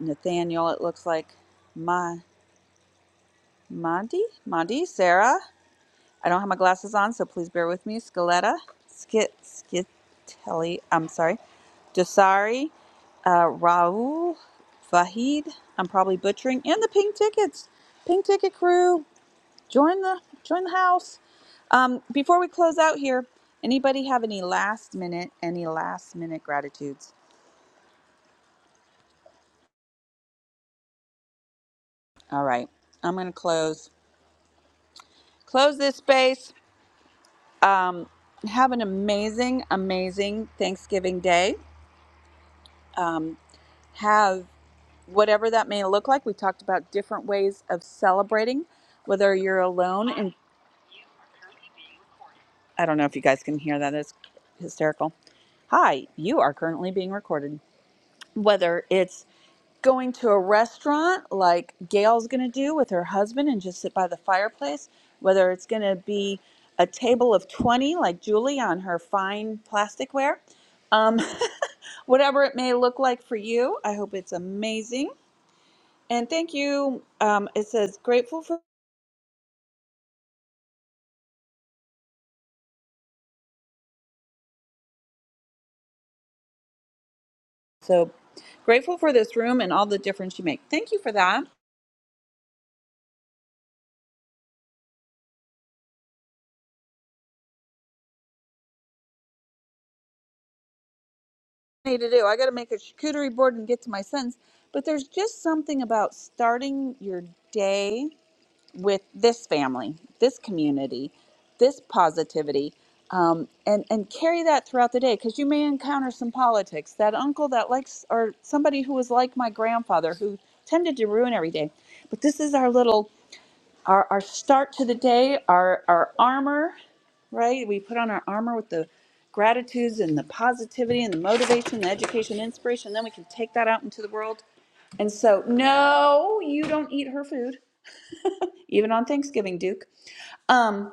Speaker 1: Nathaniel, it looks like Ma Mondi? Mondi, Sarah. I don't have my glasses on, so please bear with me. Scaletta, Skit, Skitelli, I'm sorry. Dasari, uh, Raul, Vahid. I'm probably butchering. And the pink tickets, pink ticket crew, join the join the house. Um, before we close out here, anybody have any last minute, any last minute gratitudes? All right, I'm gonna close close this space. Um, have an amazing, amazing Thanksgiving day. Um, have whatever that may look like. We talked about different ways of celebrating, whether you're alone. And I don't know if you guys can hear that. It's hysterical. Hi, you are currently being recorded. Whether it's going to a restaurant like Gail's going to do with her husband and just sit by the fireplace, whether it's going to be a table of 20 like Julie on her fine plasticware. Um, Whatever it may look like for you, I hope it's amazing. And thank you. Um, it says grateful for so grateful for this room and all the difference you make. Thank you for that. I need to do. I got to make a charcuterie board and get to my sentence. But there's just something about starting your day with this family, this community, this positivity, um, and and carry that throughout the day because you may encounter some politics. That uncle that likes or somebody who was like my grandfather who tended to ruin every day. But this is our little our, our start to the day, our our armor, right? We put on our armor with the gratitudes and the positivity and the motivation, the education, inspiration. Then we can take that out into the world. And so, no, you don't eat her food, even on Thanksgiving, Duke. Um,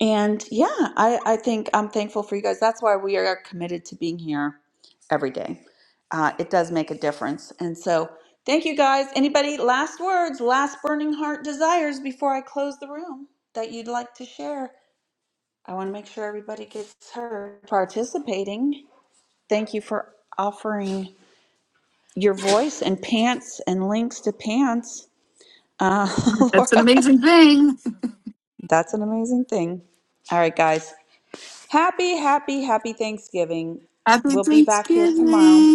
Speaker 1: and yeah, I, I think I'm thankful for you guys. That's why we are committed to being here every day. Uh, it does make a difference. And so thank you guys. Anybody, last words, last burning heart desires before I close the room that you'd like to share? I want to make sure everybody gets heard participating. Thank you for offering your voice and pants and links to pants. Uh,
Speaker 2: That's an
Speaker 1: Laura,
Speaker 2: amazing thing.
Speaker 1: that's an amazing thing. All right, guys. Happy, happy, happy Thanksgiving.
Speaker 2: Happy
Speaker 1: We'll be back here
Speaker 2: Thanksgiving,
Speaker 1: tomorrow.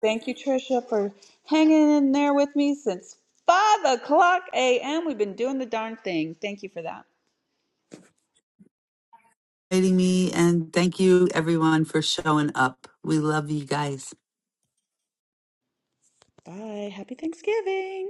Speaker 1: Thank you, Trisha, for hanging in there with me since 5 o'clock a.m. We've been doing the darn thing. Thank you for that.
Speaker 2: meeting me, and thank you everyone for showing up. We love you guys.
Speaker 1: Bye. Happy Thanksgiving.